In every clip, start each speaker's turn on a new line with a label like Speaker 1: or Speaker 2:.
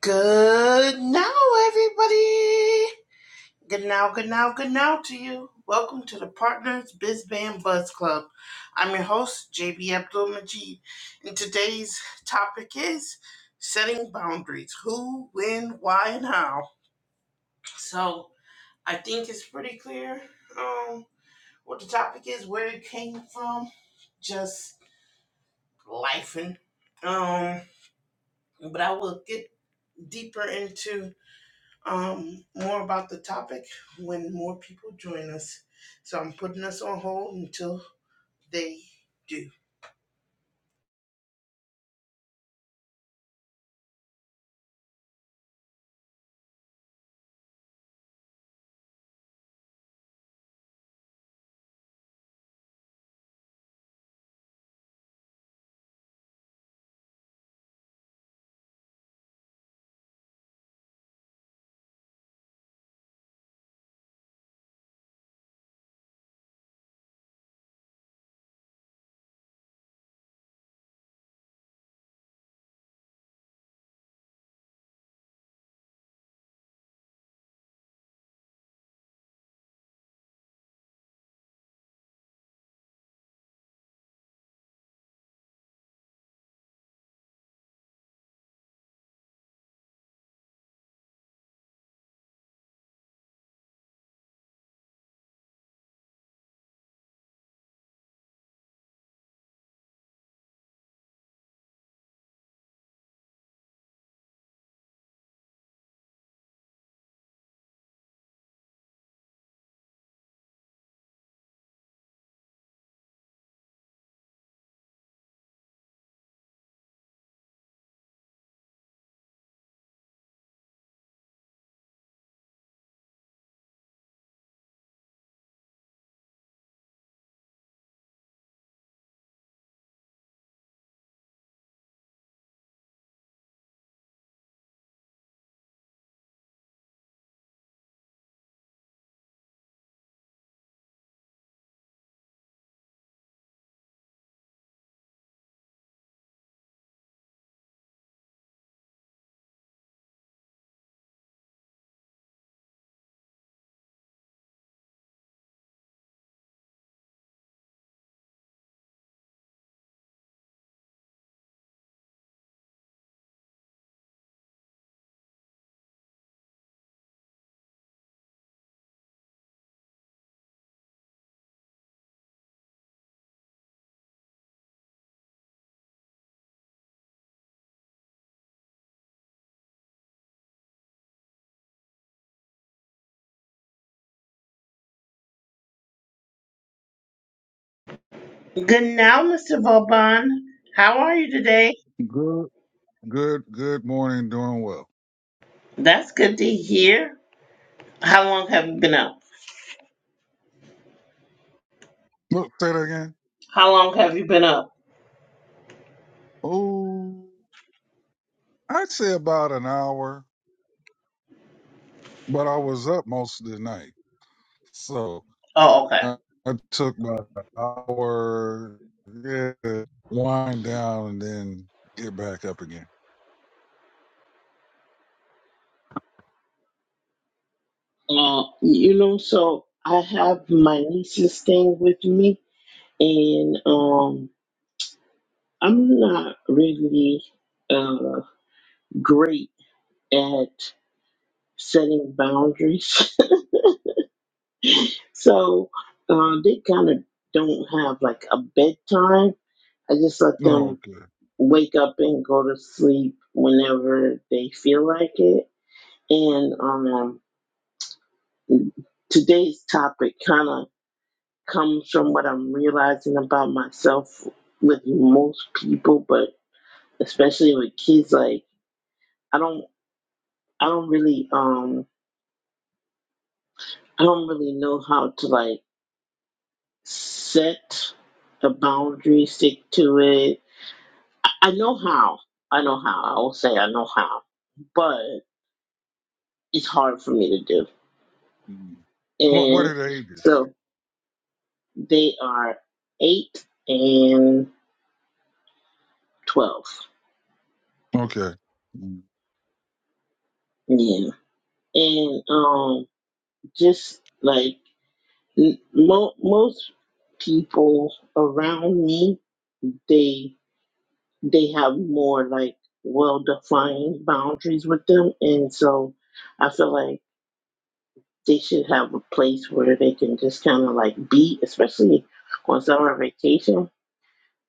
Speaker 1: Good now, everybody. Good now, good now, good now to you. Welcome to the Partners Biz Band Buzz Club. I'm your host, JB Abdul Majid, and today's topic is setting boundaries who, when, why, and how. So, I think it's pretty clear um, what the topic is, where it came from, just life and um, but I will get deeper into um, more about the topic when more people join us. So I'm putting us on hold until they do. Good now, Mr. Vauban. How are you today?
Speaker 2: Good, good, good morning. Doing well.
Speaker 1: That's good to hear. How long have you been up?
Speaker 2: Look, say that again.
Speaker 1: How long have you been up?
Speaker 2: Oh, I'd say about an hour, but I was up most of the night, so
Speaker 1: Oh, okay.
Speaker 2: I, I took about an hour yeah, to wind down and then get back up again.
Speaker 1: Uh, you know, so I have my nieces staying with me, and um, I'm not really uh, great at setting boundaries. So uh, they kind of don't have like a bedtime. I just let
Speaker 2: No,
Speaker 1: them
Speaker 2: okay.
Speaker 1: wake up and go to sleep whenever they feel like it. And um, today's topic kind of comes from what I'm realizing about myself with most people, but especially with kids. Like I don't, I don't really, um, I don't really know how to like set a boundary, stick to it, I know how. I know how. I will say I know how, but it's hard for me to do.
Speaker 2: Mm. What What
Speaker 1: And
Speaker 2: are the ages?
Speaker 1: so they are eight and twelve.
Speaker 2: Okay. Mm.
Speaker 1: Yeah, and um, just like mo- most people around me, they they have more like well defined boundaries with them, and so I feel like. they should have a place where they can just kind of like be, especially on summer vacation.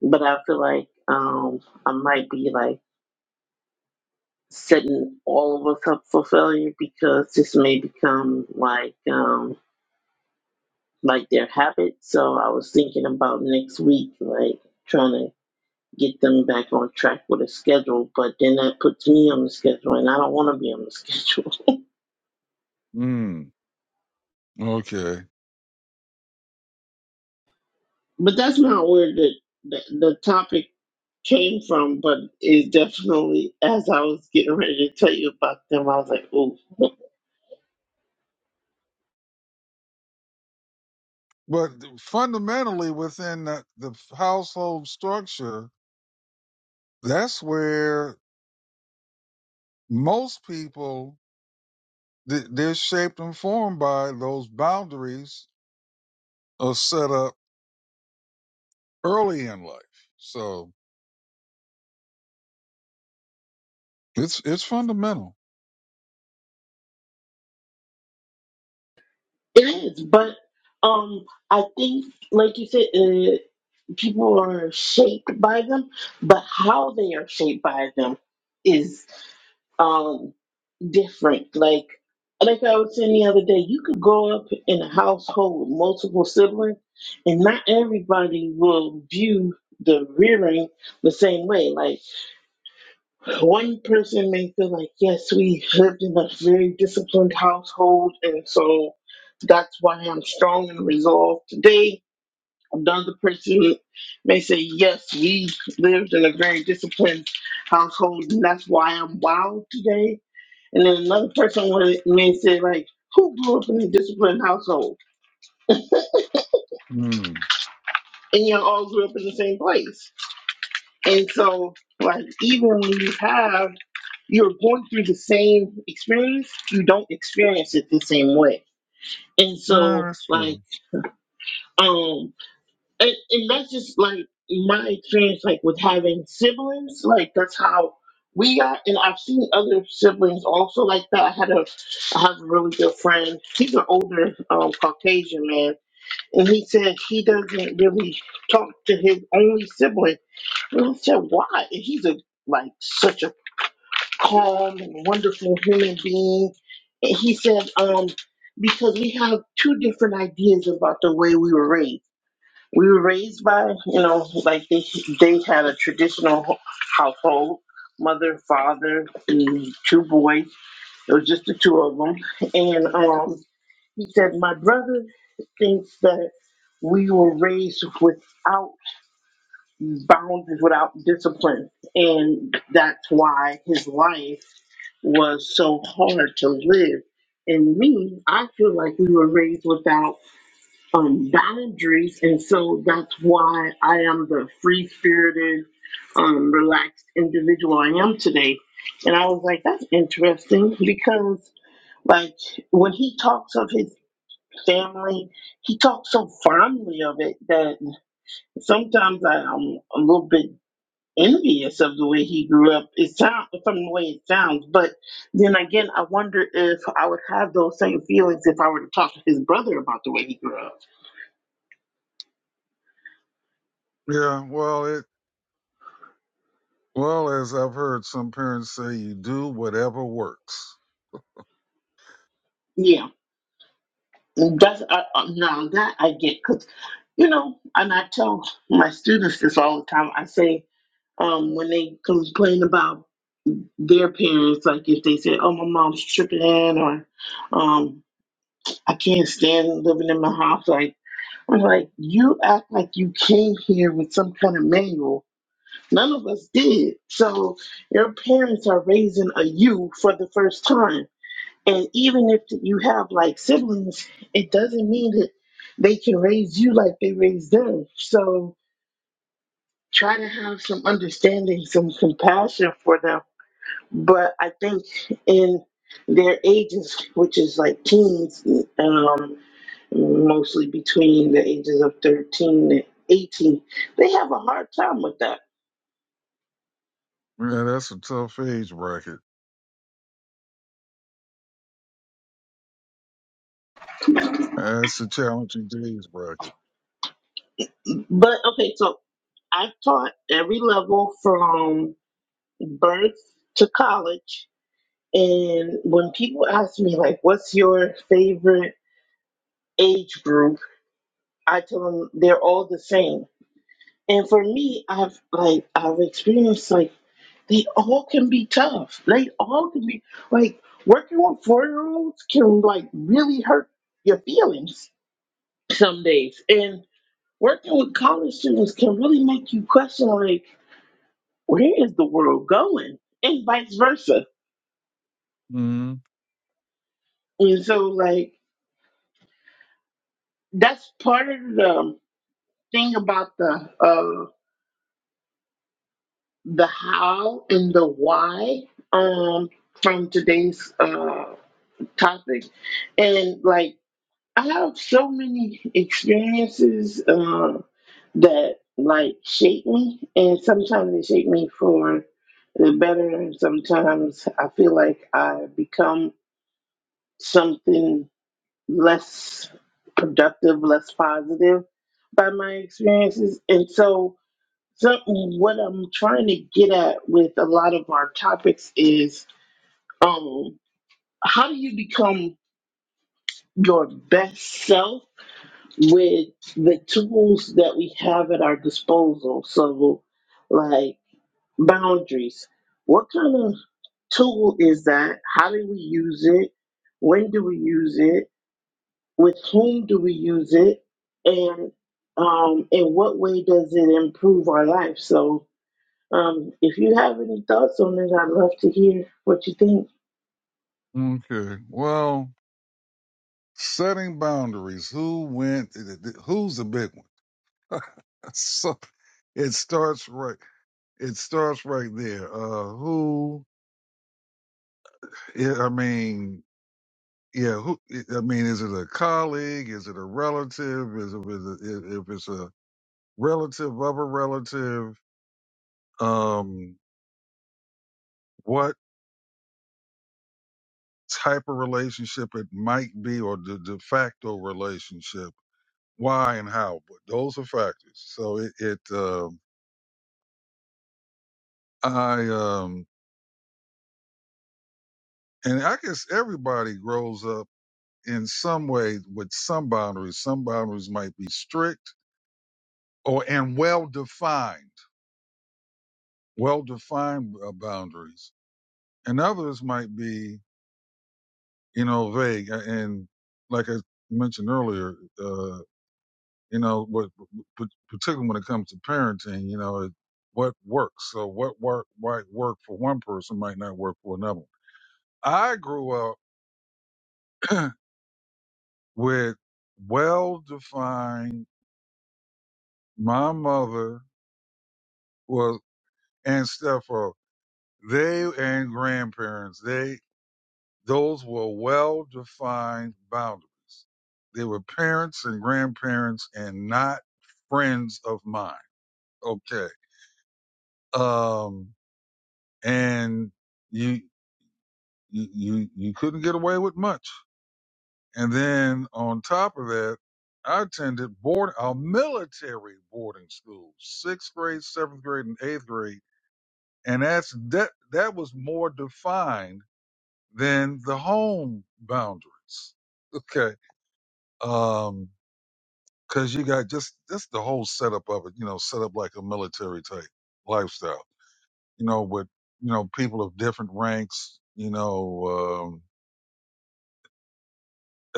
Speaker 1: But I feel like um, I might be like setting all of us up for failure because this may become like um, like their habit. So I was thinking about next week, like trying to get them back on track with a schedule. But then that puts me on the schedule, and I don't want to be on the schedule.
Speaker 2: Mm, Okay.
Speaker 1: But that's the the, the topic came from, but it definitely, as I was getting ready to tell you about them, I was like, oh,
Speaker 2: But fundamentally, within the, the household structure, that's where most people th- they're shaped and formed by those boundaries are set up early in life so it's it's fundamental
Speaker 1: it is. But um, I think, like you said, uh, people are shaped by them, but how they are shaped by them is um different. Like like I was saying the other day, you could grow up in a household with multiple siblings, and not everybody will view the rearing the same way. Like one person may feel like, yes, we lived in a very disciplined household, and so that's why I'm strong and resolved today. Another person may say, yes, we lived in a very disciplined household, and that's why I'm wild today and then another person would may said, like, who grew up in a disciplined household?
Speaker 2: mm.
Speaker 1: And you all grew up in the same place. And so like even when you have you're going through the same experience, you don't experience it the same way. And
Speaker 2: yeah
Speaker 1: so
Speaker 2: that's
Speaker 1: like
Speaker 2: true
Speaker 1: um and, and that's just like my experience like with having siblings, like that's how we got and I've seen other siblings also like that. I had a I have a really good friend. He's an older um Caucasian man And he said he doesn't really talk to his only sibling. And I said, why? And he's a like such a calm and wonderful human being. And he said, um, because we have two different ideas about the way we were raised. We were raised by, you know, like they, they had a traditional ho- household, mother, father, and two boys. It was just the two of them. And um, he said, My brother thinks that we were raised without boundaries, without discipline. And that's why his life was so hard to live. And me, I feel like we were raised without um, boundaries. And so that's why I am the free spirited, um, relaxed individual I am today. And I was like, that's interesting because, like, when he talks of his family. He talks so fondly of it that sometimes I, I'm a little bit envious of the way he grew up. It sounds from the way it sounds, but then again, I wonder if I would have those same feelings if I were to talk to his brother about the way he grew up.
Speaker 2: yeah well it well as i've heard some parents say you do whatever works
Speaker 1: Yeah, that's I, I- now that I get because you know, and I tell my students this all the time. I say um, when they complain about their parents, like if they say, "Oh, my mom's tripping," or um, I can't stand living in my house. Like I'm like, you act like you came here with some kind of manual. None of us did. So your parents are raising a you for the first time. And even if you have like siblings, it doesn't mean that they can raise you like they raised them. So try to have some understanding, some compassion for them. But I think in their ages, which is like teens, um, mostly between the ages of 13 and 18. They have a hard time with that.
Speaker 2: yeah that's a tough age bracket that's a challenging age bracket
Speaker 1: But okay, so I've taught every level from birth to college. And when people ask me, like, what's your favorite age group? I tell them they're all the same. And for me, I've like, I've experienced like, they all can be tough. They all can be like, working with four year olds can like really hurt your feelings some days. And working with college students can really make you question, like, where is the world going? And vice versa.
Speaker 2: mm.
Speaker 1: And so, like, that's part of the thing about the uh, the how and the why um, from today's uh, topic. And like, I have so many experiences uh, that like shape me, and sometimes they shape me for It's better sometimes. I feel like I become something less productive, less positive by my experiences. And so, some, what I'm trying to get at with a lot of our topics is um, how do you become your best self with the tools that we have at our disposal? So, like boundaries. What kind of Tool is that how do we use it? When do we use it? With whom do we use it? And um, in what way does it improve our life? So um, if you have any thoughts on it, I'd love to hear what you think.
Speaker 2: okay well setting boundaries who went who's the big one so it starts right. It starts right there. Uh, who? yeah, I mean, yeah. Who? I mean, is it a colleague? Is it a relative? Is it is it- if it's a relative of a relative? Um, what type of relationship it might be, or the de facto relationship? Why and how? But those are factors. So it, it um I um, and I guess everybody grows up in some way with some boundaries. Some boundaries might be strict or and well defined, well defined uh, boundaries, and others might be you know vague. A- And like I mentioned earlier, uh, you know, what, p- particularly when it comes to parenting, you know, it, what works. So what work might work for one person might not work for another. I grew up with well defined. My mother was and stepfather. They and grandparents, they those were well defined boundaries. They were parents and grandparents and not friends of mine. Okay. Um and you you you, you couldn't get away with much. And then on top of that, I attended board a military boarding school, sixth grade, seventh grade, and eighth grade. And that's that that was more defined than the home boundaries. Okay. Um, cause you got just, just the whole setup of it, you know, set up like a military type lifestyle, you know, with, you know, people of different ranks, you know, um,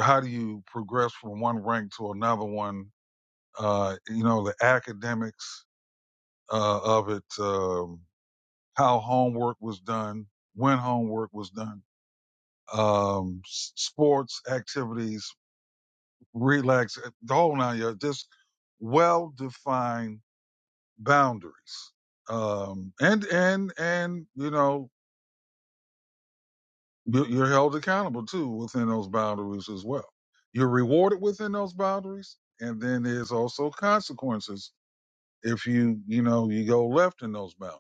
Speaker 2: how do you progress from one rank to another one? Uh, you know, the academics, uh, of it, um, how homework was done, when homework was done, um, s- sports activities, relax, the whole nine yards, just well defined boundaries. Um, and, and, and, you know, you- you're held accountable too within those boundaries as well. You're rewarded within those boundaries. And then there's also consequences if you, you know, you go left in those boundaries.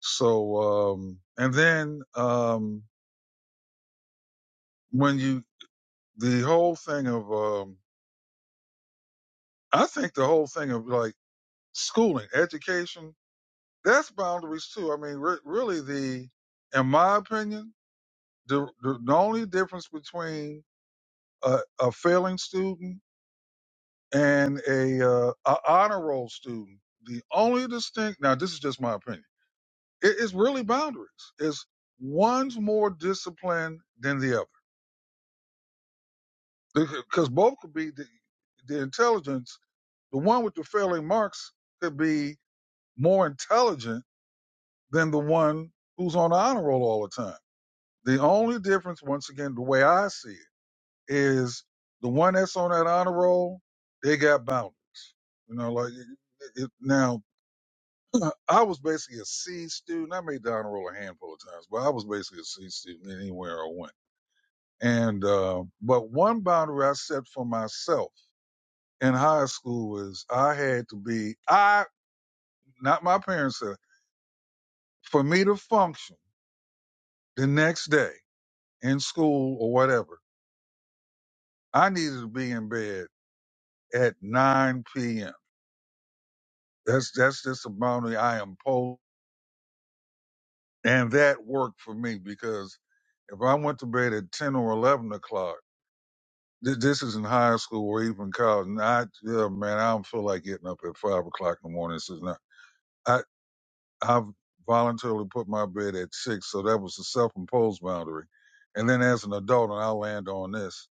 Speaker 2: So, um, and then, um, when you, the whole thing of, um, I think the whole thing of like schooling, education, That's boundaries too. I mean, re- really, the in my opinion, the, the the only difference between a, a failing student and a, uh, a honor roll student, the only distinct now this is just my opinion. It is really boundaries. It's one's more disciplined than the other because both could be the, the intelligence. The one with the failing marks could be more intelligent than the one who's on the honor roll all the time The only difference, once again, the way I see it, is the one that's on that honor roll, they got boundaries. You know, like it, it, now, I was basically a C student. I made the honor roll a handful of times, but I was basically a C student anywhere I went. And uh, but one boundary I set for myself in high school was I had to be I not my parents said it, for me to function the next day in school or whatever. I needed to be in bed at 9 p.m. That's that's just a boundary I impose, and that worked for me because if I went to bed at 10 or 11 o'clock, th- this is in high school or even college, and I, yeah, man, I don't feel like getting up at five o'clock in the morning. This is not. I I've voluntarily put my bed at six, so that was a self-imposed boundary. And then as an adult, and I'll land on this,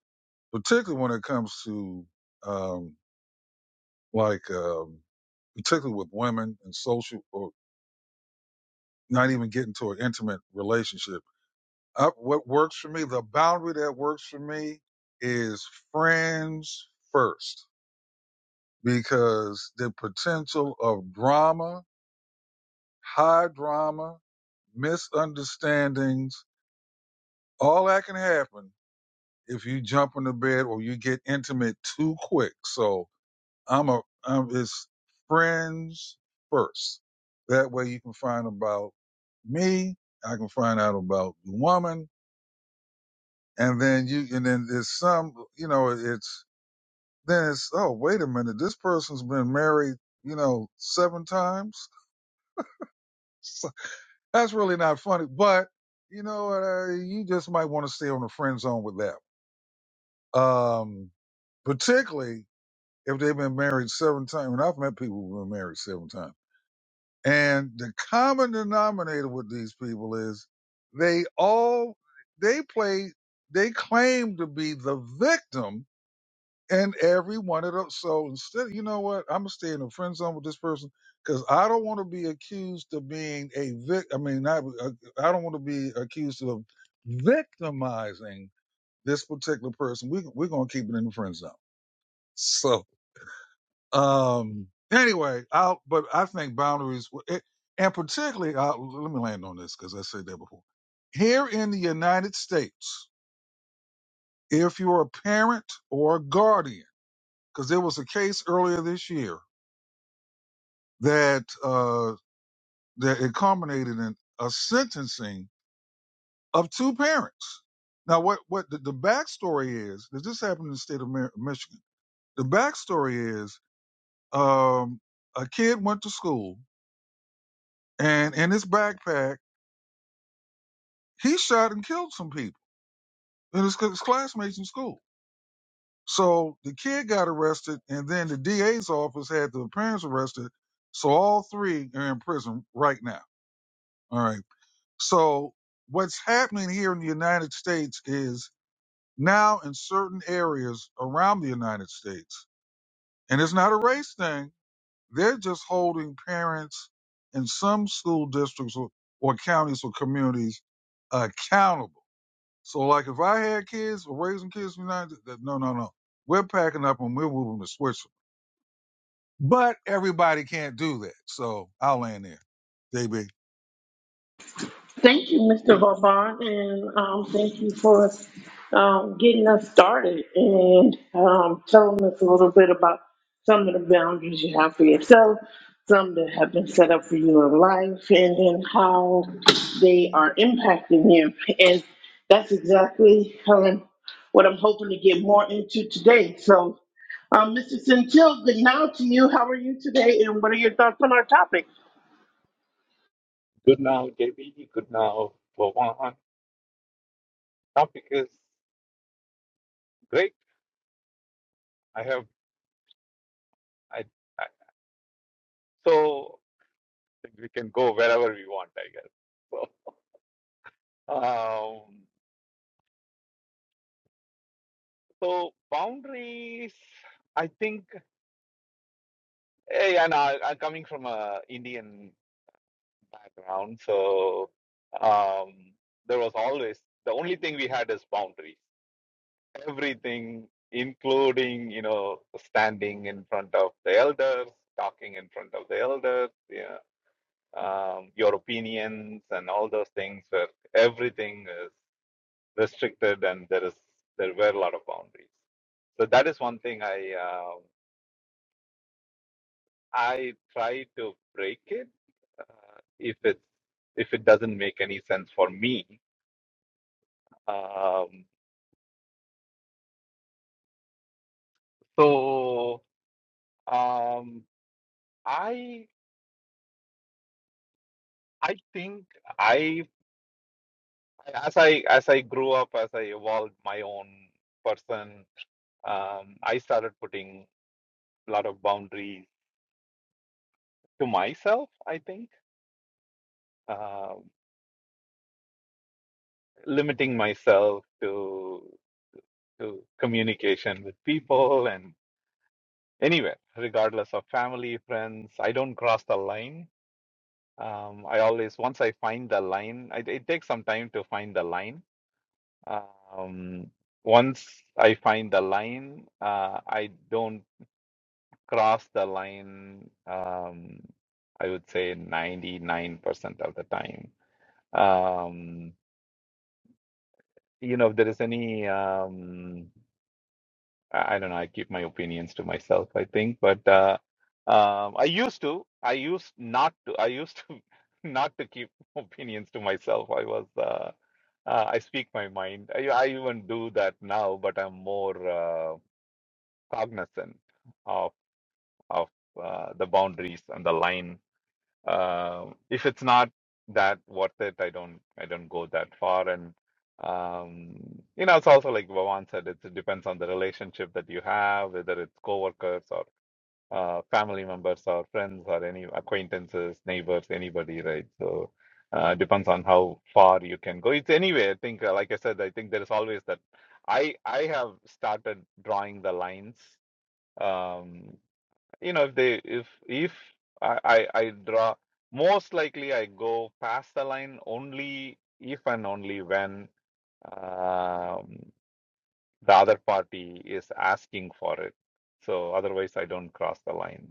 Speaker 2: particularly when it comes to um, like um, particularly with women and social or not even get into an intimate relationship. I, what works for me, the boundary that works for me is friends first because the potential of drama, high drama, misunderstandings, all that can happen if you jump into bed or you get intimate too quick. So I'm a, I'm, it's friends first. That way you can find about me. I can find out about the woman and then you and then there's some you know it's then it's oh wait a minute this person's been married you know seven times that's really not funny but you know uh, you just might want to stay on the friend zone with that um particularly if they've been married seven times and i've met people who've been married seven times and the common denominator with these people is they all they play they claim to be the victim and every one of those. So instead, you know what? I'm gonna stay in a friend zone with this person because I don't want to be accused of being a vic. I mean, not. uh, I don't want to be accused of victimizing this particular person. We we're gonna keep it in the friend zone. So um, anyway, I'll. But I think boundaries, w- it, and particularly, i let me land on this because I said that before. Here in the United States, if you're a parent or a guardian, because there was a case earlier this year that uh, that it culminated in a sentencing of two parents. Now, what what the, the backstory is that this happened in the state of Mi- Michigan. The backstory is um, a kid went to school and in his backpack he shot and killed some people and his, his classmates in school. So the kid got arrested, and then the DA's office had the parents arrested. So all three are in prison right now. All right. So what's happening here in the United States is now in certain areas around the United States, and it's not a race thing. They're just holding parents in some school districts or, or counties or communities accountable. So like if I had kids or raising kids in the United States, no, no, no. We're packing up and we're moving to Switzerland. But everybody can't do that. So I'll land there. JB.
Speaker 1: Thank you, Mr. Vauban, and um, thank you for um, getting us started and um, telling us a little bit about some of the boundaries you have for yourself, some that have been set up for you in life, and then how they are impacting you. And that's exactly um, what I'm hoping to get more into today. So, um, Mr. Centil, good now to you. How are you today, and what are your thoughts on our topic?
Speaker 3: Good now, JB. Good now, Bhavan. Topic is great. I have, I, I so we can go wherever we want, I guess. So, um, so boundaries. I think, eh, and I, I'm coming from a Indian background, so um, there was always the only thing we had is boundaries. Everything, including you know, standing in front of the elders, talking in front of the elders. yeah. um, your opinions and all those things where everything is restricted and there is there were a lot of boundaries so that is one thing i uh, i try to break it uh, if it if it doesn't make any sense for me um, so um, i i think i as i as i grew up as i evolved my own person um, i started putting a lot of boundaries to myself, I think, uh, limiting myself to to communication with people and anywhere, regardless of family, friends. I don't cross the line. Um, I always once I find the line, I, it takes some time to find the line. Um, once I find the line, uh, I don't cross the line. Um, I would say 99% of the time. Um, you know, if there is any, um, I, I don't know, I keep my opinions to myself, I think, but uh, um, I used to, I used not to, I used to not to keep opinions to myself. I was, uh, uh, I speak my mind. I, I even do that now, but I'm more uh, cognizant of of uh, the boundaries and the line. Um, if it's not that worth it, I don't I don't go that far. And um, you know, it's also like Vavan said, it's- it depends on the relationship that you have, whether it's coworkers or uh, family members or friends or any acquaintances, neighbors, anybody, right? So uh, depends on how far you can go. It's anyway. I think, uh, like I said, I think there is always that. I I have started drawing the lines Um, you know if they if if I, I I draw most likely I go past the line only if and only when um, the other party is asking for it. So otherwise I don't cross the line.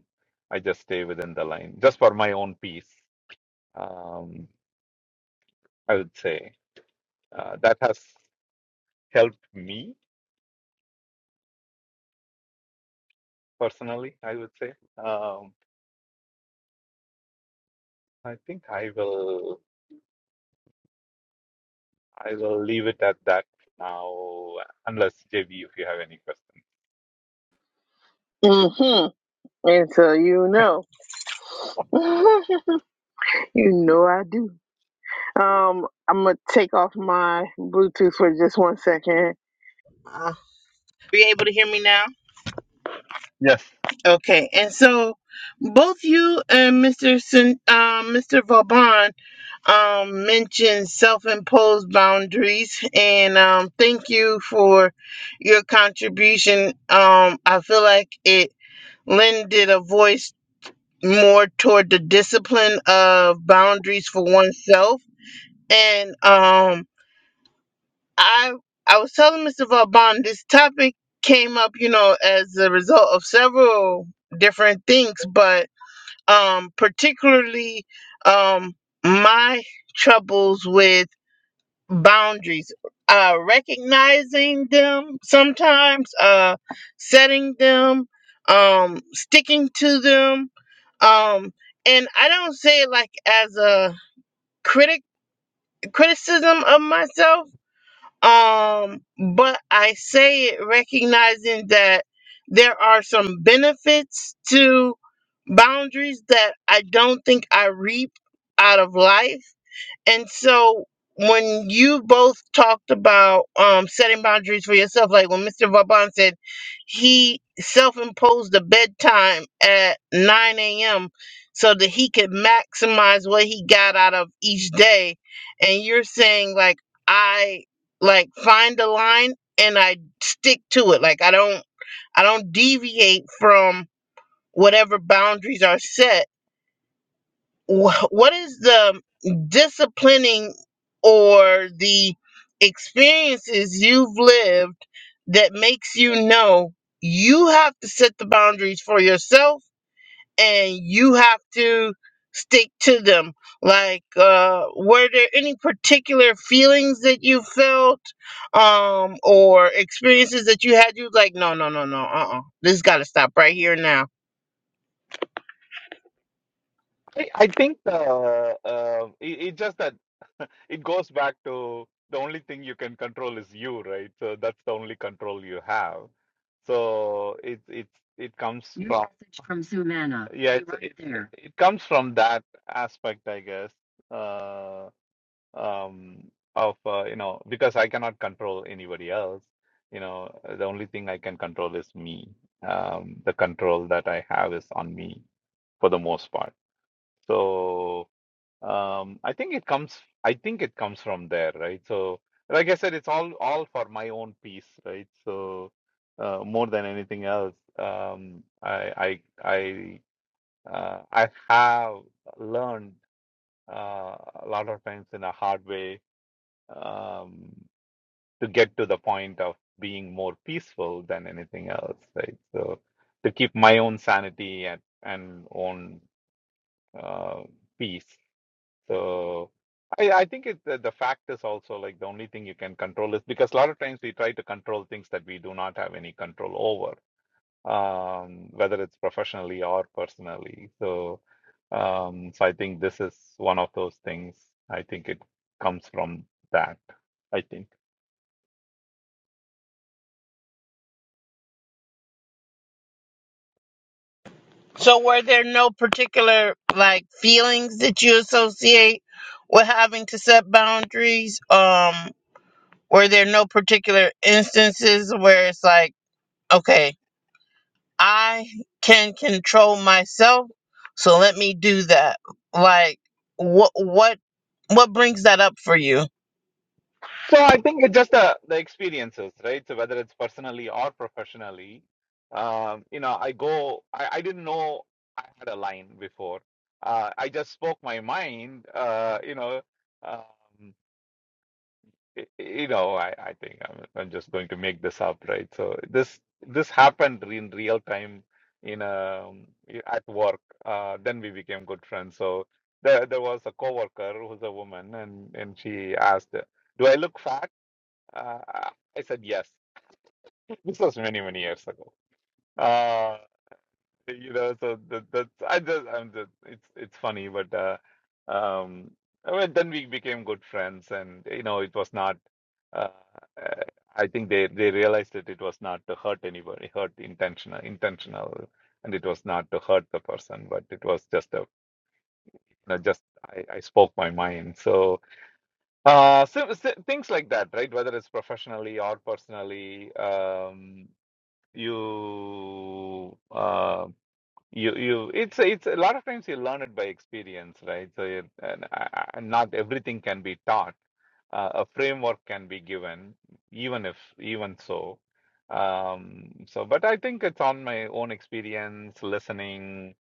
Speaker 3: I just stay within the line just for my own peace. Um, I would say uh, that has helped me personally. I would say um, I think I will. I will leave it at that now, unless JB, if you have any questions.
Speaker 1: Mm-hmm. And so you know. You know I do. Um, I'm gonna take off my Bluetooth for just one second. Uh, be able to hear me now?
Speaker 3: Yes.
Speaker 1: Okay. And so, both you and Mr. Sin, um, Mr. Vauban um, mentioned self-imposed boundaries, and um, thank you for your contribution. Um, I feel like it lended a voice more toward the discipline of boundaries for oneself, and um I I was telling Mr. Vauban this topic came up, you know, as a result of several different things, but um particularly um my troubles with boundaries, uh recognizing them sometimes, uh setting them, um sticking to them. Um and I don't say it like as a critic criticism of myself um, but I say it recognizing that there are some benefits to boundaries that I don't think I reap out of life. And so when you both talked about um, setting boundaries for yourself, like when Mr. Vaban said he self-imposed a bedtime at 9 a.m. so that he could maximize what he got out of each day, and you're saying like I like find a line and I stick to it. Like I don't I don't deviate from whatever boundaries are set wh- what is the um, disciplining or the experiences you've lived that makes you know you have to set the boundaries for yourself and you have to stick to them like uh were there any particular feelings that you felt um or experiences that you had you was like no no no no uh-uh this got to stop right here now
Speaker 3: I, I think uh, uh, it, it's just that it goes back to the only thing you can control is you, right? So that's the only control you have. So it it it comes New from message from Zoomana. yeah, you it's right it's there. it comes from that aspect, I guess. Uh, um, of uh, you know because I cannot control anybody else. You know, uh, the only thing I can control is me. Um, the control that I have is on me for the most part. So um, I think it comes. I think it comes from there, right? So like I said, it's all all for my own peace, right? So uh, more than anything else, um, I I I uh, I have learned uh, a lot of times in a hard way um, to get to the point of being more peaceful than anything else, right? So to keep my own sanity and, and own uh, peace. So I, I think it, the, the fact is also like the only thing you can control is because a lot of times we try to control things that we do not have any control over, um, whether it's professionally or personally. So um, so I think this is one of those things. I think it comes from that, I think.
Speaker 1: So were there no particular like feelings that you associate with having to set boundaries? Um were there no particular instances where it's like, okay, I can control myself, so let me do that. Like what what what brings that up for you?
Speaker 3: So I think it's just the the experiences, right? So whether it's personally or professionally, um, you know, I go. I, I didn't know I had a line before. Uh, I just spoke my mind. Uh, you know, um, y- you know, I, I think I'm, I'm just going to make this up, right? So this this happened in real time in um i- at work. Uh, then we became good friends. So there there was a coworker who's a woman, and and she asked, "Do I look fat?" Uh, I I said yes. This was many many years ago. Uh, you know so that, that's i just i'm just it's it's funny but uh um well then we became good friends and you know it was not uh, uh i think they they realized that it was not to hurt anybody hurt intentional intentional and it was not to hurt the person but it was just a you know just i i spoke my mind so uh so, so things like that right whether it's professionally or personally um you um you you it's it's a lot of times you learn it by experience, right? So you, and, uh, not everything can be taught. Uh, a framework can be given, even if even so. Um, so, but I think it's on my own experience, listening,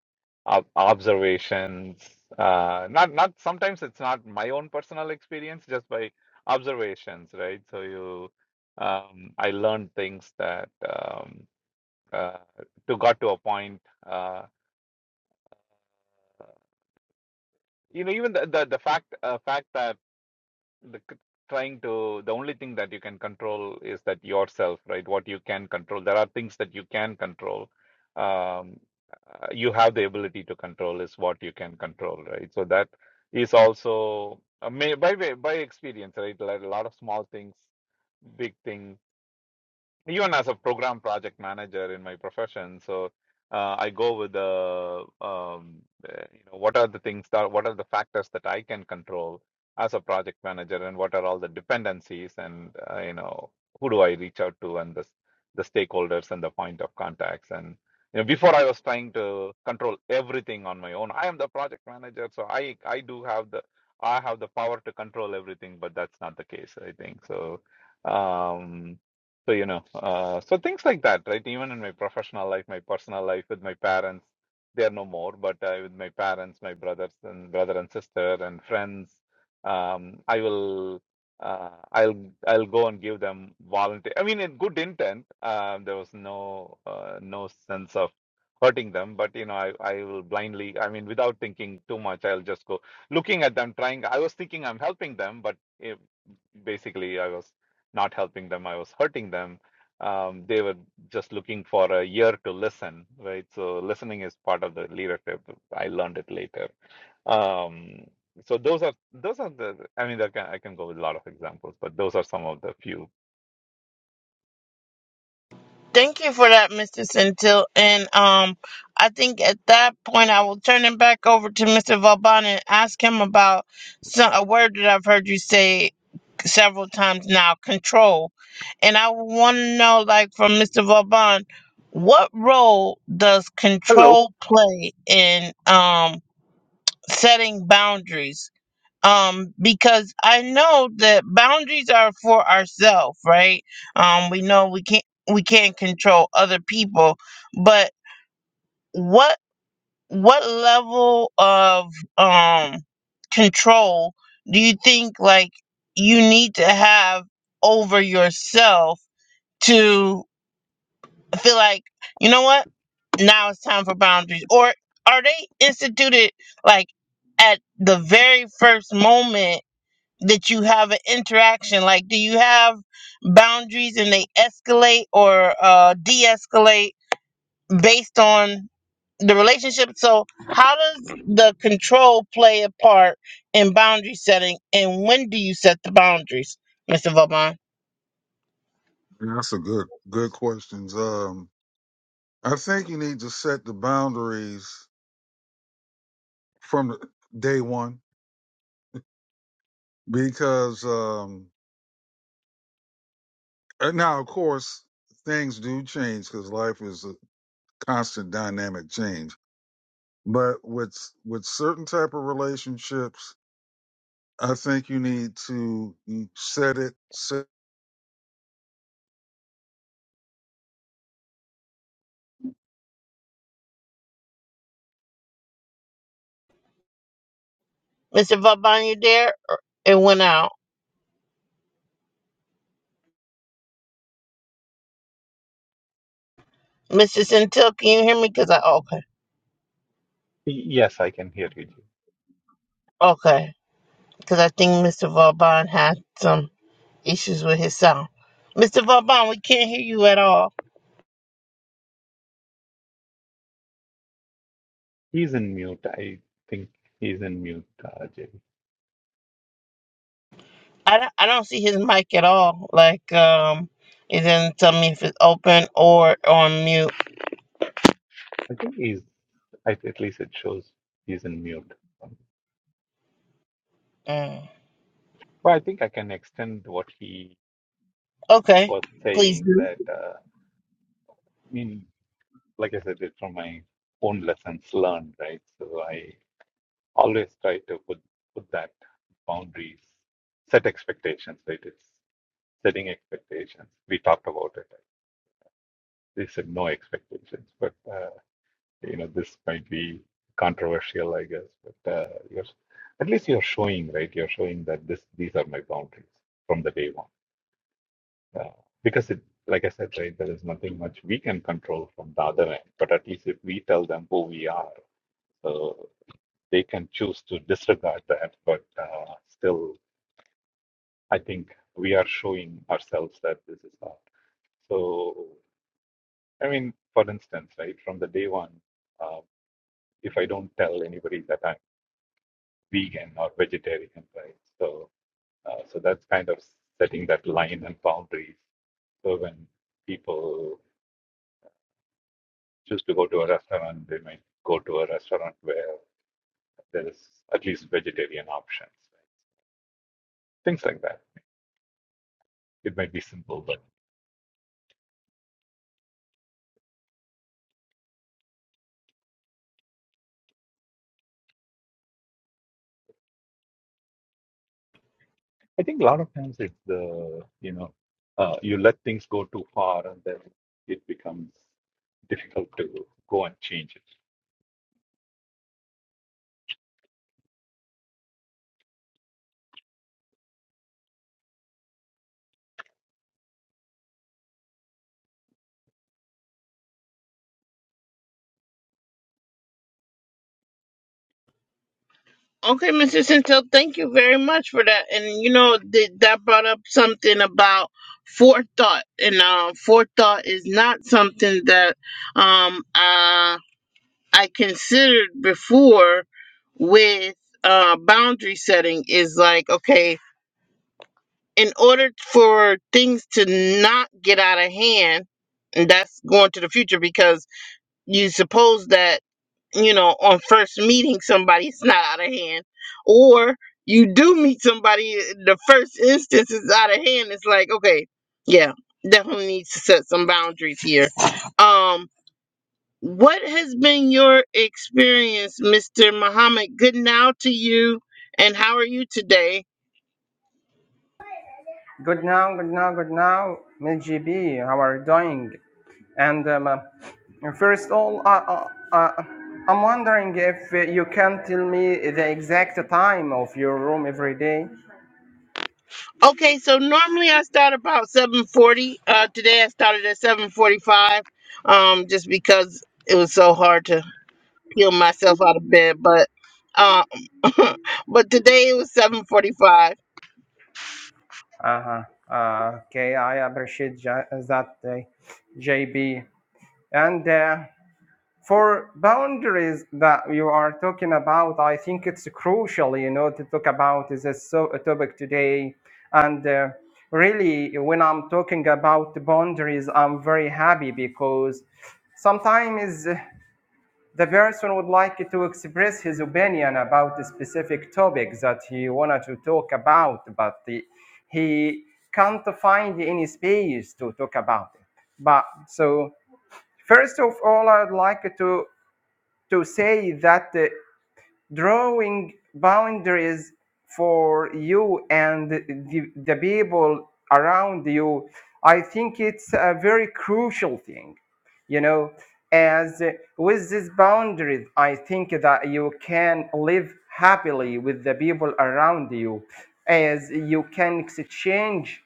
Speaker 3: ob observations. Uh, not not sometimes it's not my own personal experience, just by observations, right? So you, um, I learned things that um, uh, to got to a point. Uh, you know even the the, the fact uh, fact that the c- trying to the only thing that you can control is that yourself right what you can control there are things that you can control um uh, you have the ability to control is what you can control right so that is also uh, may, by way- by experience right like a lot of small things big things even as a program project manager in my profession so uh, i go with the um, uh, you know what are the things that what are the factors that i can control as a project manager and what are all the dependencies and uh, you know who do i reach out to and the s- the stakeholders and the point of contacts and you know before i was trying to control everything on my own i am the project manager so i i do have the i have the power to control everything but that's not the case i think so um so, you know, uh, so things like that, right? Even in my professional life, my personal life with my parents, they are no more, but uh, with my parents, my brothers and brother and sister and friends, um, I will, uh, I'll, I'll go and give them volunteer. I mean, in good intent, um, there was no, uh, no sense of hurting them, but you know, I, I will blindly, I mean, without thinking too much, I'll just go looking at them, trying. I was thinking I'm helping them, but it, basically, I was not helping them, I was hurting them. Um, they were just looking for a year to listen, right? So listening is part of the leadership. I learned it later. Um, so those are those are the. I mean, I can I can go with a lot of examples, but those are some of the few.
Speaker 1: Thank you for that, Mr. Centil. And um, I think at that point, I will turn it back over to Mr. Vauban and ask him about some, a word that I've heard you say several times now control. And I want to know, like, from Mr. Vauban, what role does
Speaker 3: Hello.
Speaker 1: control play in um, setting boundaries? um because i know that boundaries are for ourselves right um we know we can't we can't control other people but what what level of um control do you think like you need to have over yourself to feel like you know what now it's time for boundaries or are they instituted like at the very first moment that you have an interaction like do you have boundaries and they escalate or uh, de-escalate based on the relationship so how does the control play a part in boundary setting and when do you set the boundaries mr vauban
Speaker 2: Yeah, That's a good good questions. Um I think you need to set the boundaries from the- day one because um, and now, of course, things do change because life is a constant dynamic change. But with with certain type of relationships, I think you need to you set it. Set,
Speaker 1: mr vauban you there Or- it went out Mrs. centil can you hear me because i okay
Speaker 3: Y- Yes, I can hear you. Jay.
Speaker 1: okay because I think Mr. Vauban had some issues with his sound. Mr. Vauban, we can't hear you at all.
Speaker 3: He's in mute. I think he's in mute, uh, Jay.
Speaker 1: I don't, I don't see his mic at all. Like, um, it doesn't tell me if it's open or on mute.
Speaker 3: I think he's. At at least it shows he's in mute.
Speaker 1: Mm.
Speaker 3: Well, I think I can extend what he
Speaker 1: Okay,
Speaker 3: was
Speaker 1: please.
Speaker 3: saying
Speaker 1: do.
Speaker 3: that uh, I mean. like I said, it's from my own lessons learned, right? So I always try to put put that boundaries, set expectations, right? It's setting expectations. We talked about it. Right? They said no expectations, but uh, you know this might be controversial, I guess. But uh, you're at least you're showing, right? You're showing that this these are my boundaries from the day one, uh, because it. Like I said, right, there is nothing much we can control from the other end, but at least if we tell them who we are, so they can choose to disregard that. But uh, still, I think we are showing ourselves that this is not. So, I mean, for instance, right from the day one, uh, if I don't tell anybody that I'm vegan or vegetarian, right? So, uh, so that's kind of setting that line and boundaries. So when people choose to go to a restaurant, they might go to a restaurant where there is at least vegetarian options, right? things like that. It might be simple, but I think a lot of times it's the, you know, uh, you let things go too far and then it becomes difficult to go and change it.
Speaker 1: Okay, Mr. Centel, thank you very much for that. And you know th- that brought up something about forethought, and uh, forethought is not something that um I considered before with uh, boundary setting is like, okay, in order for things to not get out of hand, and that's going to the future because you suppose that, you know, on first meeting somebody, it's not out of hand. Or you do meet somebody, the first instance is out of hand. It's like, okay, yeah, definitely needs to set some boundaries here. Um, what has been your experience, Mr. Muhammad? Good now to you, and how are you today?
Speaker 4: Good now, good now, good now, Miss GB. How are you doing? And um, uh, first of all, uh, uh, uh, I'm wondering if uh, you can tell me the exact time of your room every day.
Speaker 1: Okay, so normally I start about 7:40. Uh, today I started at 7:45, um, just because it was so hard to peel myself out of bed. But, um, but today it was 7:45.
Speaker 4: Uh-huh. Uh, okay, I appreciate ja- that, uh, JB. And uh, for boundaries that you are talking about, I think it's crucial, you know, to talk about this uh, so, uh, topic today. And uh, really, when I'm talking about the boundaries, I'm very happy because sometimes uh, the person would like to express his opinion about a specific topic that he wanted to talk about, but he, he can't find any space to talk about it. But so First of all, I'd like to to say that uh, drawing boundaries for you and the, the people around you, I think it's a very crucial thing, you know. As uh, with these boundaries, I think that you can live happily with the people around you, as you can exchange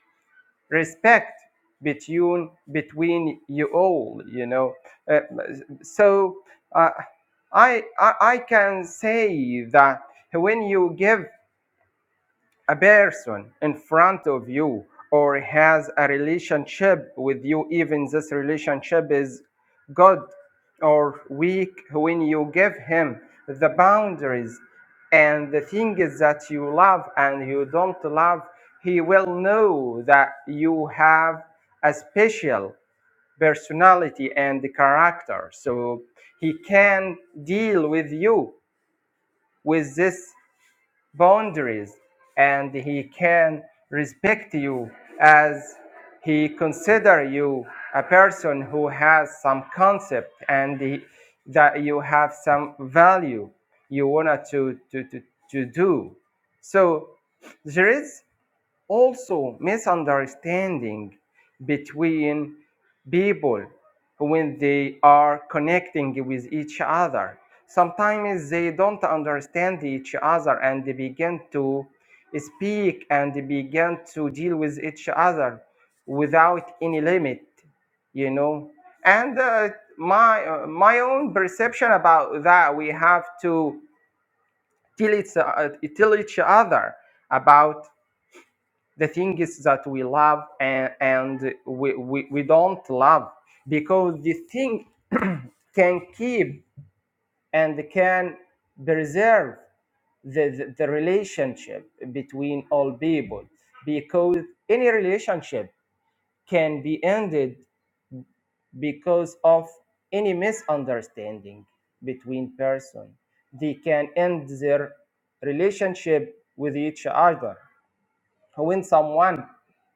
Speaker 4: respect between between you all you know uh, so uh, I, I i can say that when you give a person in front of you or has a relationship with you, even this relationship is good or weak, when you give him the boundaries and the things that you love and you don't love, he will know that you have a special personality and character. So he can deal with you with this boundaries and he can respect you as he consider you a person who has some concept and he- that you have some value you want to, to, to, to do so there is also misunderstanding between people when they are connecting with each other. Sometimes they don't understand each other and they begin to speak and they begin to deal with each other without any limit, you know. And uh, my uh, my own perception about that, we have to tell each, uh, tell each other about the thing is that we love and, and we, we, we don't love because the thing can keep and can preserve the, the, the relationship between all people because any relationship can be ended because of any misunderstanding between person they can end their relationship with each other when someone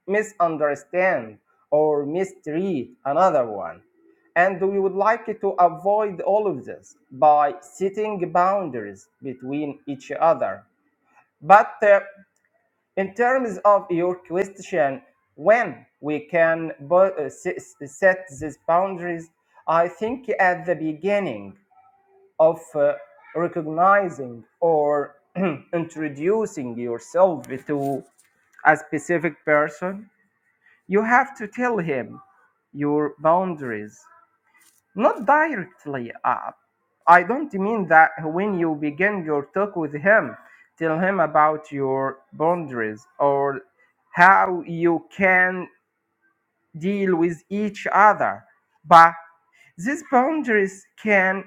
Speaker 4: misunderstands or mistreat another one. And we would like to avoid all of this by setting boundaries between each other. But uh, in terms of your question, when we can uh, set these boundaries, I think at the beginning of uh, recognizing or introducing yourself to a specific person you have to tell him your boundaries, not directly up. I don't mean that when you begin your talk with him, tell him about your boundaries or how you can deal with each other. But these boundaries can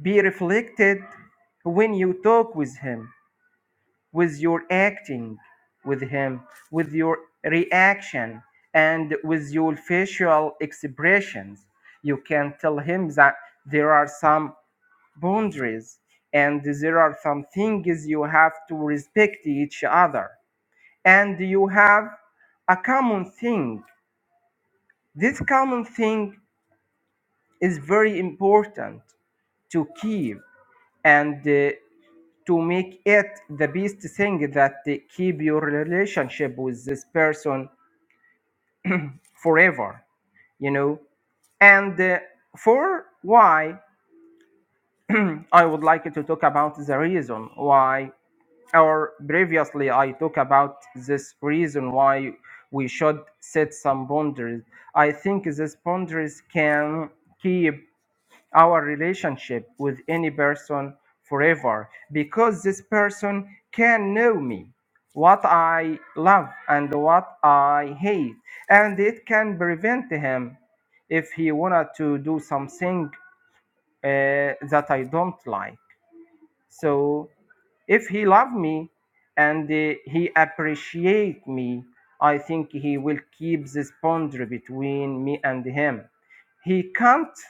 Speaker 4: be reflected when you talk with him. with your acting with him, with your reaction, and with your facial expressions. You can tell him that there are some boundaries and there are some things you have to respect each other. And you have a common thing. This common thing is very important to keep. And uh, to make it the best thing that keep your relationship with this person forever you know and uh, for why i would like to talk about the reason why or previously i talk about this reason why we should set some boundaries i think these boundaries can keep our relationship with any person forever because this person can know me, what I love and what I hate, and it can prevent him if he wanted to do something uh, that I don't like. So if he love me and uh, he appreciate me, I think he will keep this boundary between me and him. He can't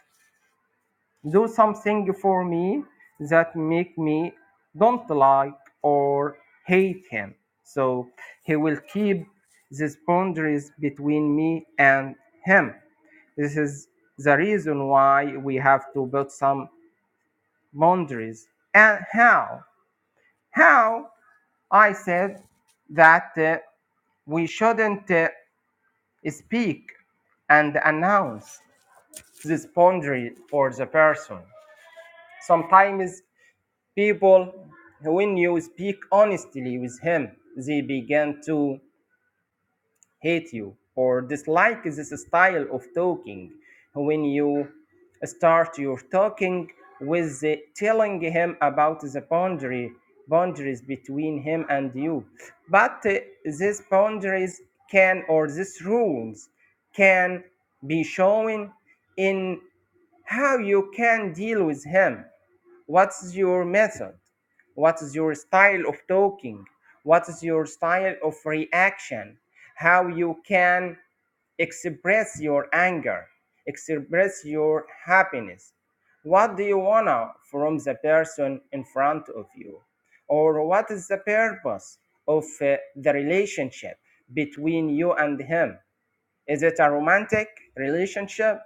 Speaker 4: do something for me that make me don't like or hate him. So he will keep these boundaries between me and him. This is the reason why we have to build some boundaries. And how? How? I said that uh, we shouldn't uh, speak and announce this boundary for the person. Sometimes People, when you speak honestly with him, they begin to hate you or dislike this style of talking. When you start your talking with the- telling him about the boundary boundaries between him and you, but uh, these boundaries can or these rules can be shown in how you can deal with him What's your method? What is your style of talking? What is your style of reaction? How you can express your anger, express your happiness? What do you wanna from the person in front of you? Or what is the purpose of uh, the relationship between you and him? Is it a romantic relationship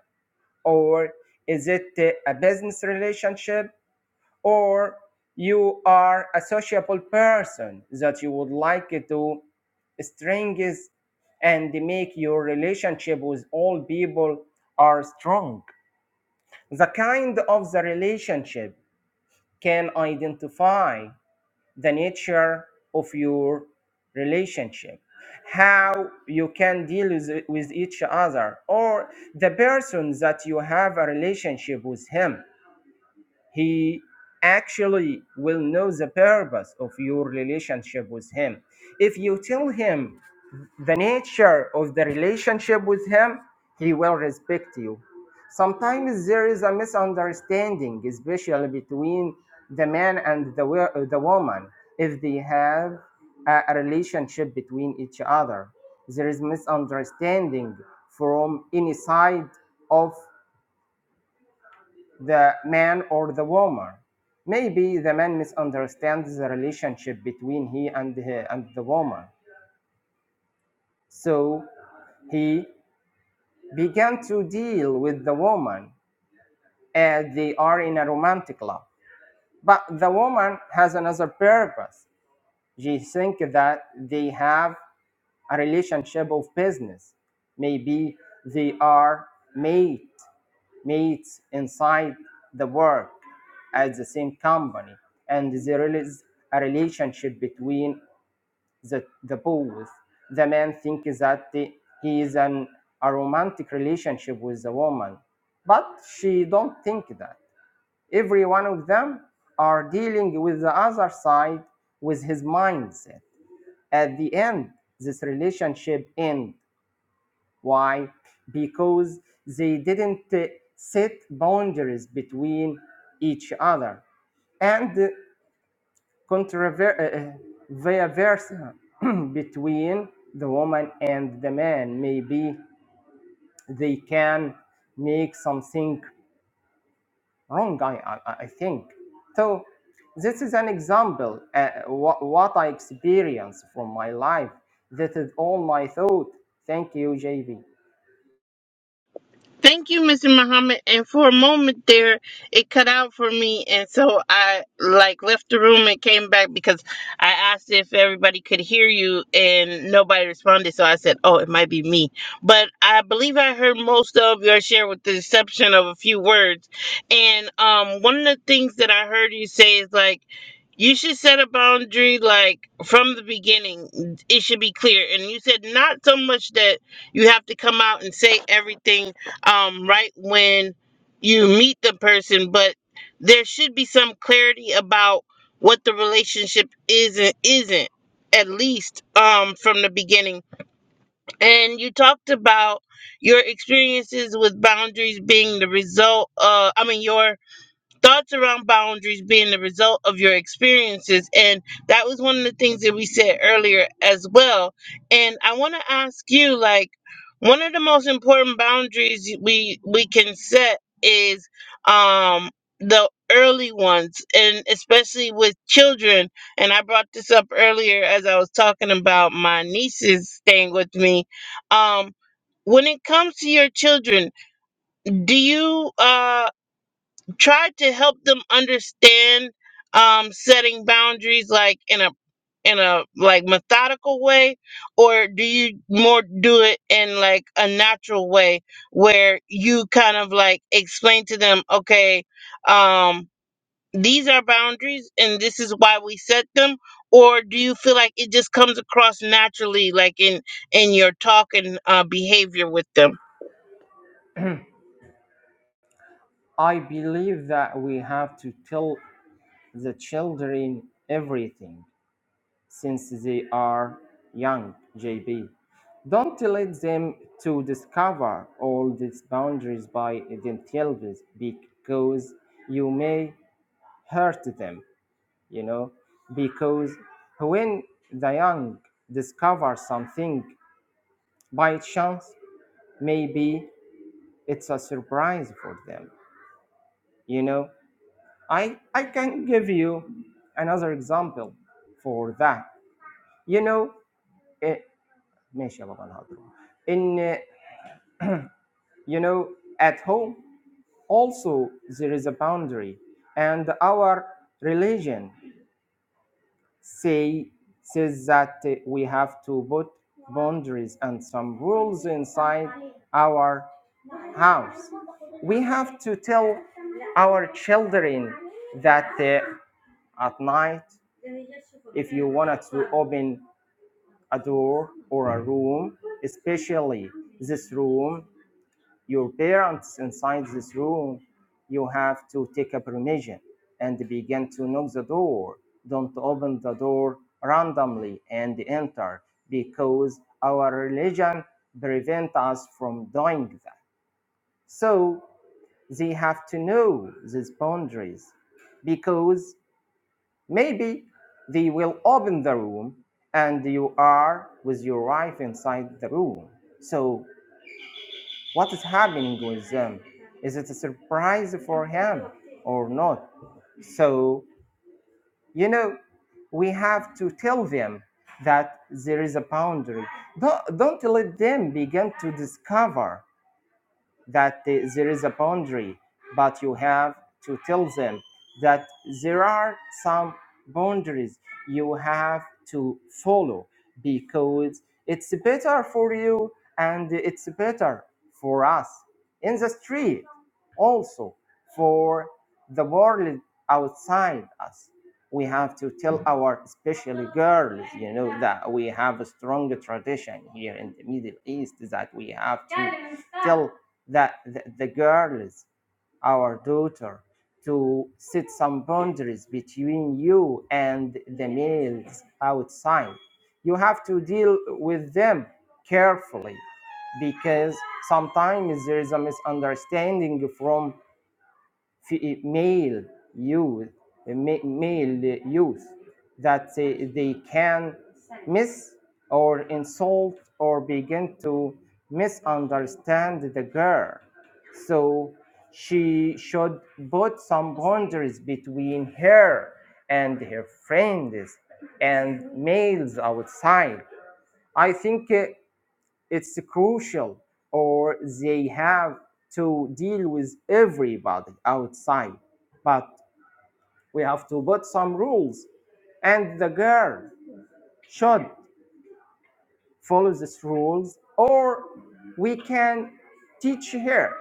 Speaker 4: or is it uh, a business relationship or you are a sociable person that you would like to strengthen and make your relationship with all people are strong. The kind of the relationship can identify the nature of your relationship, how you can deal with, with each other, or the person that you have a relationship with him he actually will know the purpose of your relationship with him. If you tell him the nature of the relationship with him, he will respect you. Sometimes there is a misunderstanding, especially between the man and the, wo- the woman, if they have a, a relationship between each other. There is misunderstanding from any side of the man or the woman. Maybe the man misunderstands the relationship between he and he, and the woman. So he began to deal with the woman as they are in a romantic love. But the woman has another purpose. She think that they have a relationship of business. Maybe they are mate, mates inside the work at the same company, and there is a relationship between the, the both. The man thinks that he is an, a romantic relationship with the woman, but she don't think that. Every one of them are dealing with the other side with his mindset. At the end, this relationship ends why? Because they didn't uh, set boundaries between each other and controver- between the woman and the man. Maybe they can make something wrong, I, I, I think. So, this is an example uh, what, what I experience from my life. That is all my thought. Thank you, JB.
Speaker 1: Thank you, Mr. Muhammad. And for a moment there, it cut out for me, and so I like left the room and came back because I asked if everybody could hear you, and nobody responded. So I said, "Oh, it might be me." But I believe I heard most of your share, with the exception of a few words. And um, one of the things that I heard you say is like. You should set a boundary like from the beginning. It should be clear. And you said not so much that you have to come out and say everything um, right when you meet the person, but there should be some clarity about what the relationship is and isn't, at least um, from the beginning. And you talked about your experiences with boundaries being the result. Uh, I mean, your thoughts around boundaries being the result of your experiences and that was one of the things that we said earlier as well and i want to ask you like one of the most important boundaries we we can set is um the early ones and especially with children and i brought this up earlier as i was talking about my nieces staying with me um when it comes to your children do you uh try to help them understand um, setting boundaries like in a in a like methodical way or do you more do it in like a natural way where you kind of like explain to them okay um these are boundaries and this is why we set them or do you feel like it just comes across naturally like in in your talk and uh, behavior with them
Speaker 4: I believe that we have to tell the children everything since they are young, JB. Don't let them to discover all these boundaries by themselves because you may hurt them, you know, because when the young discover something by chance, maybe it's a surprise for them, you know, I, I can give you another example for that. You know, eh, ماشي يا بابا انا هضرب. In, eh, you know, at home also there is a boundary and our religion say says that eh, we have to put boundaries and some rules inside our house. We have to tell our children that uh, at night if you wanted to open a door or a room, especially this room, your parents inside this room, you have to take a permission and begin to knock the door. Don't open the door randomly and enter because our religion prevent us from doing that. So they have to know these boundaries because Maybe they will open the room and you are with your wife inside the room. So, what is happening with them? Is it a surprise for him or not? So, you know, we have to tell them that there is a boundary. Don't, don't let them begin to discover that uh, there is a boundary, but you have to tell them that there are some boundaries you have to follow because it's better for you and it's better for us in the street, also for the world outside us. We have to tell our, especially girls, you know, that we have a strong tradition here in the Middle East that we have to tell the, the, the girls, our daughter, to set some boundaries between you and the males outside. You have to deal with them carefully because sometimes there is a misunderstanding from fe- male youth, ma- male youth, that uh, they can miss or insult or begin to misunderstand the girl. So she should put some boundaries between her and her friends and males outside. I think uh, it's crucial, or they have to deal with everybody outside. But we have to put some rules, and the girl should follow these rules, or we can teach her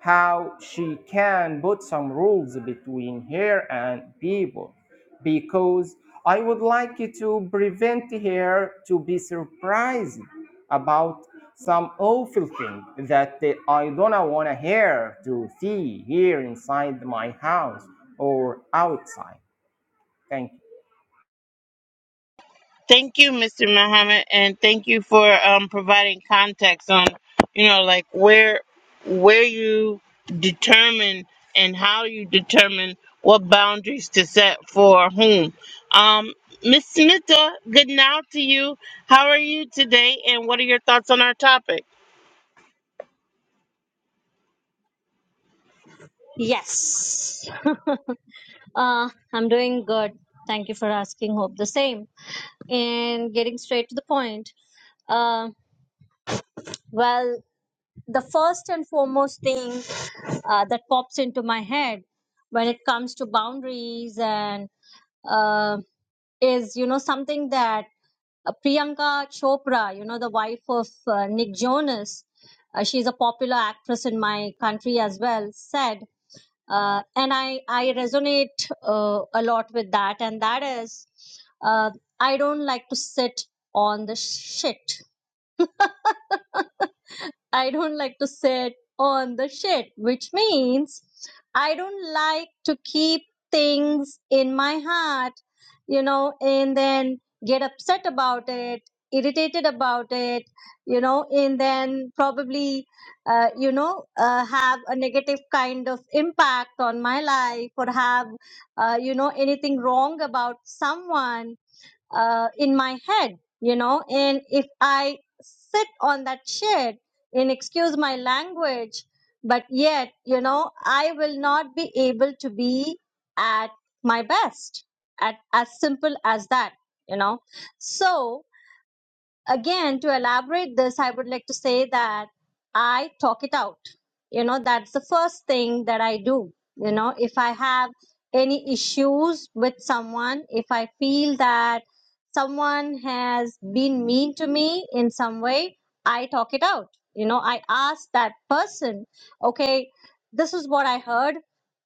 Speaker 4: how she can put some rules between her and people because I would like you to prevent her to be surprised about some awful thing that I don't want her to see here inside my house or outside. Thank you.
Speaker 1: Thank you, Mr. Muhammad, and thank you for um, providing context on, you know, like where where you determine and how you determine what boundaries to set for whom. Um, Miss Smita, good now to you. How are you today, and what are your thoughts on our topic?
Speaker 5: Yes. uh, I'm doing good. Thank you for asking. Hope the same. And getting straight to the point. Uh, well, the first and foremost thing uh, that pops into my head when it comes to boundaries and uh, is, you know, something that uh, Priyanka Chopra, you know, the wife of uh, Nick Jonas, uh, she's a popular actress in my country as well, said uh, and I I resonate uh, a lot with that, and that is uh, I don't like to sit on the shit. I don't like to sit on the shit, which means I don't like to keep things in my heart, you know, and then get upset about it, irritated about it, you know, and then probably, uh, you know, uh, have a negative kind of impact on my life or have, uh, you know, anything wrong about someone uh, in my head, you know. And if I sit on that shit, and excuse my language, but yet, you know, I will not be able to be at my best. At as simple as that, you know. So again to elaborate this i would like to say that i talk it out you know that's the first thing that i do you know if i have any issues with someone if i feel that someone has been mean to me in some way i talk it out you know i ask that person okay this is what i heard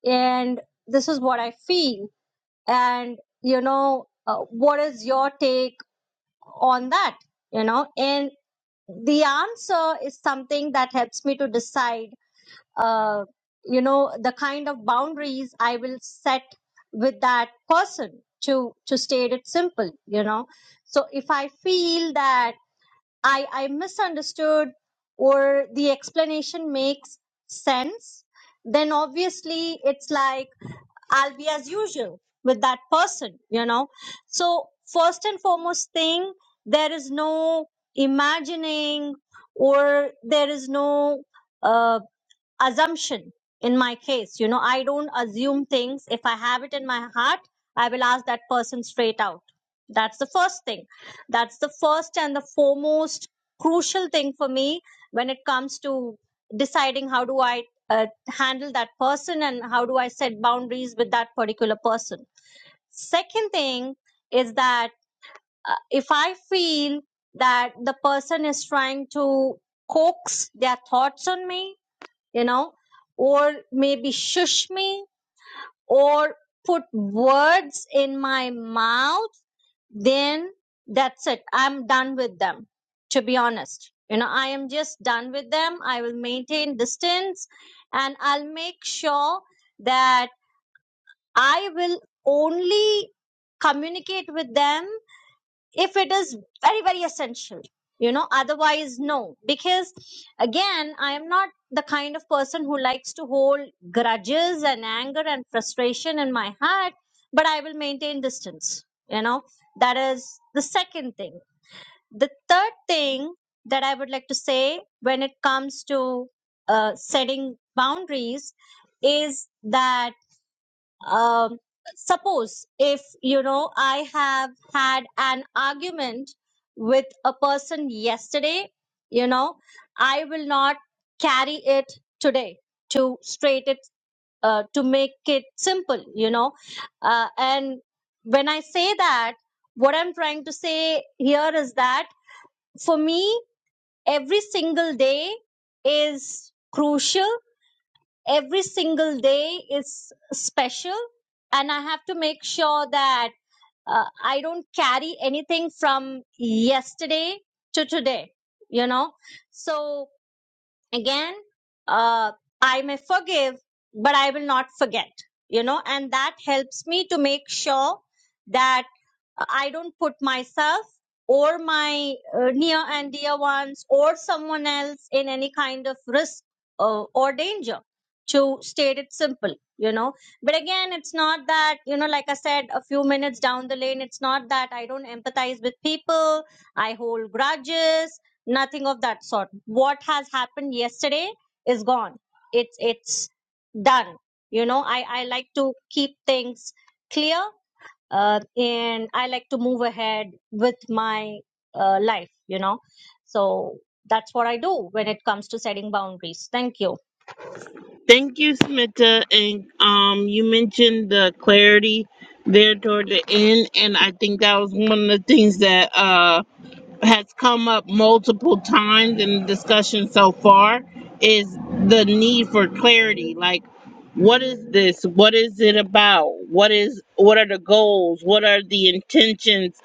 Speaker 5: and this is what i feel and you know uh, what is your take on that you know and the answer is something that helps me to decide uh, you know the kind of boundaries i will set with that person to to state it simple you know so if i feel that i i misunderstood or the explanation makes sense then obviously it's like I'll be as usual with that person, you know. So, first and foremost thing, there is no imagining or there is no uh, assumption in my case you know i don't assume things if i have it in my heart i will ask that person straight out that's the first thing that's the first and the foremost crucial thing for me when it comes to deciding how do i uh, handle that person and how do i set boundaries with that particular person second thing is that uh, if i feel that the person is trying to coax their thoughts on me you know, or maybe shush me or put words in my mouth, then that's it. I'm done with them, to be honest. You know, I am just done with them. I will maintain distance and I'll make sure that I will only communicate with them if it is very very essential you know otherwise no because again i am not the kind of person who likes to hold grudges and anger and frustration in my heart but i will maintain distance you know that is the second thing the third thing that i would like to say when it comes to uh, setting boundaries is that um, suppose if you know i have had an argument with a person yesterday you know i will not carry it today to straight it uh, to make it simple you know uh, and when i say that what i'm trying to say here is that for me every single day is crucial every single day is special and i have to make sure that uh, i don't carry anything from yesterday to today you know so again uh, i may forgive but i will not forget you know and that helps me to make sure that i don't put myself or my uh, near and dear ones or someone else in any kind of risk uh, or danger to state it simple you know but again it's not that you know like i said a few minutes down the lane it's not that i don't empathize with people i hold grudges nothing of that sort what has happened yesterday is gone it's it's done you know i i like to keep things clear uh, and i like to move ahead with my uh, life you know so that's what i do when it comes to setting boundaries thank you
Speaker 1: Thank you, Smita, and um, you mentioned the clarity there toward the end, and I think that was one of the things that. Uh, has come up multiple times in the discussion so far is the need for clarity. Like, what is this? What is it about? What is what are the goals? What are the intentions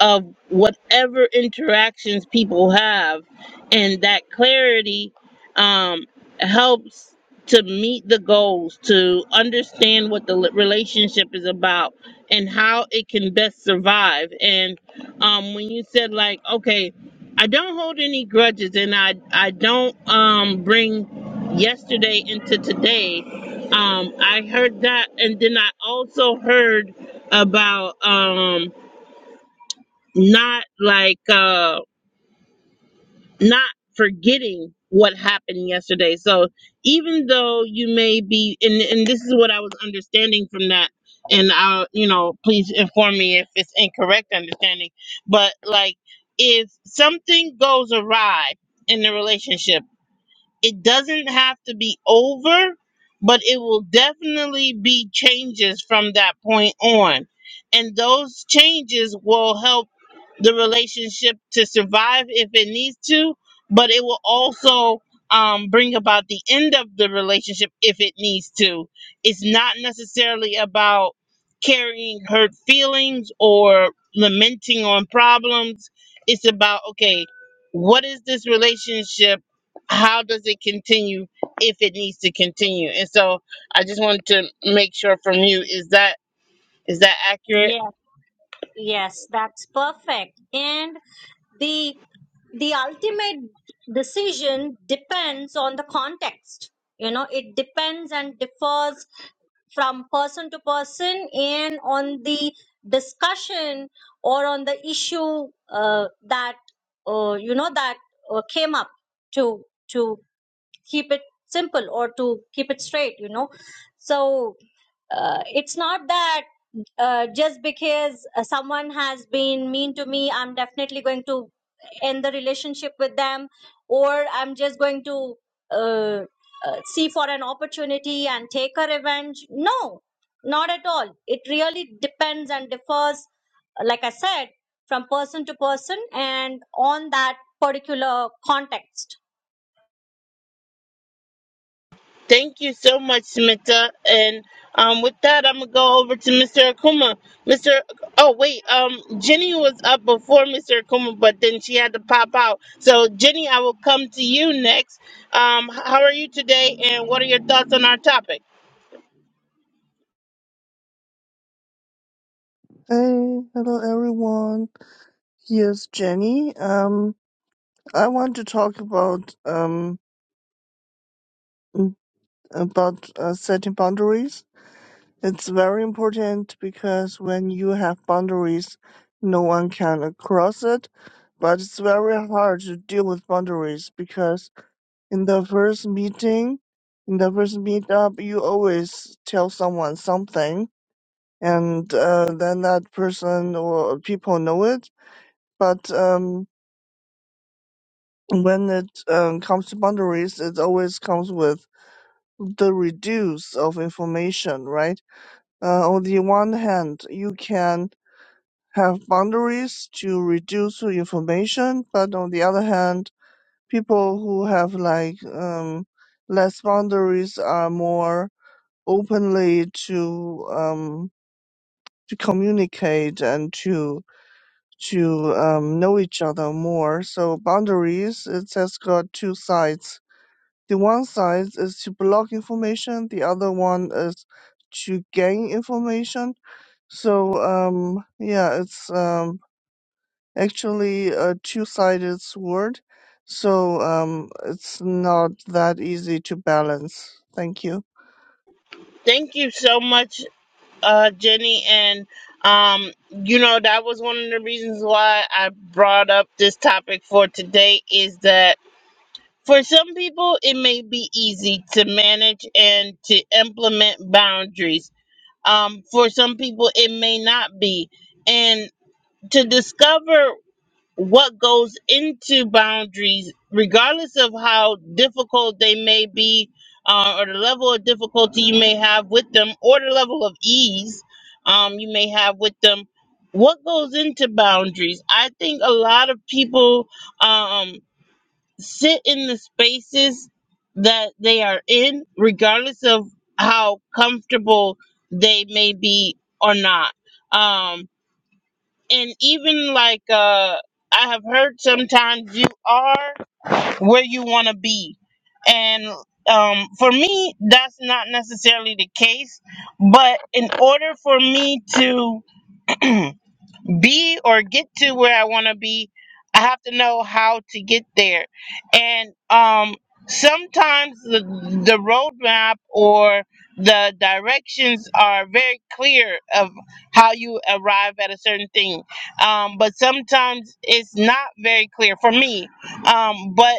Speaker 1: of whatever interactions people have? And that clarity um, helps to meet the goals, to understand what the li- relationship is about, and how it can best survive. And um when you said like okay i don't hold any grudges and i i don't um bring yesterday into today um i heard that and then i also heard about um not like uh not forgetting what happened yesterday. So even though you may be, and, and this is what I was understanding from that, and I'll, you know, please inform me if it's incorrect understanding, but like if something goes awry in the relationship, it doesn't have to be over, but it will definitely be changes from that point on. And those changes will help the relationship to survive if it needs to, but it will also um, bring about the end of the relationship if it needs to. It's not necessarily about carrying hurt feelings or lamenting on problems. It's about, okay, what is this relationship? How does it continue if it needs to continue? And so I just wanted to make sure from you is that is that accurate?
Speaker 5: yes yes that's perfect and the the ultimate decision depends on the context you know it depends and differs from person to person and on the discussion or on the issue uh, that uh, you know that uh, came up to to keep it simple or to keep it straight you know so uh, it's not that uh, just because uh, someone has been mean to me, I'm definitely going to end the relationship with them, or I'm just going to uh, uh, see for an opportunity and take a revenge. No, not at all. It really depends and differs, like I said, from person to person and on that particular context.
Speaker 1: Thank you so much, Smita. And um, with that, I'm gonna go over to Mr. Akuma. Mr. Oh wait, um, Jenny was up before Mr. Akuma, but then she had to pop out. So Jenny, I will come to you next. Um, how are you today, and what are your thoughts on our topic?
Speaker 6: Hey, hello everyone. Here's Jenny. Um, I want to talk about um mm, about uh, setting boundaries. It's very important because when you have boundaries, no one can cross it. But it's very hard to deal with boundaries because in the first meeting, in the first meetup, you always tell someone something, and uh, then that person or people know it. But um when it um, comes to boundaries, it always comes with the reduce of information, right? Uh, on the one hand, you can have boundaries to reduce the information, but on the other hand, people who have like um, less boundaries are more openly to um, to communicate and to to um, know each other more. So boundaries, it has got two sides The one side is to block information, the other one is to gain information. So um yeah, it's um actually a two-sided sword. So um it's not that easy to balance. Thank you.
Speaker 1: Thank you so much, uh, Jenny. And um, you know that was one of the reasons why I brought up this topic for today is that For some people, it may be easy to manage and to implement boundaries. Um, for some people, it may not be. And to discover what goes into boundaries, regardless of how difficult they may be, uh, or the level of difficulty you may have with them, or the level of ease um, you may have with them, what goes into boundaries? I think a lot of people. Um, sit in the spaces that they are in, regardless of how comfortable they may be or not. Um, and even like uh, I have heard sometimes you are where you want to be. And um, for me, that's not necessarily the case. But in order for me to be or get to where I want to be, I have to know how to get there. And um, sometimes the, the roadmap or the directions are very clear of how you arrive at a certain thing. Um, but sometimes it's not very clear for me. Um, but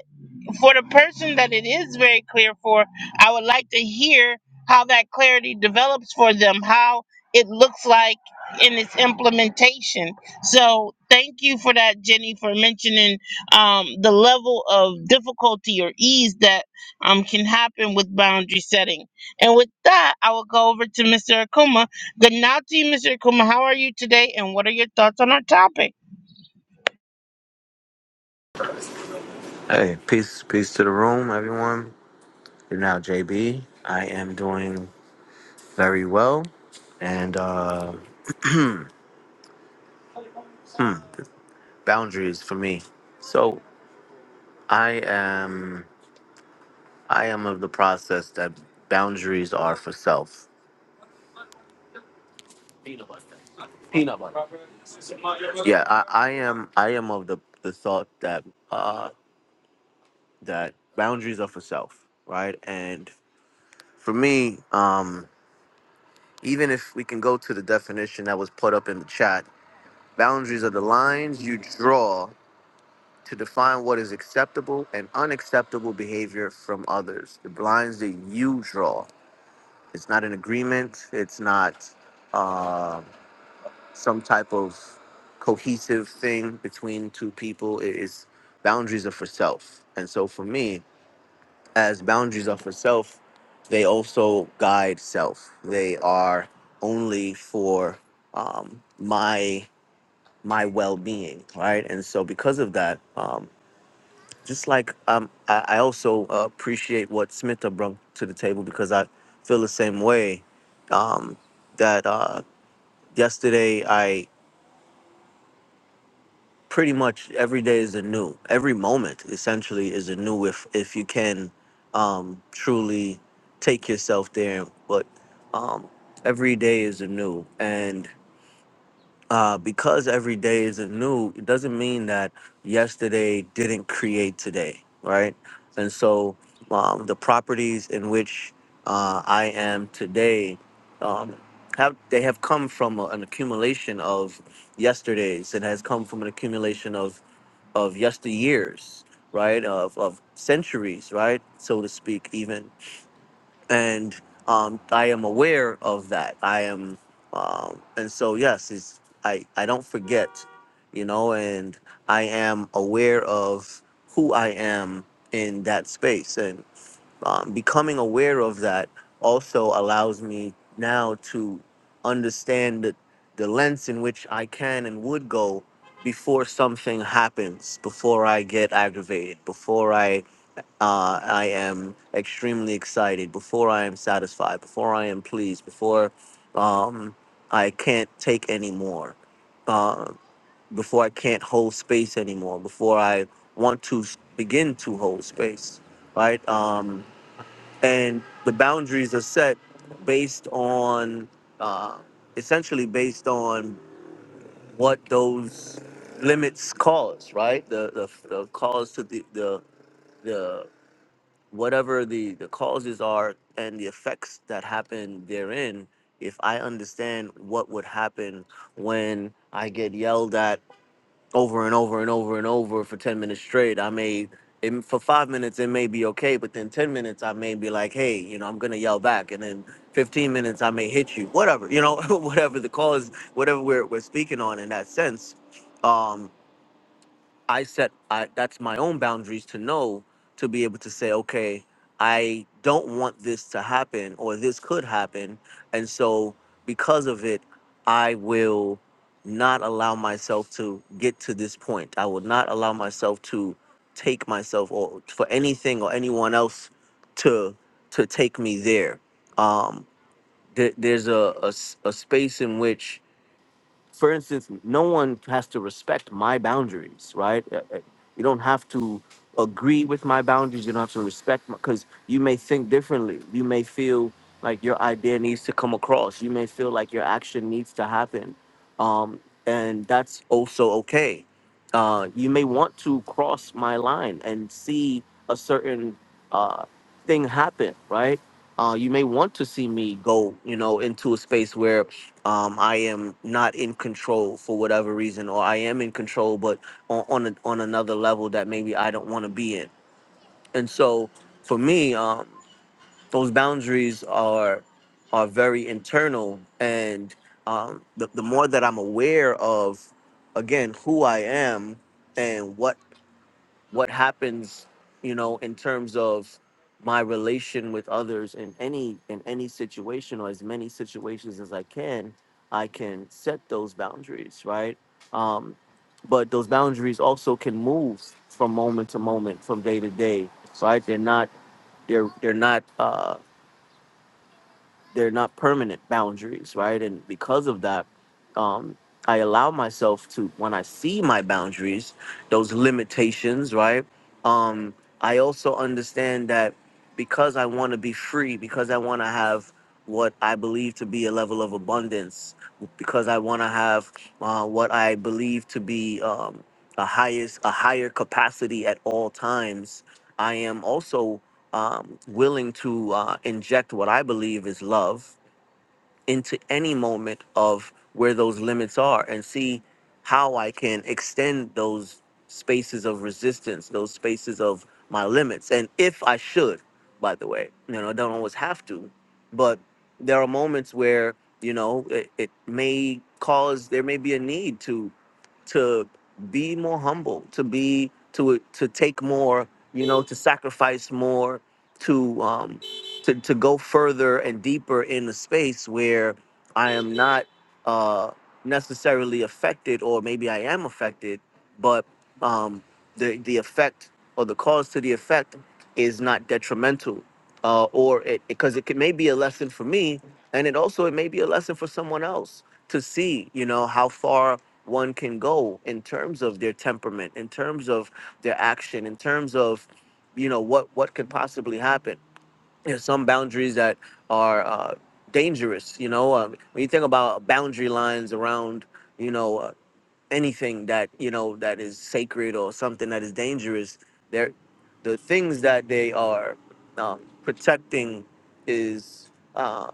Speaker 1: for the person that it is very clear for, I would like to hear how that clarity develops for them, how it looks like in its implementation. So thank you for that, Jenny, for mentioning um, the level of difficulty or ease that um, can happen with boundary setting. And with that, I will go over to Mr. Akuma. Good night to you, Mr. Akuma. How are you today, and what are your thoughts on our topic?
Speaker 7: Hey, peace, peace to the room, everyone. You're now JB. I am doing very well, and uh, boundaries for me. So I am, I am of the process that boundaries are for self. Peanut butter. Yeah, I, I am, I am of the the thought that uh, that boundaries are for self, right? And for me, um, even if we can go to the definition that was put up in the chat, boundaries are the lines you draw to define what is acceptable and unacceptable behavior from others. The blinds that you draw. It's not an agreement. It's not uh, some type of cohesive thing between two people. It is boundaries are for self. And so for me, as boundaries are for self, they also guide self. They are only for um, my my well-being, right? And so because of that, um, just like um, I, I also uh, appreciate what Smith have brought to the table because I feel the same way. Um, that uh, yesterday I pretty much every day is a new, every moment essentially is a new if if you can um, truly take yourself there. But um, every day is a new, and. uh, because every day is new, it doesn't mean that yesterday didn't create today, right? And so um, the properties in which uh, I am today um, have they have come from a- an accumulation of yesterdays. It has come from an accumulation of of yesteryears, right? Of of centuries, right? So to speak, even and um, I am aware of that. I am, um, and so yes, it's, I I don't forget, you know, and I am aware of who I am in that space, and um, becoming aware of that also allows me now to understand the, the lengths in which I can and would go before something happens, before I get aggravated, before I uh, I am extremely excited, before I am satisfied, before I am pleased, before um, I can't take anymore, uh, before I can't hold space anymore, before I want to s- begin to hold space, right? Um, and the boundaries are set based on, uh, essentially based on what those limits cause, right? The the, the cause to the the the whatever the the causes are and the effects that happen therein if i understand what would happen when i get yelled at over and over and over and over for 10 minutes straight i may it, for five minutes it may be okay but then 10 minutes i may be like hey you know i'm gonna yell back and then 15 minutes i may hit you whatever you know whatever the cause whatever we're, we're speaking on in that sense Um, I set I, that's my own boundaries to know to be able to say, okay, I don't want this to happen or this could happen, and so because of it, I will not allow myself to get to this point. I will not allow myself to take myself or for anything or anyone else to to take me there. Um, there there's a, a s- a space in which for instance, no one has to respect my boundaries, right? Uh, uh, You don't have to agree with my boundaries. You don't have to respect my, because you may think differently. You may feel like your idea needs to come across. You may feel like your action needs to happen. Um, and that's also okay. Uh, you may want to cross my line and see a certain uh, thing happen, right? uh, you may want to see me go, you know, into a space where um, I am not in control for whatever reason, or I am in control, but on on, a, on another level that maybe I don't want to be in. And so, for me, um, those boundaries are are very internal, and um, the the more that I'm aware of, again, who I am and what what happens you know in terms of my relation with others in any in any situation or as many situations as i can i can set those boundaries right um but those boundaries also can move from moment to moment from day to day right they're not they're they're not uh they're not permanent boundaries, right? And because of that, um, I allow myself to when I see my boundaries, those limitations, right? Um, I also understand that because I want to be free, because I want to have what I believe to be a level of abundance, because I want to have uh, what I believe to be um, a highest, a higher capacity at all times. I am also um, willing to uh, inject what I believe is love into any moment of where those limits are and see how I can extend those spaces of resistance, those spaces of my limits. And if I should, by the way, you know, I don't always have to, but there are moments where, you know, it, it may cause, there may be a need to to be more humble, to be to to take more, you know, to sacrifice more, to um to to go further and deeper in a space where I am not uh necessarily affected or maybe I am affected but um, the the effect or the cause to the effect is not detrimental, uh, or it because it can may be a lesson for me, and it also it may be a lesson for someone else to see, you know, how far one can go in terms of their temperament, in terms of their action, in terms of, you know, what what could possibly happen. There's some boundaries that are uh, dangerous, you know. Um, when you think about boundary lines around, you know, uh, anything that you know that is sacred or something that is dangerous they're the things that they are um, protecting is uh,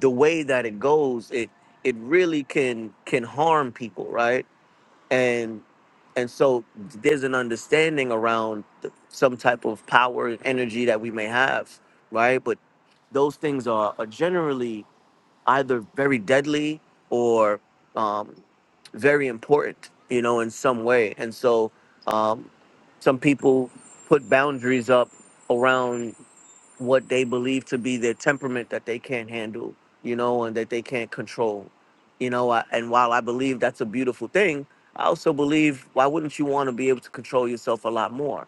Speaker 7: the way that it goes it it really can can harm people right and and so there's an understanding around th- some type of power and energy that we may have right but those things are, are generally either very deadly or um, very important, you know, in some way. And so um, some people put boundaries up around what they believe to be their temperament that they can't handle, you know, and that they can't control, you know. I, and while I believe that's a beautiful thing, I also believe why wouldn't you want to be able to control yourself a lot more?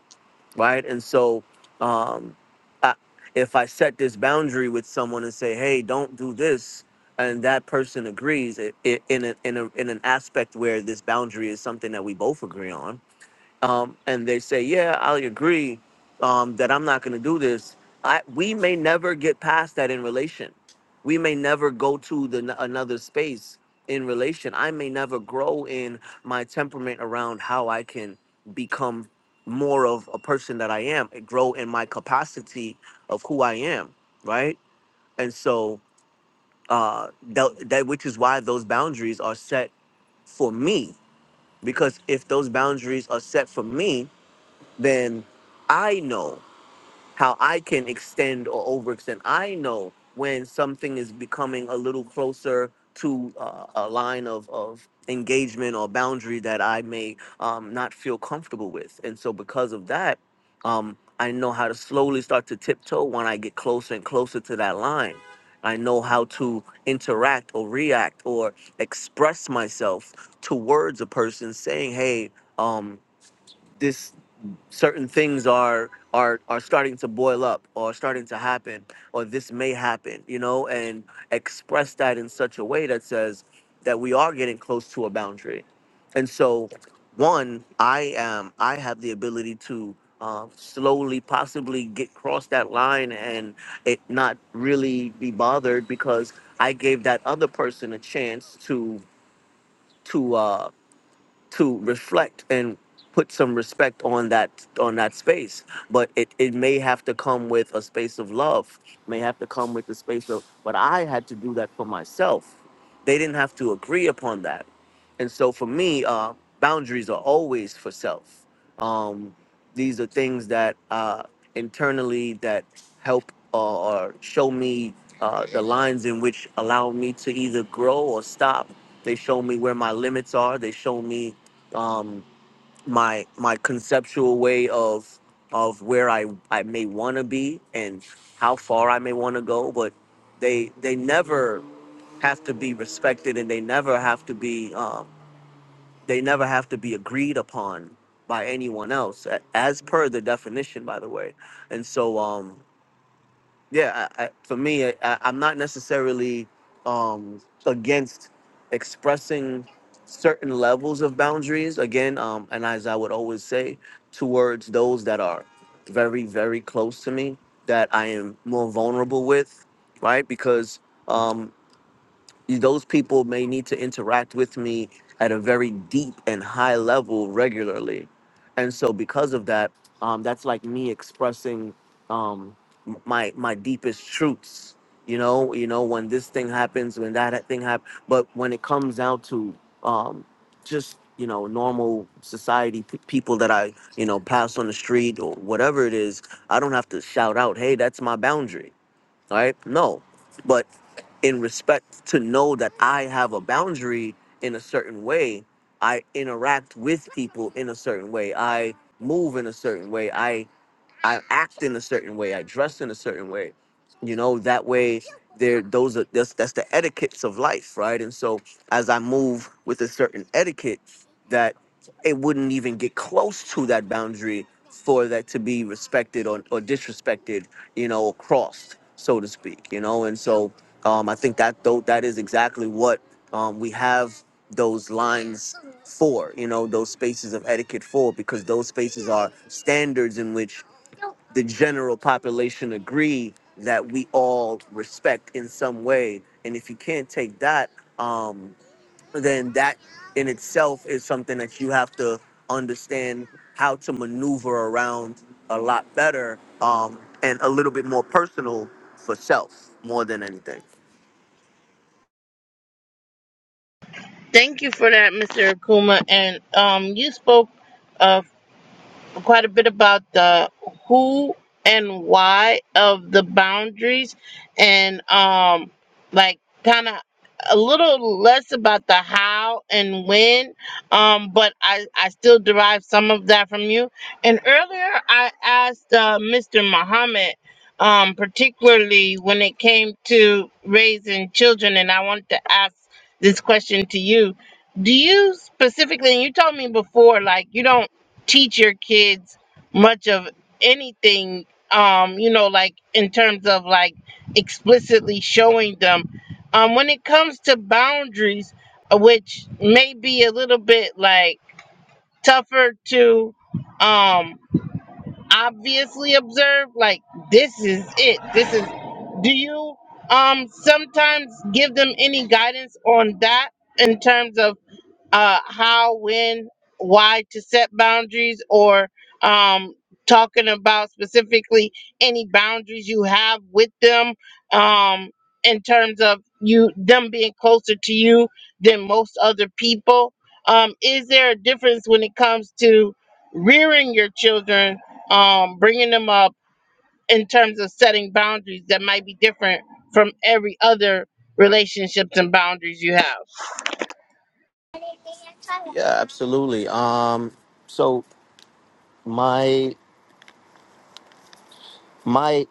Speaker 7: right? And so, um, I, if I set this boundary with someone and say, "Hey, don't do this," and that person agrees, it, it, in a, in a, in an aspect where this boundary is something that we both agree on, um, and they say, "Yeah, I agree um, that I'm not going to do this," I, we may never get past that in relation. We may never go to the n- another space in relation. I may never grow in my temperament around how I can become more of a person that I am. and Grow in my capacity of who I am, right? And so uh, that, that which is why those boundaries are set for me. Because if those boundaries are set for me, then I know how I can extend or overextend. I know when something is becoming a little closer to uh, a line of, of engagement or boundary that I may um, not feel comfortable with. And so, because of that, um, I know how to slowly start to tiptoe when I get closer and closer to that line. I know how to interact or react or express myself towards a person saying, hey, um, this certain things are are are starting to boil up or starting to happen or this may happen you know and express that in such a way that says that we are getting close to a boundary and so one i am i have the ability to uh, slowly possibly get cross that line and it not really be bothered because i gave that other person a chance to to uh to reflect and put some respect on that on that space but it, it may have to come with a space of love may have to come with the space of but i had to do that for myself they didn't have to agree upon that and so for me uh, boundaries are always for self um, these are things that uh, internally that help uh, or show me uh, the lines in which allow me to either grow or stop they show me where my limits are. They show me um my my conceptual way of of where I I may want to be and how far I may want to go, but they they never have to be respected and they never have to be um, they never have to be agreed upon by anyone else a- as per the definition by the way and so um yeah I, I, for me I, I- i'm not necessarily um against expressing certain levels of boundaries again um and as i would always say towards those that are very very close to me that i am more vulnerable with right because um those people may need to interact with me at a very deep and high level regularly and so because of that um, that's like me expressing um, m- my my deepest truths you know you know when this thing happens when that thing happens but when it comes down to um, just you know normal society p- people that i you know pass on the street or whatever it is i don't have to shout out hey that's my boundary All right no but in respect to know that I have a boundary in a certain way. I interact with people in a certain way. I move in a certain way. I I act in a certain way. I dress in a certain way. You know, that way there those are that's that's the etiquettes of life, right? And so as I move with a certain etiquette that it wouldn't even get close to that boundary for that to be respected or, or disrespected, you know, or crossed, so to speak, you know. And so um, I think that though that is exactly what um, we have those lines for, you know, those spaces of etiquette for, because those spaces are standards in which the general population agree that we all respect in some way. And if you can't take that, um, then that in itself is something that you have to understand how to maneuver around a lot better um, and a little bit more personal for self more than anything.
Speaker 1: Thank you for that, Mr. Akuma. And um, you spoke. uh, quite a bit about the who and why of the boundaries and um like kind of a little less about the how and when um but i i still derive some of that from you and earlier i asked uh, mr muhammad um particularly when it came to raising children and i wanted to ask this question to you do you specifically and you told me before like you don't teach your kids much of anything um you know like in terms of like explicitly showing them um when it comes to boundaries uh, which may be a little bit like tougher to um obviously observe like this is it this is do you um sometimes give them any guidance on that in terms of uh, how, when, why to set boundaries or um, talking about specifically any boundaries you have with them um, in terms of you them being closer to you than most other people. Um, is there a difference when it comes to rearing your children, um, bringing them up in terms of setting boundaries that might be different from every other relationships and boundaries you have?
Speaker 7: Yeah, absolutely. Um, so my my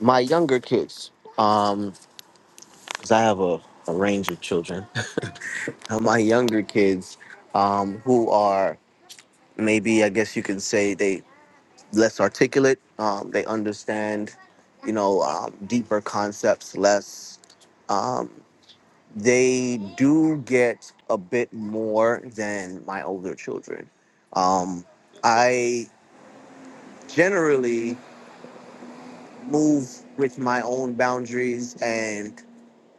Speaker 7: my younger kids, um, because I have a, a range of children. uh, my younger kids um, who are maybe i guess you can say they less articulate um, they understand you know um, deeper concepts less um, they do get a bit more than my older children um, i generally move with my own boundaries and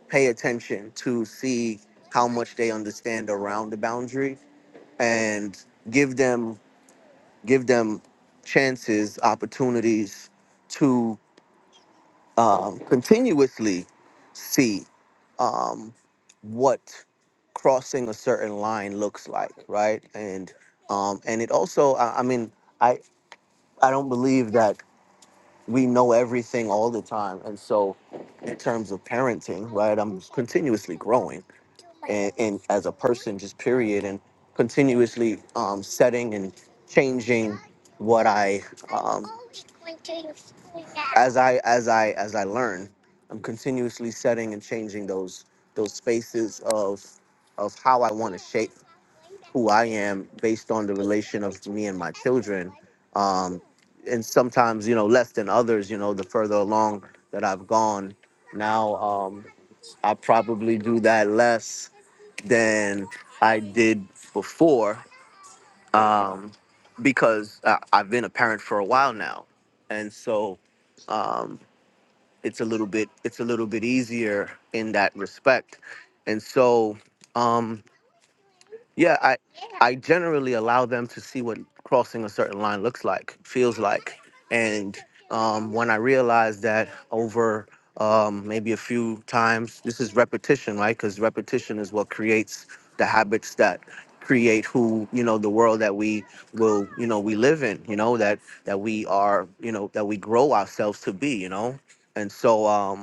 Speaker 7: pay attention to see how much they understand around the boundary and give them give them chances, opportunities to um, continuously see um, what crossing a certain line looks like, right? And um, and it also, I, I mean, I I don't believe that we know everything all the time. And so, in terms of parenting, right, I'm continuously growing and, and as a person, just period, and continuously um, setting and changing what I um, as I as I as I learn. I'm continuously setting and changing those those spaces of of how I want to shape who I am based on the relation of me and my children. Um, and sometimes, you know, less than others, you know, the further along that I've gone. Now, um, I probably do that less than I did before um, because I, I've been a parent for a while now. And so um, it's a little bit it's a little bit easier in that respect. And so um, yeah, I I generally allow them to see what crossing a certain line looks like, feels like, and um, when I realize that over um, maybe a few times, this is repetition, right? Because repetition is what creates the habits that create who you know the world that we will you know we live in you know that that we are you know that we grow ourselves to be you know and so um,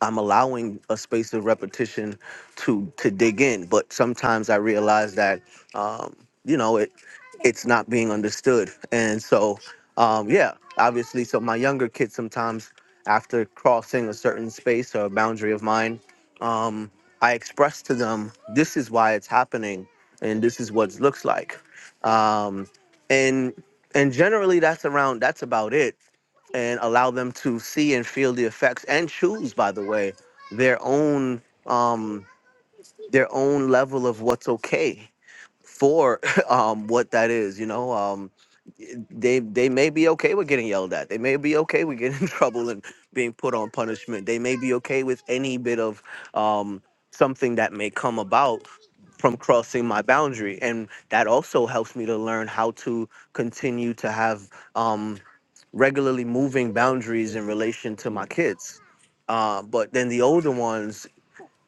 Speaker 7: I'm allowing a space of repetition to to dig in. But sometimes I realize that um, you know it it's not being understood, and so um, yeah, obviously. So my younger kids sometimes after crossing a certain space or a boundary of mine, um, I express to them this is why it's happening, and this is what it looks like, um, and and generally that's around that's about it and allow them to see and feel the effects and choose by the way their own um their own level of what's okay for um what that is you know um they they may be okay with getting yelled at they may be okay with getting in trouble and being put on punishment they may be okay with any bit of um something that may come about from crossing my boundary and that also helps me to learn how to continue to have um regularly moving boundaries in relation to my kids. Uh, but then the older ones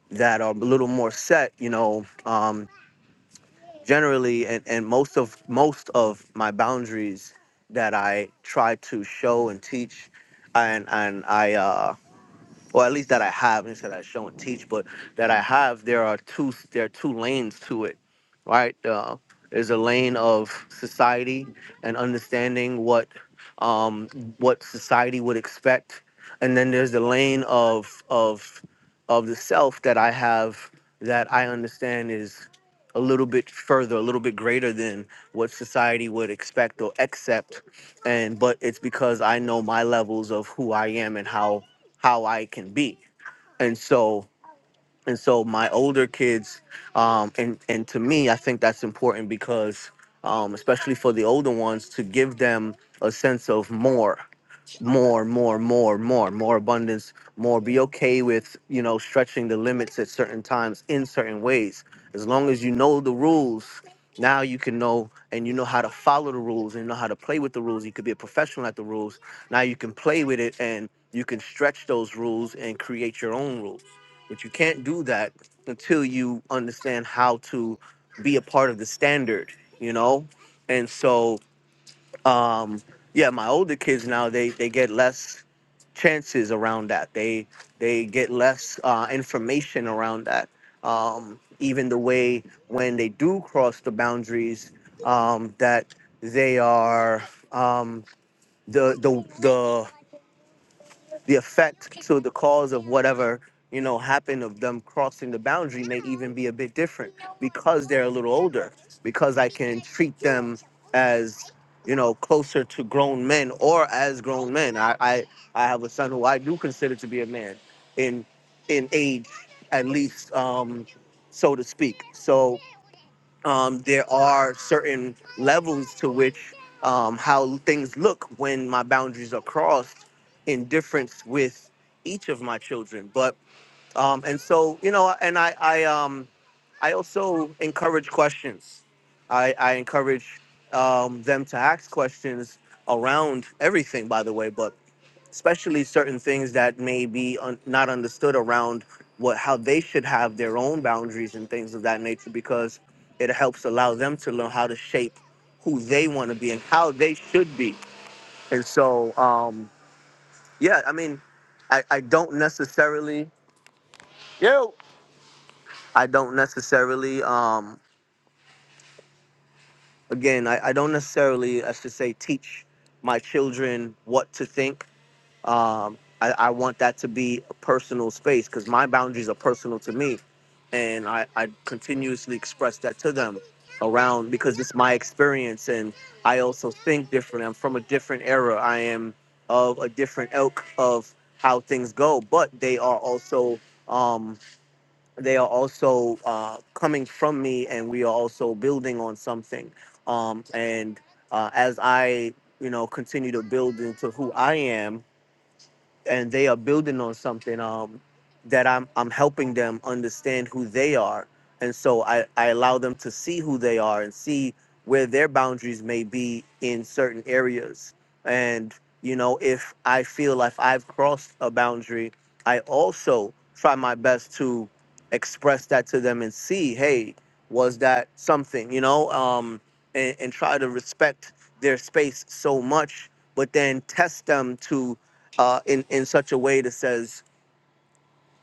Speaker 7: that are a little more set, you know, um, generally, and, and most of most of my boundaries that I try to show and teach, and and I uh, or at least that I have, and that I show and teach, but that I have, there are two there are two lanes to it, right? Uh, there's a lane of society and understanding what um, what society would expect, and then there's the lane of of of the self that I have that I understand is a little bit further, a little bit greater than what society would expect or accept, and but it's because I know my levels of who I am and how how I can be. And so and so my older kids, um, and and to me, I think that's important because um, especially for the older ones, to give them a sense of more more, more, more, more, more abundance, more. Be okay with, you know, stretching the limits at certain times in certain ways. As long as you know the rules, now you can know and you know how to follow the rules and know how to play with the rules. You could be a professional at the rules. Now you can play with it and you can stretch those rules and create your own rules. But you can't do that until you understand how to be a part of the standard, you know? And so um yeah my older kids now they they get less chances around that they they get less uh information around that um even the way when they do cross the boundaries um that they are um the the the the effect to the cause of whatever you know happened of them crossing the boundary may even be a bit different because they're a little older because i can treat them as you know closer to grown men or as grown men i i, I have a son who i do consider to be a man in in age at least um so to speak so um, there are certain levels to which um, how things look when my boundaries are crossed in difference with each of my children but um, and so you know and i i um i also encourage questions i i encourage um, them to ask questions around everything by the way but especially certain things that may be un- not understood around what how they should have their own boundaries and things of that nature because it helps allow them to learn how to shape who they want to be and how they should be and so um yeah i mean i i don't necessarily Yo. i don't necessarily um again i, I don't necessarily i should say teach my children what to think Um, I, I want that to be a personal space because my boundaries are personal to me. And I, I continuously express that to them around because it's my experience. And I also think different. I'm from a different era. I am of a different ilk of how things go, but they are also. Um, they are also uh, coming from me, and we are also building on something. Um, and uh, as I, you know, continue to build into who I am, and they are building on something um, that I'm I'm helping them understand who they are, and so I I allow them to see who they are and see where their boundaries may be in certain areas, and you know if I feel like I've crossed a boundary, I also try my best to express that to them and see hey was that something you know um and, and try to respect their space so much but then test them to uh, in in such a way that says,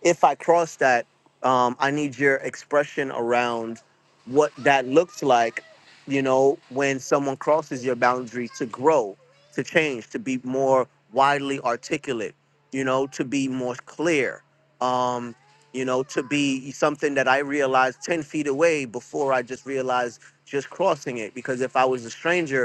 Speaker 7: if I cross that, um, I need your expression around what that looks like. You know, when someone crosses your boundary to grow, to change, to be more widely articulate. You know, to be more clear. Um, you know, to be something that I realized ten feet away before I just realized just crossing it. Because if I was a stranger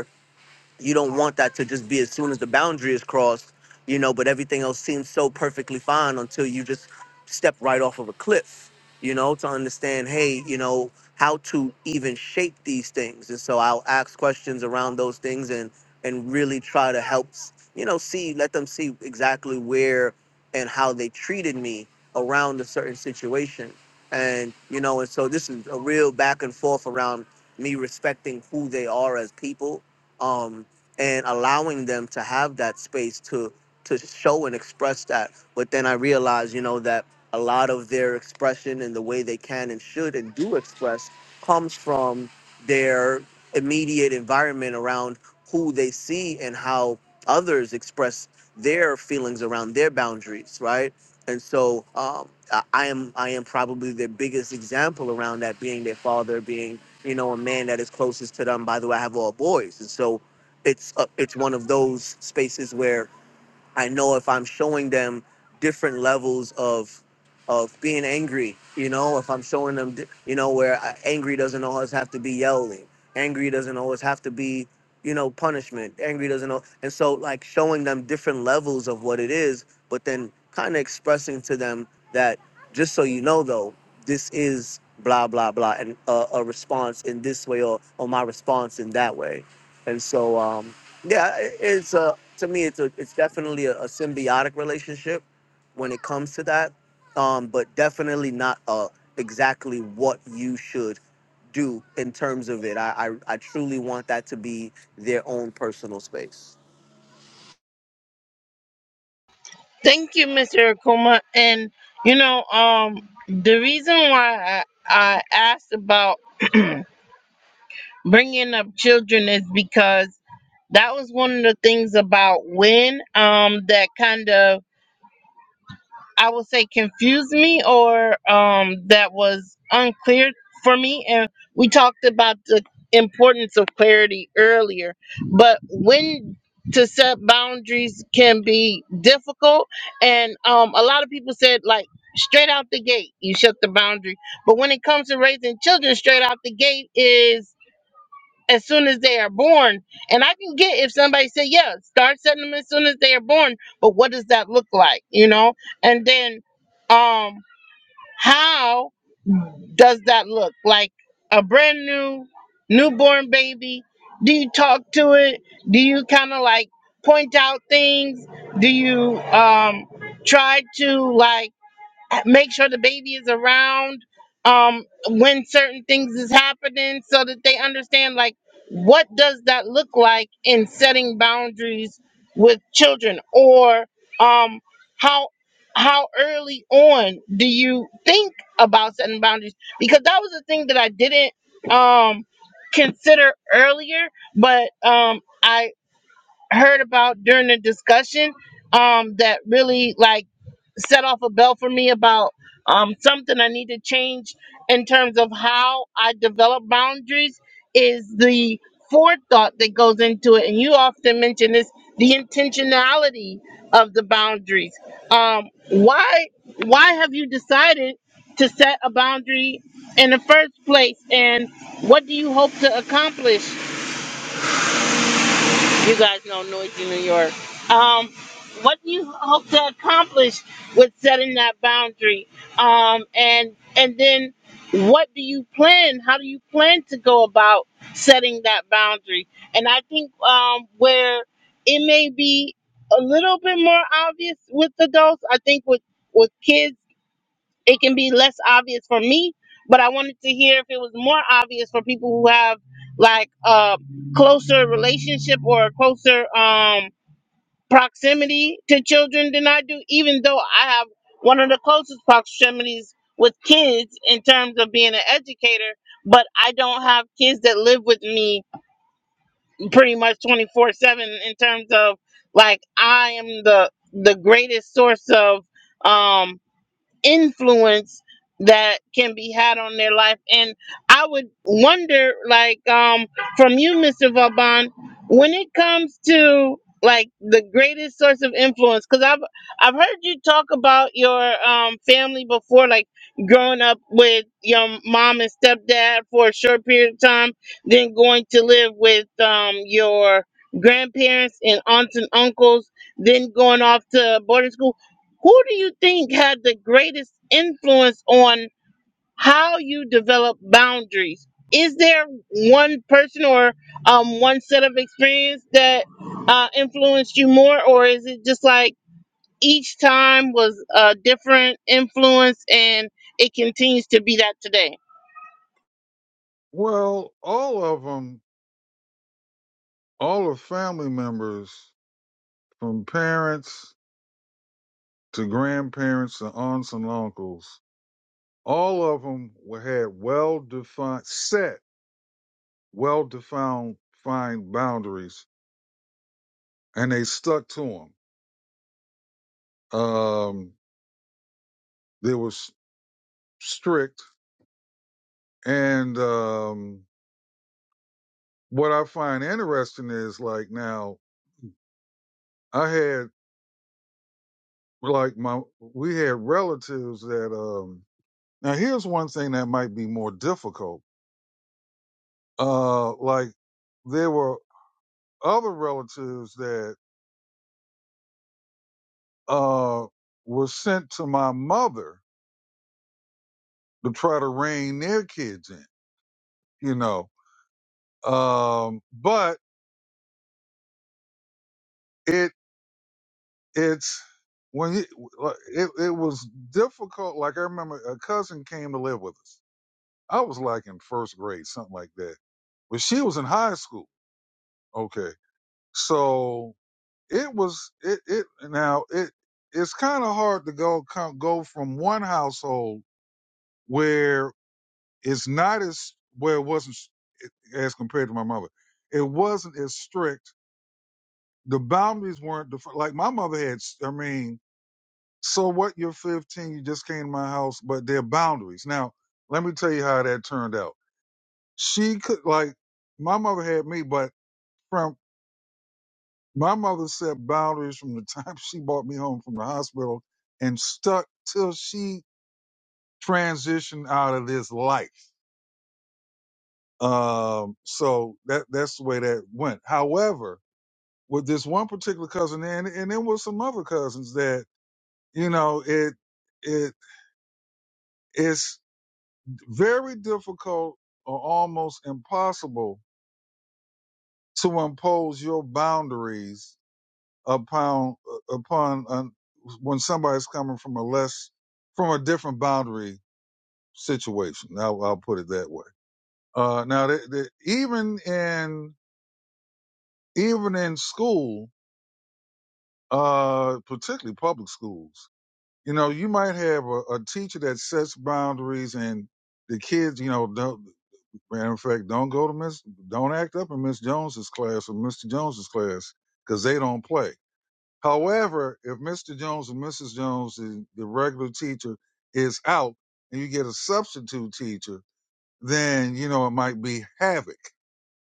Speaker 7: you don't want that to just be as soon as the boundary is crossed, you know, but everything else seems so perfectly fine until you just step right off of a cliff, you know, to understand, hey, you know, how to even shape these things. And so I'll ask questions around those things and and really try to help, you know, see, let them see exactly where and how they treated me around a certain situation. And, you know, and so this is a real back and forth around me respecting who they are as people um, and allowing them to have that space to to show and express that but then i realized you know that a lot of their expression and the way they can and should and do express comes from their immediate environment around who they see and how others express their feelings around their boundaries right and so um, I, I am i am probably their biggest example around that being their father being you know a man that is closest to them by the way i have all boys and so it's uh, it's one of those spaces where I know if I'm showing them different levels of of being angry, you know, if I'm showing them, di- you know, where I- angry doesn't always have to be yelling, angry doesn't always have to be, you know, punishment, angry doesn't, al- and so like showing them different levels of what it is, but then kind of expressing to them that just so you know though, this is blah blah blah, and uh, a response in this way or or my response in that way, and so um, yeah, it- it's to me, it's a, it's definitely a, a symbiotic relationship when it comes to that, um, but definitely not uh, exactly what you should do in terms of it. I, I I truly want that to be their own personal space.
Speaker 1: Thank you, Mr. Akuma. And you know, um, the reason why I, I asked about bringing up children is because that was one of the things about when um that kind of I would say confused me or um, that was unclear for me. And we talked about the importance of clarity earlier, but when to set boundaries can be difficult. And um, a lot of people said, like, straight out the gate, you set the boundary. But when it comes to raising children, straight out the gate is as soon as they are born. And I can get if somebody said, yeah, start setting them as soon as they are born. But what does that look like? You know? And then um how does that look? Like a brand new newborn baby? Do you talk to it? Do you kind of like point out things? Do you um try to like make sure the baby is around um when certain things is happening so that they understand like what does that look like in setting boundaries with children or um how how early on do you think about setting boundaries because that was the thing that I didn't um consider earlier but um I heard about during the discussion um, that really like set off a bell for me about um, something I need to change in terms of how I develop boundaries is the forethought that goes into it. And you often mention this the intentionality of the boundaries. Um, why why have you decided to set a boundary in the first place and what do you hope to accomplish you guys know noisy New York. Um, what do you hope to accomplish with setting that boundary? Um, and and then what do you plan? How do you plan to go about setting that boundary? And I think um, where it may be a little bit more obvious with adults, I think with with kids it can be less obvious for me but i wanted to hear if it was more obvious for people who have like a closer relationship or a closer um proximity to children than i do even though i have one of the closest proximities with kids in terms of being an educator but i don't have kids that live with me pretty much 24 7 in terms of like i am the the greatest source of um influence that can be had on their life. And I would wonder, like, um, from you, Mr. Vauban, when it comes to like the greatest source of influence, because I've I've heard you talk about your um family before, like growing up with your mom and stepdad for a short period of time, then going to live with um your grandparents and aunts and uncles, then going off to boarding school who do you think had the greatest influence on how you develop boundaries? Is there one person or um, one set of experience that uh, influenced you more, or is it just like each time was a different influence and it continues to be that today?
Speaker 2: well, all of them, all of family members, from parents to grandparents to aunts and uncles, all of them had well defined set well defined fine boundaries and they stuck to them. Um, they were s- strict. And um, what I find interesting is like now I had like my we had relatives that um now here's one thing that might be more difficult. Uh like there were other relatives that uh were sent to my mother to try to rein their kids in, you know. Um but it it's when he, it it was difficult. Like I remember, a cousin came to live with us. I was like in first grade, something like that, but she was in high school. Okay, so it was it it now it it's kind of hard to go come, go from one household where it's not as where it wasn't s- as compared to my mother. It wasn't as strict. The boundaries weren't defi- like my mother had. s- I mean, So what? You're 15. You just came to my house, but there are boundaries. Now, let me tell you how that turned out. She could like my mother had me, but from my mother set boundaries from the time she brought me home from the hospital and stuck till she transitioned out of this life. Um, so that that's the way that went. However, with this one particular cousin and and then with some other cousins that you know it it is. very difficult or almost impossible to impose your boundaries upon upon an, when somebody's coming from a less from a different boundary situation. I'll, I'll put it that way. Uh, now, the, the, even in even in school, uh, particularly public schools, you know, you might have a, a teacher that sets boundaries and the kids, you know, don't. Matter of fact, don't go to Miss, don't act up in Miss Jones's class or Mr. Jones's class because they don't play. However, if Mr. Jones and Mrs. Jones, the, the regular teacher, is out and you get a substitute teacher, then, you know, it might be havoc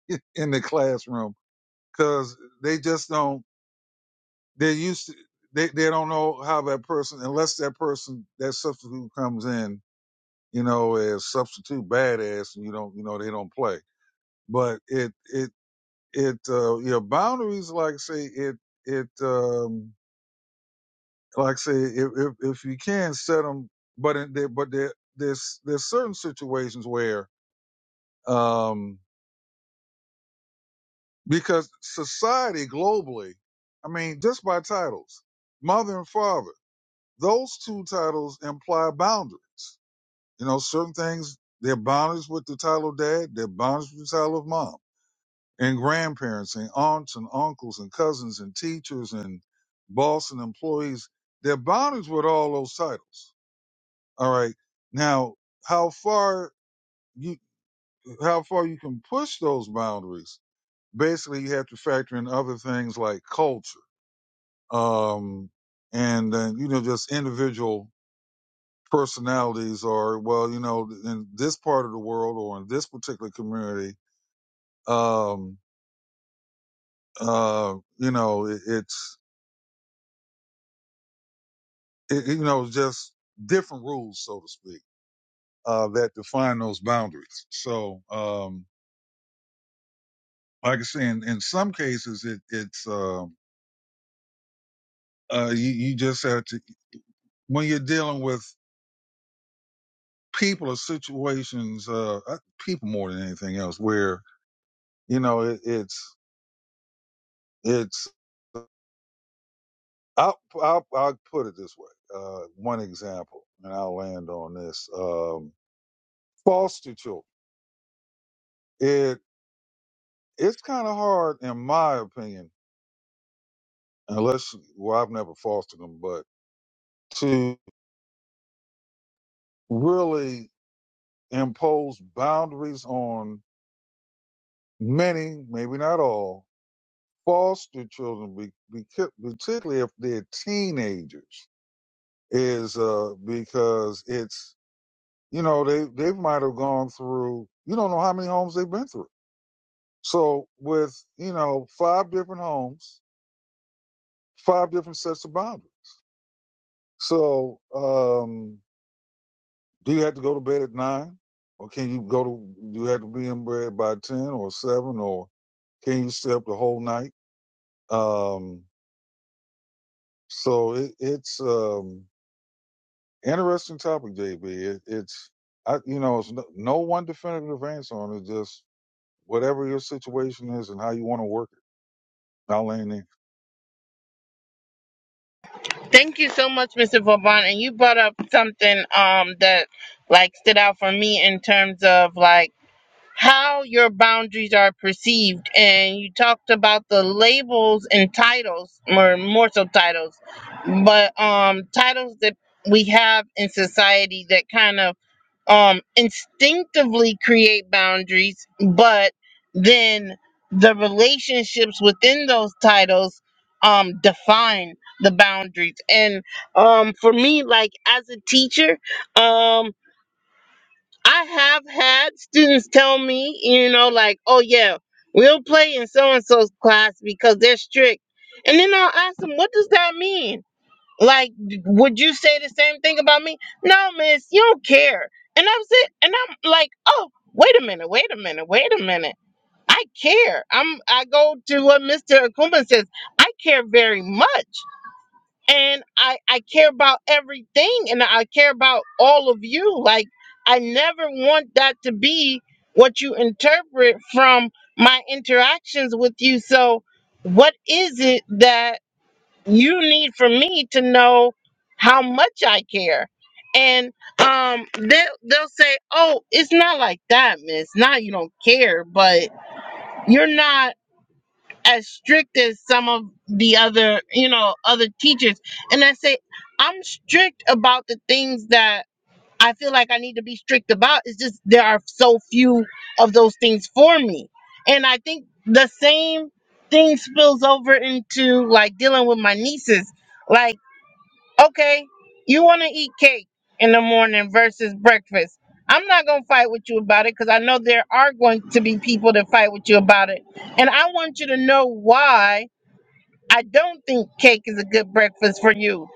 Speaker 2: in the classroom because they just don't, they're used to, they, they don't know how that person, unless that person, that substitute comes in, you know, as substitute badass and you don't, you know, they don't play but it it it uh you know boundaries like I say it it um like I say if if, if you can set them but in there but there there's there's certain situations where um because society globally i mean just by titles mother and father those two titles imply boundaries you know certain things they're boundaries with the title dad they're boundaries with the title of mom and grandparents and aunts and uncles and cousins and teachers and boss and employees. They're bounded with all those titles. All right. Now, how far you how far you can push those boundaries? Basically, you have to factor in other things like culture, um, and then you know just individual personalities, or well, you know, in this part of the world or in this particular community, um, uh, you know, it, it's it, you know, just different rules, so to speak, uh, that define those boundaries. So, um, like I say, in, in some cases, it, it's, um uh, you, you just have to, when you're dealing with people or situations, uh, uh, people more than anything else where, you know, it, it's, it's, I'll, I'll, I'll put it this way. Uh, one example, and I'll land on this. Um, foster children. It, it's kind of hard, in my opinion, unless well i've never fostered them but to really impose boundaries on many maybe not all foster children be, be, particularly if they're teenagers is uh because it's you know they they might have gone through you don't know how many homes they've been through so with you know five different homes five different sets of boundaries so um Do you have to go to bed at nine, or can you go to? You have to be in bed by ten or seven, or can you stay up the whole night? Um, so it, it's um interesting topic, JB. It, it's I, you know, it's no, no one definitive answer on it. Just whatever your situation is and how you want to work it. I'll land in.
Speaker 1: Thank you so much, Mr. Vauban. And you brought up something um, that like stood out for me in terms of like how your boundaries are perceived and you talked about the labels and titles or more so titles but um titles that we have in society that kind of um instinctively create boundaries but then the relationships within those titles um define the boundaries and um for me like as a teacher um. I have had students tell me, you know, like, oh yeah, we'll play in so and so's class because they're strict. And then I'll ask them, what does that mean? Like, d- would you say the same thing about me? No, miss, you don't care. And I'm sit and I'm like, oh, wait a minute, wait a minute, wait a minute. I care. I'm I go to what Mr. Akuma says, I care very much and I I care about everything and I care about all of you. Like I never want that to be what you interpret from my interactions with you. So what is it that you need from me to know how much I care? And um they they'll say, "Oh, it's not like that, miss. Not you don't care, but you're not as strict as some of the other, you know, other teachers. And I say, I'm strict about the things that I feel like I need to be strict about. It's just there are so few of those things for me. And I think the same thing spills over into like dealing with my nieces. Like, okay, you want to eat cake in the morning versus breakfast. I'm not going to fight with you about it because I know there are going to be people that fight with you about it. And I want you to know why I don't think cake is a good breakfast for you.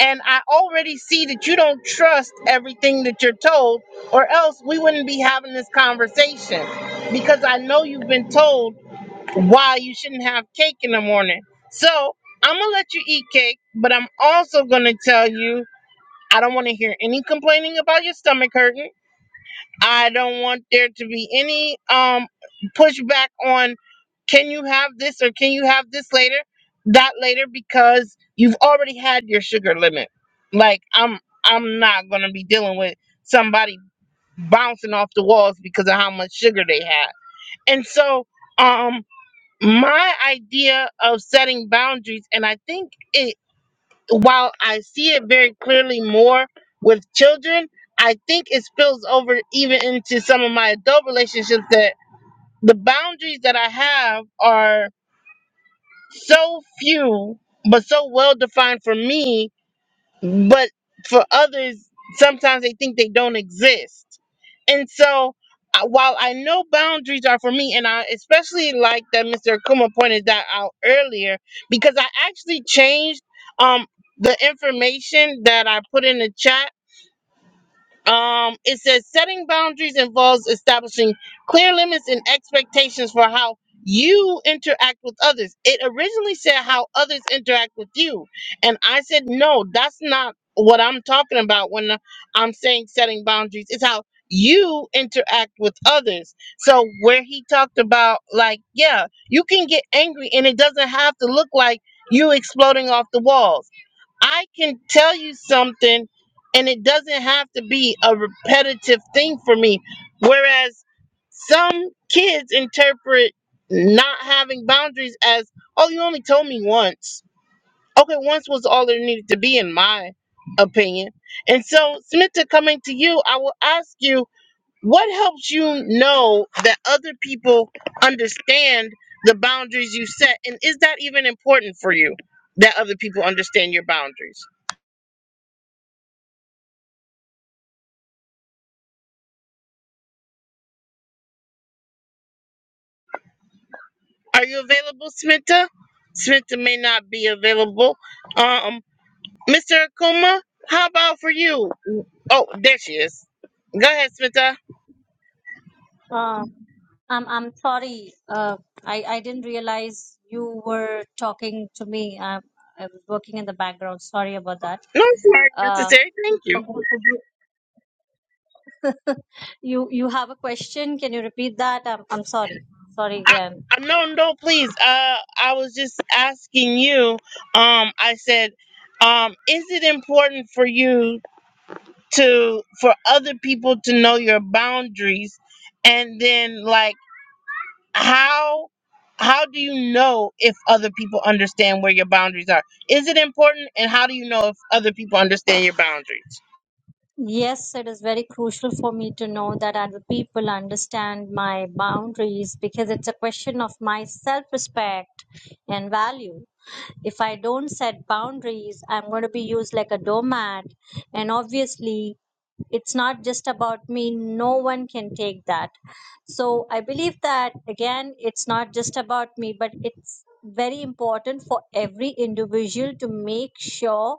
Speaker 1: And I already see that you don't trust everything that you're told, or else we wouldn't be having this conversation because I know you've been told why you shouldn't have cake in the morning. So I'm going to let you eat cake, but I'm also going to tell you I don't want to hear any complaining about your stomach hurting. I don't want there to be any um pushback on can you have this or can you have this later? That later because you've already had your sugar limit. Like I'm I'm not going to be dealing with somebody bouncing off the walls because of how much sugar they had. And so um my idea of setting boundaries and I think it while I see it very clearly more with children, I think it spills over even into some of my adult relationships that the boundaries that I have are so few but so well defined for me but for others sometimes they think they don't exist and so uh, while i know boundaries are for me and i especially like that mr Akuma pointed that out earlier because i actually changed um the information that i put in the chat um, it says setting boundaries involves establishing clear limits and expectations for how you interact with others. It originally said how others interact with you, and I said no, that's not what I'm talking about when I'm saying setting boundaries. It's how you interact with others. So where he talked about like, yeah, you can get angry and it doesn't have to look like you exploding off the walls I can tell you something and it doesn't have to be a repetitive thing for me. Whereas some kids interpret not having boundaries as, oh, you only told me once. Okay, once was all there needed to be, in my opinion. And so, Smita, coming to you, I will ask you what helps you know that other people understand the boundaries you set? And is that even important for you that other people understand your boundaries? Are you available, Smita? Smita may not be available. Um, Mr. Akuma, how about for you? Oh, there she is. Go ahead, Smita.
Speaker 5: Uh, I'm I'm sorry. Uh, I I didn't realize you were talking to me. I, I was working in the background. Sorry about that.
Speaker 1: No, it's not
Speaker 5: Uh,
Speaker 1: necessary. Thank you.
Speaker 5: okay. Could you, you you have a question? Can you repeat that? I'm I'm sorry. Sorry
Speaker 1: I,
Speaker 5: again.
Speaker 1: I, no, no, please. Uh, I was just asking you. Um, I said, um, is it important for you to for other people to know your boundaries, and then like. how how do you know if other people understand where your boundaries are? Is it important and how do you know if other people understand your boundaries?
Speaker 5: Yes, it is very crucial for me to know that other people understand my boundaries because it's a question of my self-respect and value. If I don't set boundaries, I'm going to be used like a doormat. And obviously, it's not just about me, no one can take that. So I believe that, again, it's not just about me, but it's very important for every individual to make sure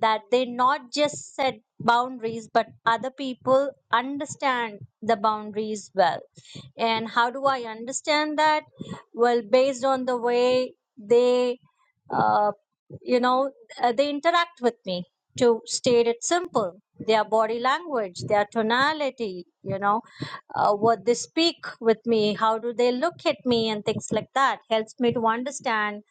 Speaker 5: that they not just set boundaries but other people understand the boundaries well and how do i understand that well based on the way they uh, you know, uh, they interact with me. To state it simple, their body language, their tonality, you know, uh, what they speak with me, how do they look at me, and things like that helps me to understand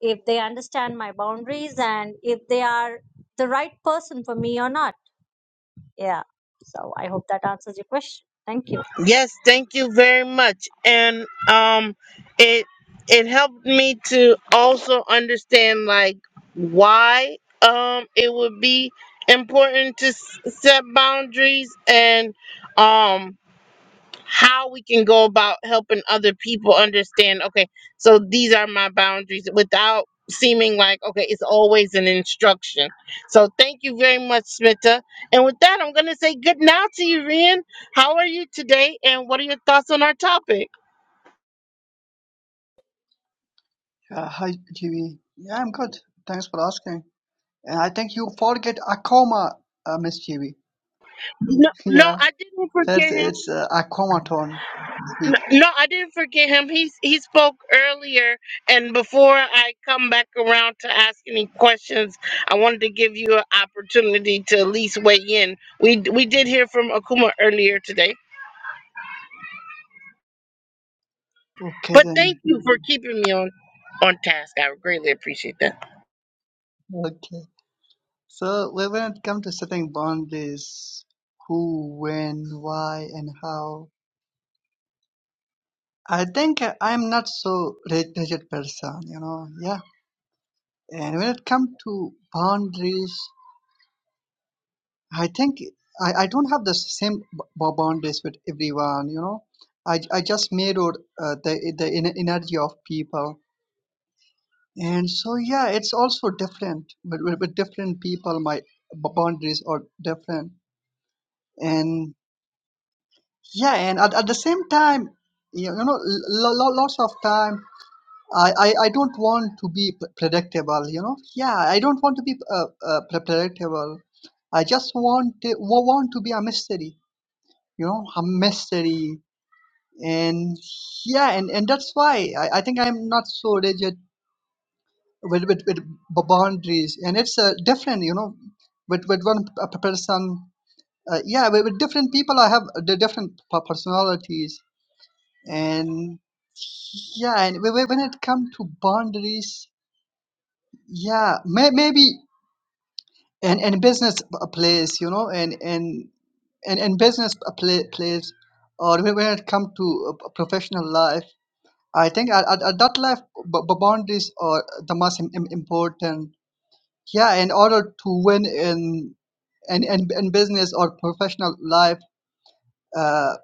Speaker 5: if they understand my boundaries and if they are the right person for me or not. Yeah. So I hope that answers your question. Thank you.
Speaker 1: Yes, thank you very much. And um it it helped me to also understand like why um it would be important to s- set boundaries and um how we can go about helping other people understand okay so these are my boundaries without seeming like okay it's always an instruction so thank you very much smita and with that i'm going to say good night to you rian how are you today and what are your thoughts on our topic
Speaker 8: Uh, hi, Chibi. Yeah, I'm good. Thanks for asking. And I think you forget Akoma, uh, Miss Chibi.
Speaker 1: no no
Speaker 8: yeah,
Speaker 1: i didn't forget
Speaker 8: that's
Speaker 1: him
Speaker 8: it's uh, Akoma turn to speak.
Speaker 1: No, I didn't forget him. He he spoke earlier, and before I come back around to ask any questions, I wanted to give you an opportunity to at least weigh in. We we did hear from Akuma earlier today,
Speaker 8: Okay
Speaker 1: but
Speaker 8: then.
Speaker 1: thank you for keeping me on on task. I greatly appreciate that.
Speaker 8: Okay. So when when it comes to setting boundaries, who, when, why, and how, I think uh, I'm not so rig- rigid person. You know. Yeah. And when it comes to boundaries, I think I, I don't have the same b- b- boundaries with everyone, you know. I, I just mirrored uh, the the en- energy of people, and so yeah, it's also different. But with, with different people, my b- boundaries are different, and yeah, and at, at the same time, you know, lo- lo- lots of time. I, I, I don't want to be p- predictable, you know. Yeah, I don't want to be uh, uh, pre- predictable. I just want to, wa- want to be a mystery you know hum mystery and yeah and and that's why i, I think i'm not so rigid with, with with b- boundaries and it's uh, different you know with with one p- p- person uh, yeah with, with different people i have the different p- personalities and yeah and whe- whe- when it comes to boundaries yeah may, maybe and and business p- place you know and and and, and business p- pla place or when when it comes to a p- professional life I think at, at, at that level, b- b- boundaries are the most im- im- important. Yeah, in order to win in in, in, in business or professional life, uh,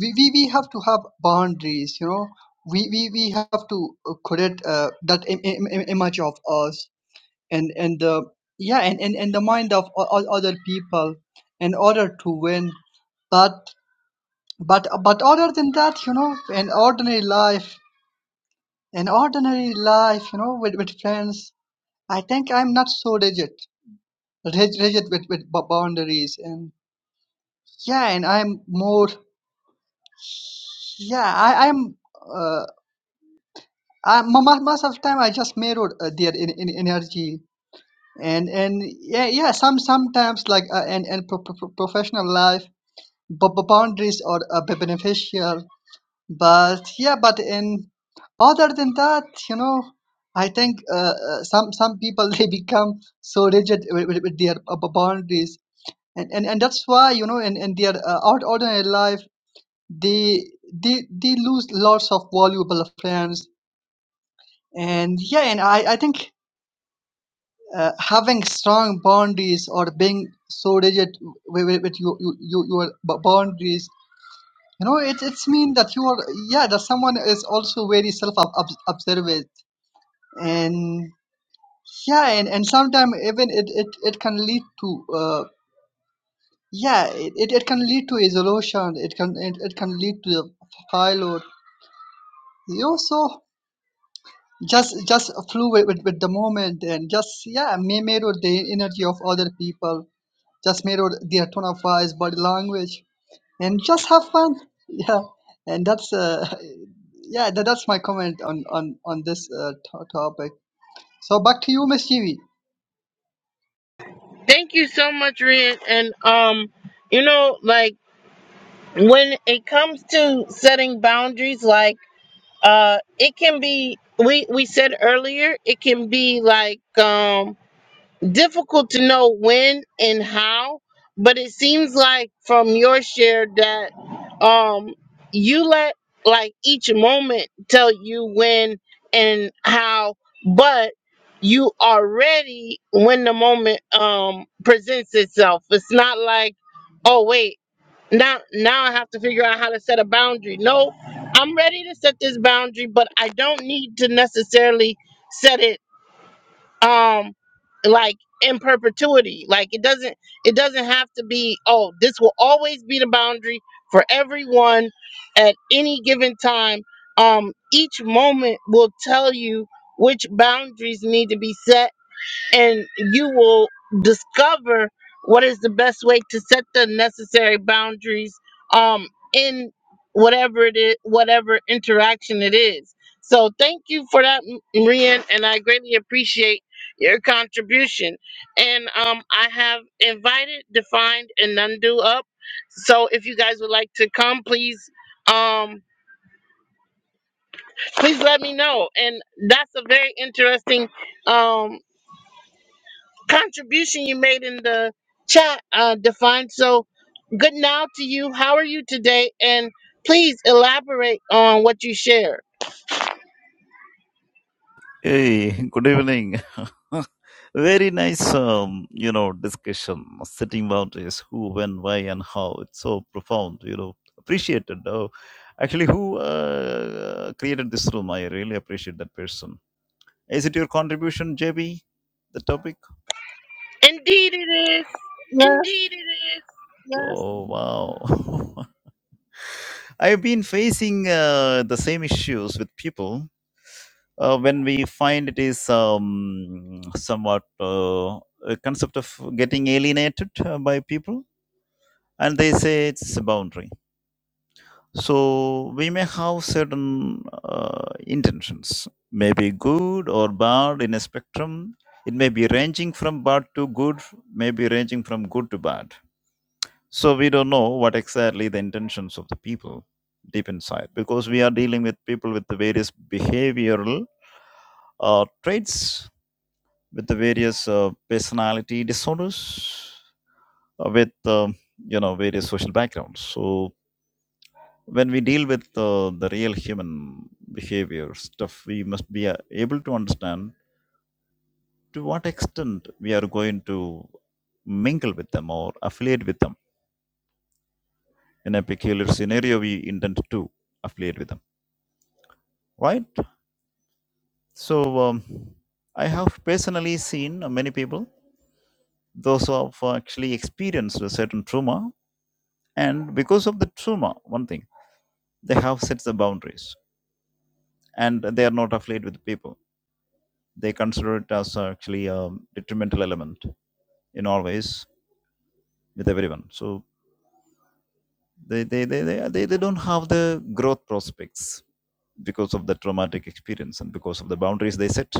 Speaker 8: we, we, we have to have boundaries, you know. We, we, we have to uh, create uh, that Im- Im- im- image of us and, and the yeah and and and the mind of o- o- other people in order to win. But but but other than that, you know, in ordinary life in ordinary life, you know, with, with friends, I think I'm not so rigid, rig- rigid with, with b- boundaries. And yeah, and I'm more, yeah, I, I'm, uh, I, mo- mo- most of the time I just mirror uh, their in, in energy. And, and yeah, yeah, some, sometimes like, uh, and, and pro- pro- pro- professional life, b- b- boundaries are uh, beneficial But yeah, but in other than that, you know, I think uh, uh, some some people they become so rigid with, with, with their uh, boundaries, and, and and that's why you know in in their uh, ord- ordinary life they they they lose lots of valuable friends, and yeah, and I I think uh, having strong boundaries or being so rigid with, with, with you, you, you your b- boundaries you know it, it's mean that you are yeah that someone is also very self observant and yeah and, and sometimes even it, it it can lead to uh yeah it, it it can lead to isolation it can it, it can lead to the payload you also just just flew with, with, with the moment and just yeah mi- mirror the energy of other people just mirror their tone of voice body language and just have fun yeah and that's uh yeah that, that's my comment on on on this uh, to topic so back to you miss Jeevee.
Speaker 1: Thank you so much, Red. And um, you know, like when it comes to setting boundaries, like uh, it can be. We we said earlier, it can be like um difficult to know when and how, but it seems like from your share that um you let like each moment tell you when and how, but you are ready when the moment um presents itself. It's not like, oh wait, now now I have to figure out how to set a boundary. No, I'm ready to set this boundary, but I don't need to necessarily set it um like in perpetuity like it doesn't it doesn't have to be oh this will always be the boundary for everyone at any given time um each moment will tell you which boundaries need to be set and you will discover what is the best way to set the necessary boundaries um in whatever it is whatever interaction it is so thank you for that M- Marian, and i greatly appreciate your contribution and um i have invited defined and undo up so if you guys would like to come please um please let me know and that's a very interesting um contribution you made in the chat, uh, Define. So, good now to you. How are you today? And please elaborate on what you shared.
Speaker 9: Hey, good evening. Very nice, um, you know, discussion, setting boundaries, who, when, why, and how. It's so profound, you know, appreciated. Uh, actually, who uh, created this room? I really appreciate that person. Is it your contribution, JB, the topic?
Speaker 1: Indeed, it is. Yeah.
Speaker 9: Indeed, it is. Yes. Oh, wow. I've been facing uh, the same issues with people. uh, when we find it is um, somewhat uh, a concept of getting alienated uh, by people and they say it's a boundary so we may have certain uh, intentions maybe good or bad in a spectrum it may be ranging from bad to good maybe ranging from good to bad so we don't know what exactly the intentions of the people deep inside because we are dealing with people with the various behavioral uh, traits with the various uh, personality disorders, uh, with um you know various social backgrounds. So when we deal with uh, the real human behavior stuff, we must be uh, able to understand to what extent we are going to mingle with them or affiliate with them in a peculiar scenario we intend to affiliate with them right so um, i have personally seen uh, many people those who have actually experienced a certain trauma and because of the trauma one thing they have set the boundaries and they are not affiliated with people they consider it as actually a detrimental element in all ways with everyone so they they they, they, they, they don't have the growth prospects because of the traumatic experience and because of the boundaries they set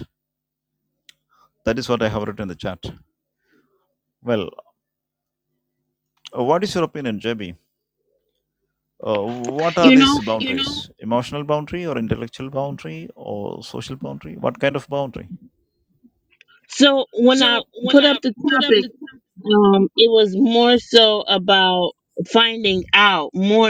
Speaker 9: that is what i have written in the chat well uh, what is your opinion JB? uh, what are
Speaker 1: You
Speaker 9: these
Speaker 1: know,
Speaker 9: boundaries? You know, boundaries emotional boundary or intellectual boundary or social boundary what kind of boundary
Speaker 1: so when I
Speaker 9: So when
Speaker 1: put up
Speaker 9: I
Speaker 1: the
Speaker 9: put up
Speaker 1: topic,
Speaker 9: the
Speaker 1: um, it was more so about finding out more.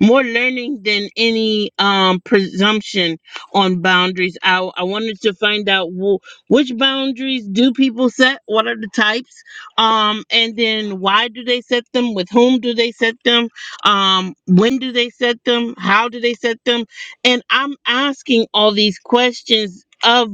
Speaker 1: more learning than any um presumption on boundaries i i wanted to find out wh- which boundaries do people set what are the types um and then why do they set them with whom do they set them um when do they set them how do they set them and i'm asking all these questions of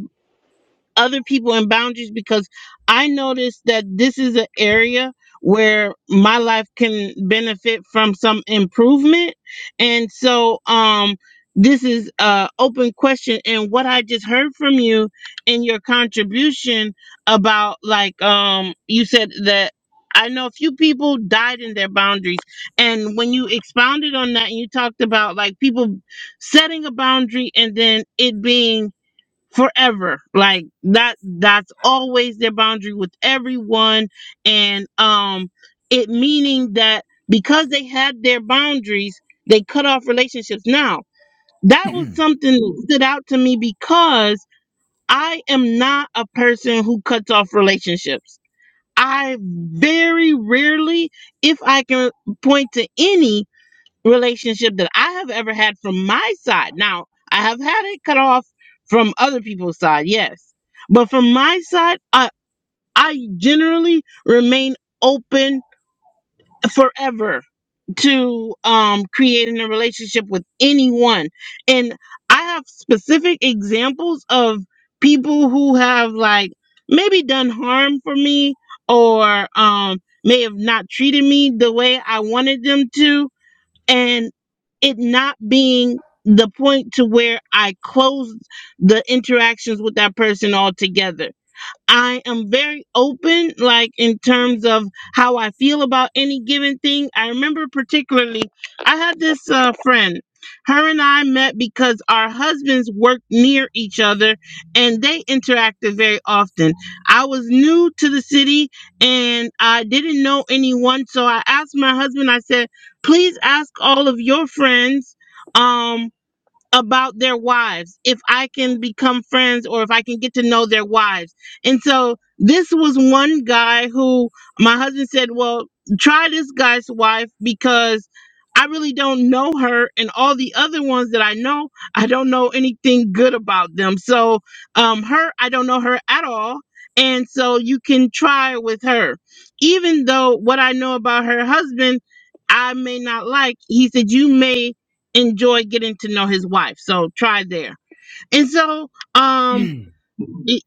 Speaker 1: other people in boundaries because I noticed that this is an area where my life can benefit from some improvement. And so um this is a open question and what I just heard from you in your contribution about like um you said that I know a few people died in their boundaries. And when you expounded on that and you talked about like people setting a boundary and then it being forever like that that's always their boundary with everyone and um it meaning that because they had their boundaries they cut off relationships now that was something that stood out to me because i am not a person who cuts off relationships i very rarely if i can point to any relationship that I have ever had from my side. Now, I have had it cut off from other people's side, yes. But from my side, I I generally remain open forever to um creating a relationship with anyone. And I have specific examples of people who have like maybe done harm for me or um may have not treated me the way I wanted them to and it not being the point to where I close the interactions with that person altogether. I am very open, like in terms of how I feel about any given thing. I remember particularly, I had this uh, friend. Her and I met because our husbands worked near each other and they interacted very often. I was new to the city and I didn't know anyone. So I asked my husband, I said, please ask all of your friends. Um, about their wives if I can become friends or if I can get to know their wives. And so this was one guy who my husband said, Well, try this guy's wife because I really don't know her. And all the other ones that I know, I don't know anything good about them. So um, her, I don't know her at all. And so you can try with her. Even though what I know about her husband, I may not like, he said, You may enjoy getting to know his wife. So try there. And so um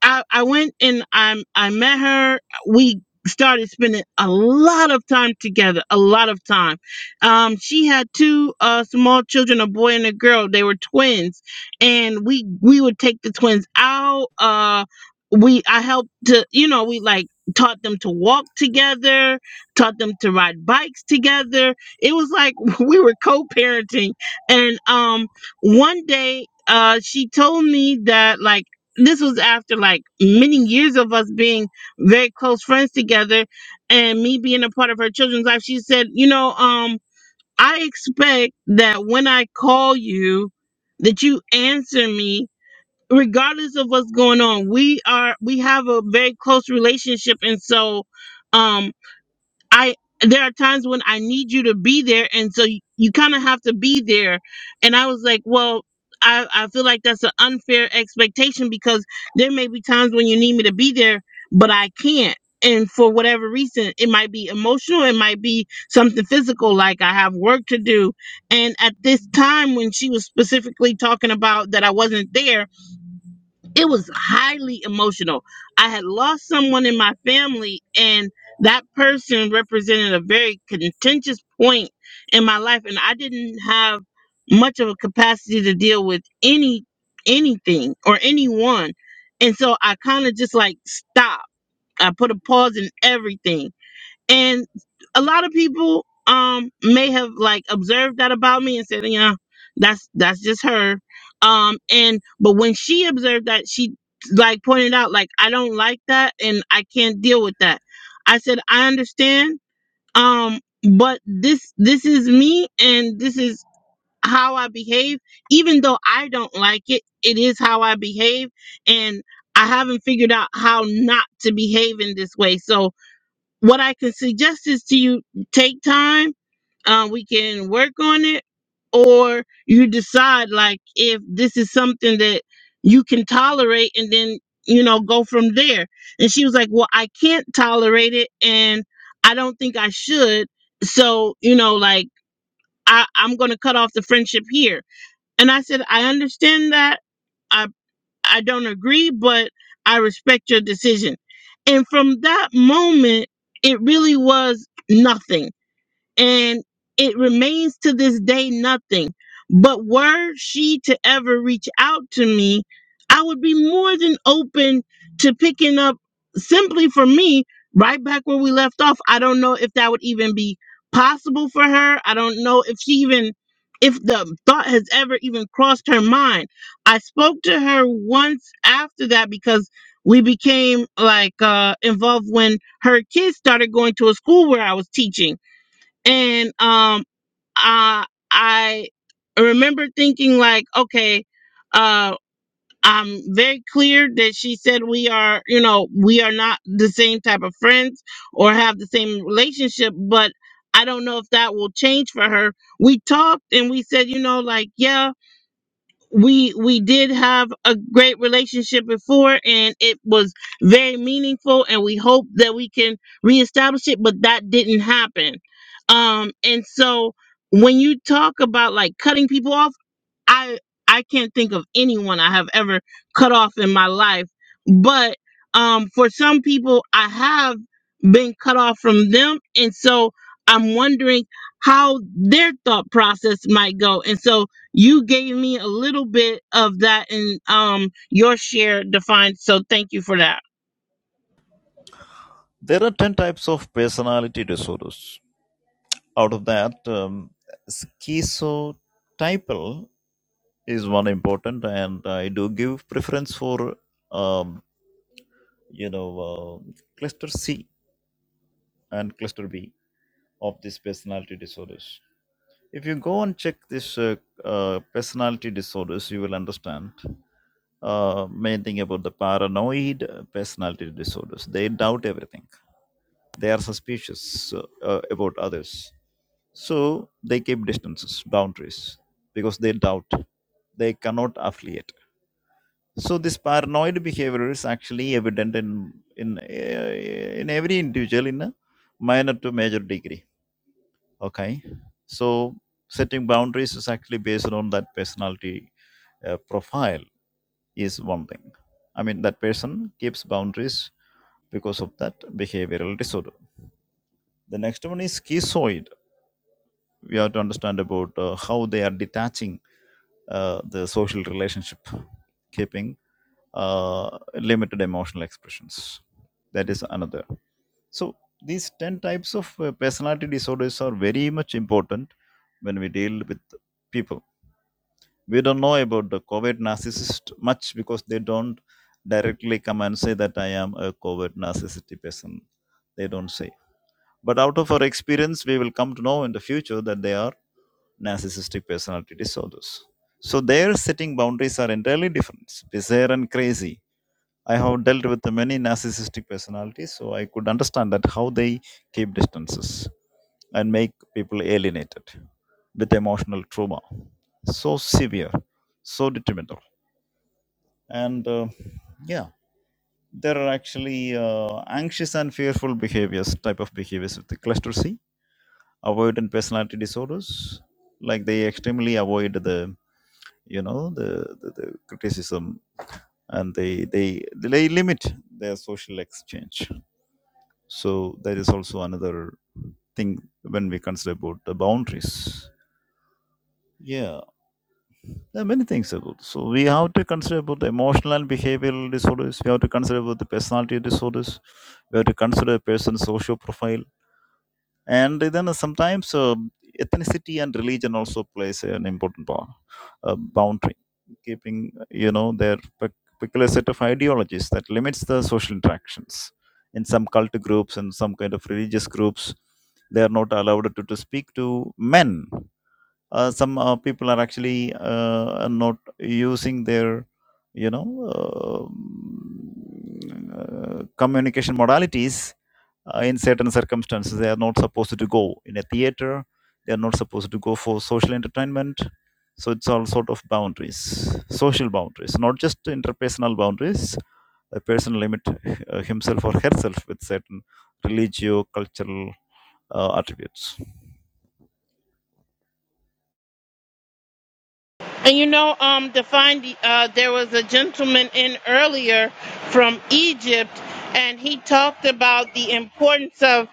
Speaker 1: I, I went and I I met her. We started spending a lot of time together, a lot of time. Um, she had two uh, small children, a boy and a girl. They were twins, and we we would take the twins out. Uh, we I helped to you know we like taught them to walk together, taught them to ride bikes together. It was like we were co-parenting, and um, one day uh, she told me that like this was after like many years of us being very close friends together and me being a part of her children's life she said you know um i expect that when i call you that you answer me regardless of what's going on we are we have a very close relationship and so um I there are times when I need you to be there, and so you, you kind of have to be there. And I was like, well, I I feel like that's an unfair expectation because there may be times when you need me to be there, but I can't. And for whatever reason, it might be emotional, it might be something physical, like I have work to do. And at this time, when she was specifically talking about that I wasn't there, it was highly emotional. I had lost someone in my family, and that person represented a very contentious point in my life, and I didn't have much of a capacity to deal with any anything or anyone. And so I kind of just like stopped. I put a pause in everything and a lot of people um may have like observed that about me and said, yeah, that's that's just her. Um and but when she observed that, she like pointed out like I don't like that and I can't deal with that. I said, I understand. Um but this this is me and this is how I behave even though I don't like it, it is how I behave and I haven't figured out how not to behave in this way. So what I could suggest is to you take time. Um, we can work on it, or you decide like if this is something that you can tolerate, and then you know go from there. And she was like, "Well, I can't tolerate it, and I don't think I should. So you know, like I, I'm going to cut off the friendship here." And I said, "I understand that. I I don't agree, but I respect your decision. And from that moment, it really was nothing and it remains to this day nothing. But were she to ever reach out to me, I would be more than open to picking up simply for me right back where we left off. I don't know if that would even be possible for her. I don't know if she even if the thought has ever even crossed her mind. I spoke to her once after that because we became like uh involved when her kids started going to a school where I was teaching and um I I remember thinking like, okay, uh I'm very clear that she said we are, you know, we are not the same type of friends or have the same relationship, but I don't know if that will change for her. We talked and we said, you know, like, yeah, we we did have a great relationship before and it was very meaningful and we hope that we can reestablish it but that didn't happen um and so when you talk about like cutting people off I I can't think of anyone I have ever cut off in my life, but um, for some people, I have been cut off from them, and so I'm wondering how their thought process might go. And so you gave me a little bit of that in um, your share, defined. So thank you for that.
Speaker 9: There are 10 types of personality disorders. Out of that, um, schizotypal is one important, and I do give preference for, um, you know, uh, cluster C and cluster B of these personality disorders. If you go and check this uh, uh, personality disorders, you will understand uh, main thing about the paranoid personality disorders. They doubt everything they are suspicious uh, uh, about others so they keep distances boundaries because they doubt they cannot affiliate so this paranoid behavior is actually evident in in uh, in every individual in a minor to major degree okay so setting boundaries is actually based on that personality uh, profile is one thing i mean that person keeps boundaries because of that behavioral disorder the next one is schizoid we have to understand about uh, how they are detaching uh, the social relationship, keeping uh, limited emotional expressions. That is another. So these ten types of uh, personality disorders are very much important when we deal with people. We don't know about the covert narcissist much because they don't directly come and say that I am a covert narcissistic person. They don't say. But out of our experience, we will come to know in the future that they are narcissistic personality disorders. So their setting boundaries are entirely different, bizarre and crazy. I have dealt with many narcissistic personalities, so I could understand that how they keep distances and make people alienated with emotional trauma. So severe, so detrimental. And uh, yeah, there are actually uh, anxious and fearful behaviors, type of behaviors with the cluster C, avoidant personality disorders, like they extremely avoid the you know the, the, the criticism and they, they they limit their social exchange so that is also another thing when we consider about the boundaries yeah there are many things about so we have to consider about the emotional and behavioral disorders we have to consider about the personality disorders we have to consider a person's social profile and then sometimes uh, ethnicity and religion also plays an important part, uh, boundary keeping you know their pe- particular set of ideologies that limits the social interactions in some cult groups and some kind of religious groups they are not allowed to, to speak to men uh, some uh, people are actually uh, not using their you know uh, mm, uh, communication modalities uh, in certain circumstances they are not supposed to go in a theater they are not supposed to go for social entertainment so it's all sort of boundaries social boundaries not just interpersonal boundaries a person limit uh, himself or herself with certain religious, cultural uh, attributes
Speaker 1: And you know, um, to find uh, there was a gentleman in earlier from Egypt, and he talked about the importance of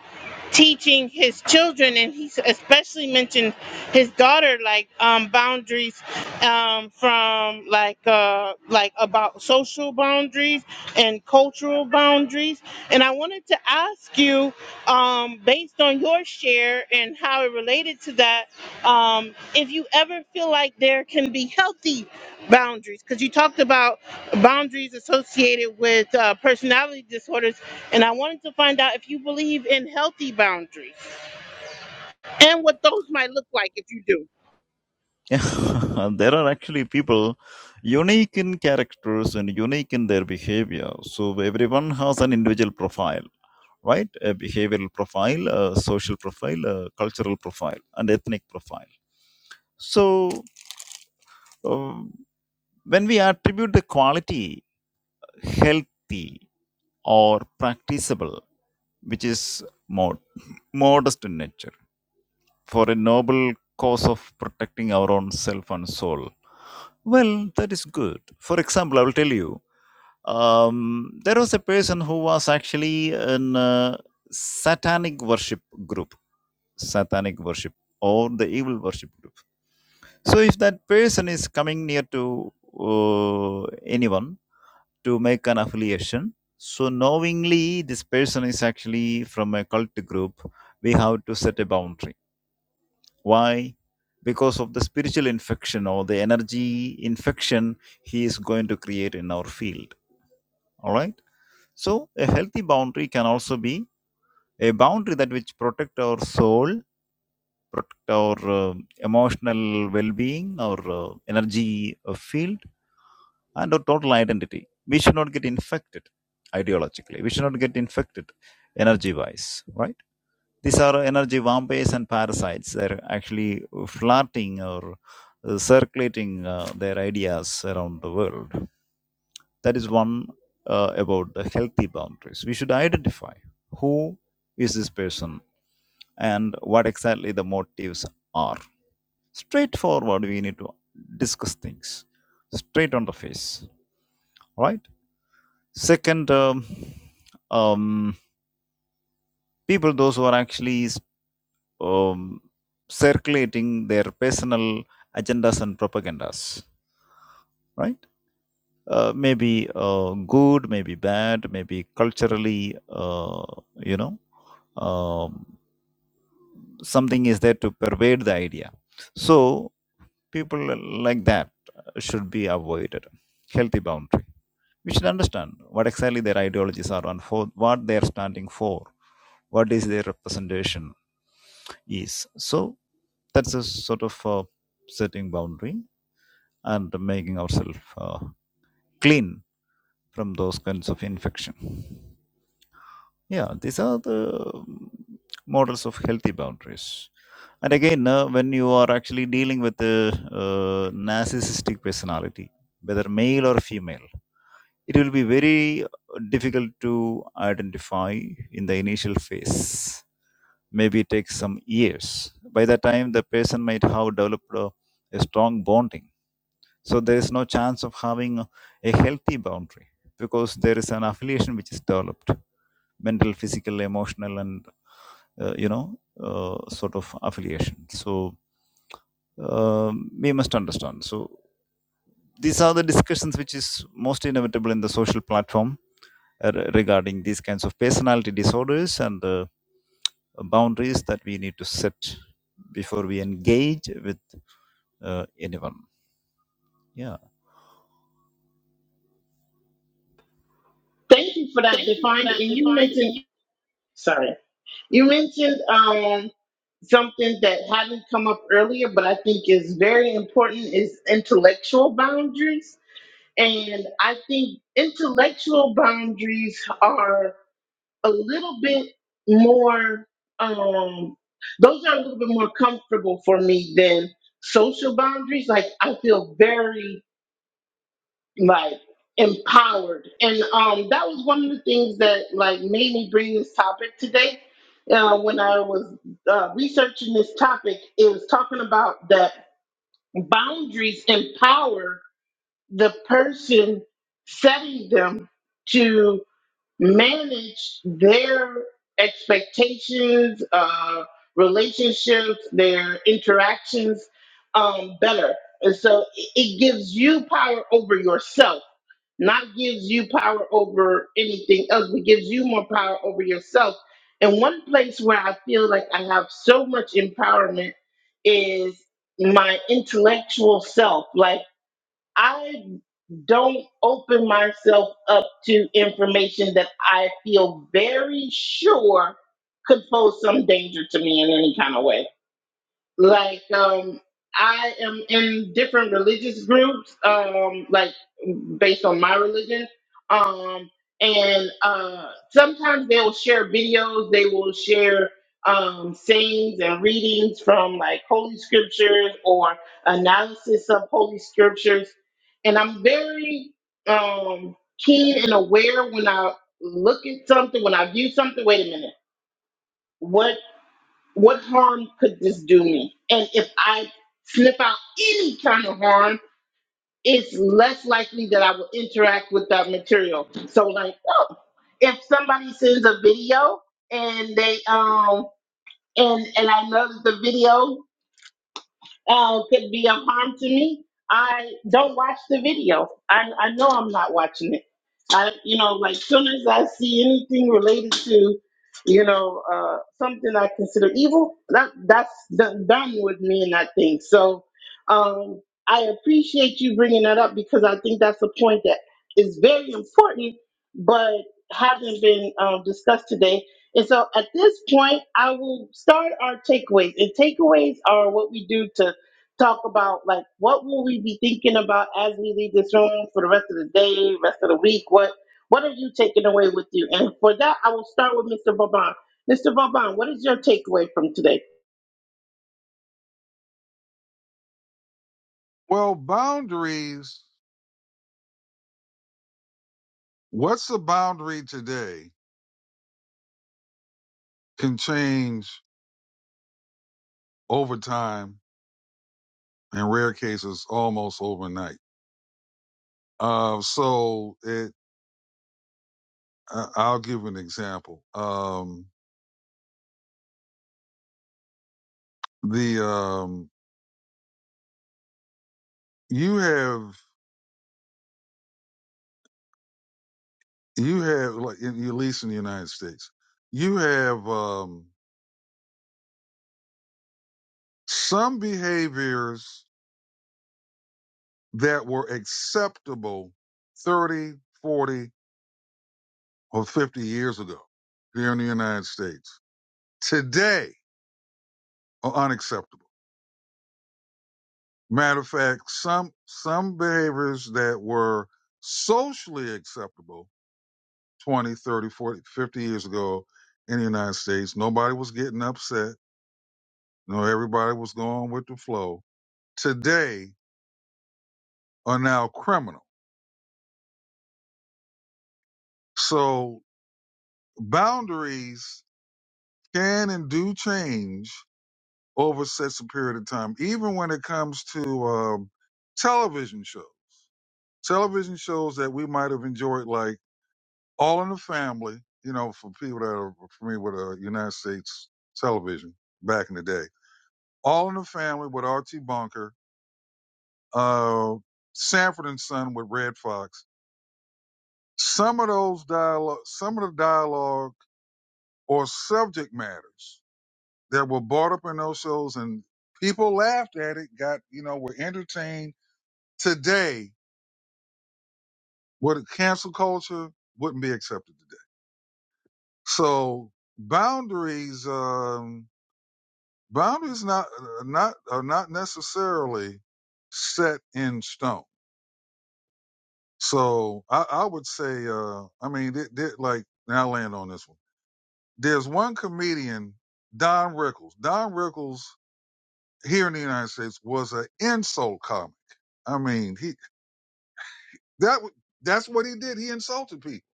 Speaker 1: teaching his children, and he especially mentioned his daughter, like um, boundaries um, from like uh, like about social boundaries and cultural boundaries. And I wanted to ask you, um, based on your share and how it related to that um, if you ever feel like there can be healthy boundaries, because you talked about boundaries associated with uh, personality disorders, and I wanted to find out if you believe in healthy boundaries and what those might look like if you do.
Speaker 9: Yeah, there are actually people unique in characters and unique in their behavior. So everyone has an individual profile, right? A behavioral profile, a social profile, a cultural profile, and ethnic profile. So, um, when we attribute the quality healthy or practicable, which is mod, modest in nature, for a noble cause of protecting our own self and soul, well, that is good. For example, I will tell you um, there was a person who was actually in a satanic worship group, satanic worship or the evil worship group. So, if that person is coming near to uh, anyone, to make an affiliation. So knowingly, this person is actually from a cult group. We have to set a boundary. Why? Because of the spiritual infection or the energy infection he is going to create in our field. All right. So a healthy boundary can also be a boundary that which protect our soul, protect our uh, emotional well-being, our uh, energy uh, field and our total identity. We should not get infected ideologically. We should not get infected energy wise, right? These are energy vampires and parasites. They're actually flirting or uh, circulating uh, their ideas around the world. That is one uh, about the healthy boundaries. We should identify who is this person and what exactly the motives are. Straightforward, we need to discuss things straight on the face, right? Second, um, um, people those who are actually um, circulating their personal agendas and propagandas, right? Uh, maybe uh, good, maybe bad, maybe culturally, uh, you know, um, something is there to pervade the idea. So people like that should be avoided. Healthy boundary. We should understand what exactly their ideologies are and for what they are standing for. what is their representation is. So that's a sort of uh, setting boundary and making ourselves uh, clean from those kinds of infection. Yeah, these are the um, models of healthy boundaries. And again, uh, when you are actually dealing with a uh, narcissistic personality, whether male or female, it will be very uh, difficult to identify in the initial phase. Maybe it takes some years. By that time, the person might have developed a, a strong bonding. So there is no chance of having a, a healthy boundary because there is an affiliation which is developed mental physical emotional and uh, you know uh, sort of affiliation so um, we must understand so these are the discussions which is most inevitable in the social platform uh, regarding these kinds of personality disorders and uh, boundaries that we need to set before we engage with uh, anyone. Yeah.
Speaker 1: Thank you for that
Speaker 9: Thank you for
Speaker 1: defined. And
Speaker 9: that,
Speaker 1: you
Speaker 9: defined.
Speaker 1: mentioned, sorry, you mentioned um, something that hadn't come up earlier, but I think is very important is intellectual boundaries. And I think intellectual boundaries are. a little bit more um those are a little bit more comfortable for me than social boundaries like i feel very like empowered and um that was one of the things that like made me bring this topic today uh, when i was uh, researching this topic it was talking about that boundaries empower the person setting them to manage their expectations, uh, relationships, their interactions um, better. And so it it gives you power over yourself, not gives you power over anything else, but gives you more power over yourself. And one place where I feel like I have so much empowerment is my intellectual self. Like, I don't open myself up to information that I feel very sure could pose some danger to me in any kind of way like um i am in different religious groups um like based on my religion um and uh sometimes they will share videos they will share um sayings and readings from like holy scriptures or analysis of holy scriptures and i'm very um keen and aware when i look at something when i view something wait a minute what? What harm could this do me? And if I sniff out any kind of harm, it's less likely that I will interact with that material. So, like, oh, if somebody sends a video and they um and and I know that the video uh, could be of harm to me, I don't watch the video. I I know I'm not watching it I, you know, like soon as I see anything related to, you know, uh, something I consider evil, that that's done, done with me and that thing. So, um, I appreciate you bringing that up because I think that's a point that is very important, but hasn't been um, discussed today. And so, at this point, I will start our takeaways. And takeaways are what we do to talk about like what will we be thinking about as we leave this room for the rest of the day, rest of the week? What what are you taking away with you? And for that, I will start with Mr. Vaban. Mr. Vaban, what is your takeaway from today?
Speaker 2: Well, boundaries. What's the boundary today can change over time. In rare cases, almost overnight. Uh, so it, I- I'll give an example. Um, the um, you have you have like in, at least in the United States, you have um, some behaviors that were acceptable 30, 40, or 50 years ago here in the United States. Today are unacceptable. Matter of fact, some some behaviors that were socially acceptable 20, 30, 40, 50 years ago in the United States. Nobody was getting upset. No, everybody was going with the flow. Today are now criminal. So boundaries can and do change over such a period of time, even when it comes to um, television shows. Television shows that we might have enjoyed, like All in the Family, you know, for people that are familiar with uh, United States television back in the day. All in the Family with Archie Bunker uh, Sanford and Son with Red Fox. Some of those dialogue, some of the dialogue or subject matters that were brought up in those shows, and people laughed at it. Got you know were entertained. Today, What cancel culture, wouldn't be accepted today. So boundaries, um, boundaries not uh, not are not necessarily set in stone. So I, I would say, uh, I mean, they, they, like now I land on this one There's one comedian, Don Rickles. Don Rickles here in the United States was an insult comic. I mean, he that that's what he did. He insulted people,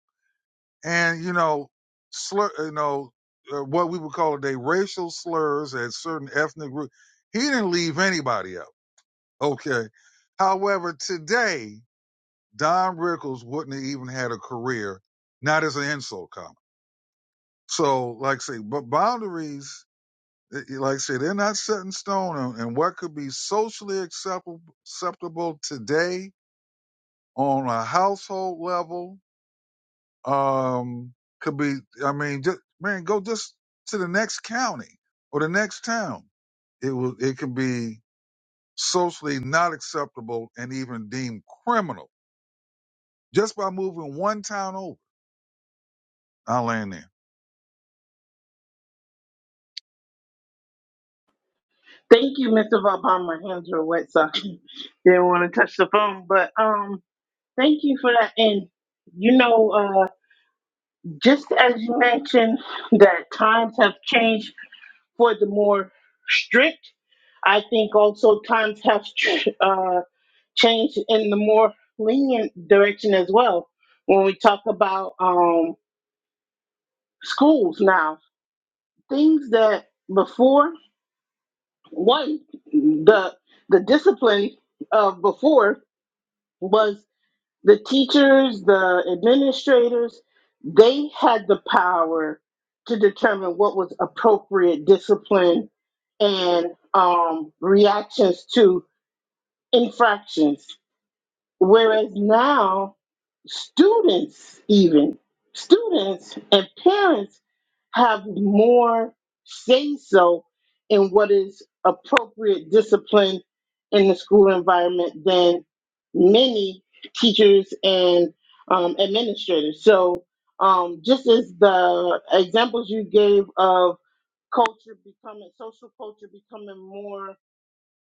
Speaker 2: and you know, slur, you know, uh, what we would call today racial slurs at certain ethnic groups. He didn't leave anybody out. Okay. However, today Don Rickles wouldn't have even had a career, not as an insult comic. So, like I say, but boundaries. It- Like I say, they're not set in stone. And and what could be socially acceptable, acceptable today on a household level um, could be, I mean, just, man, go just to the next county or the next town. It will, it can be socially not acceptable and even deemed criminal just by moving one town over. I'll land there.
Speaker 1: Thank you, Mr. Vaban. My hands are wet, so I didn't want to touch the phone, but um, thank you for that. And you know, uh, just as you mentioned that times have changed for the more strict, I think also times have uh, change in the more lenient direction as well. When we talk about um, schools now, things that before one the the discipline of before was the teachers, the administrators, they had the power to determine what was appropriate discipline and um, reactions to infractions. Whereas now students even students and parents have more say so in what is appropriate discipline in the school environment than many teachers and um, administrators so um, just as the examples you gave of culture becoming social culture becoming more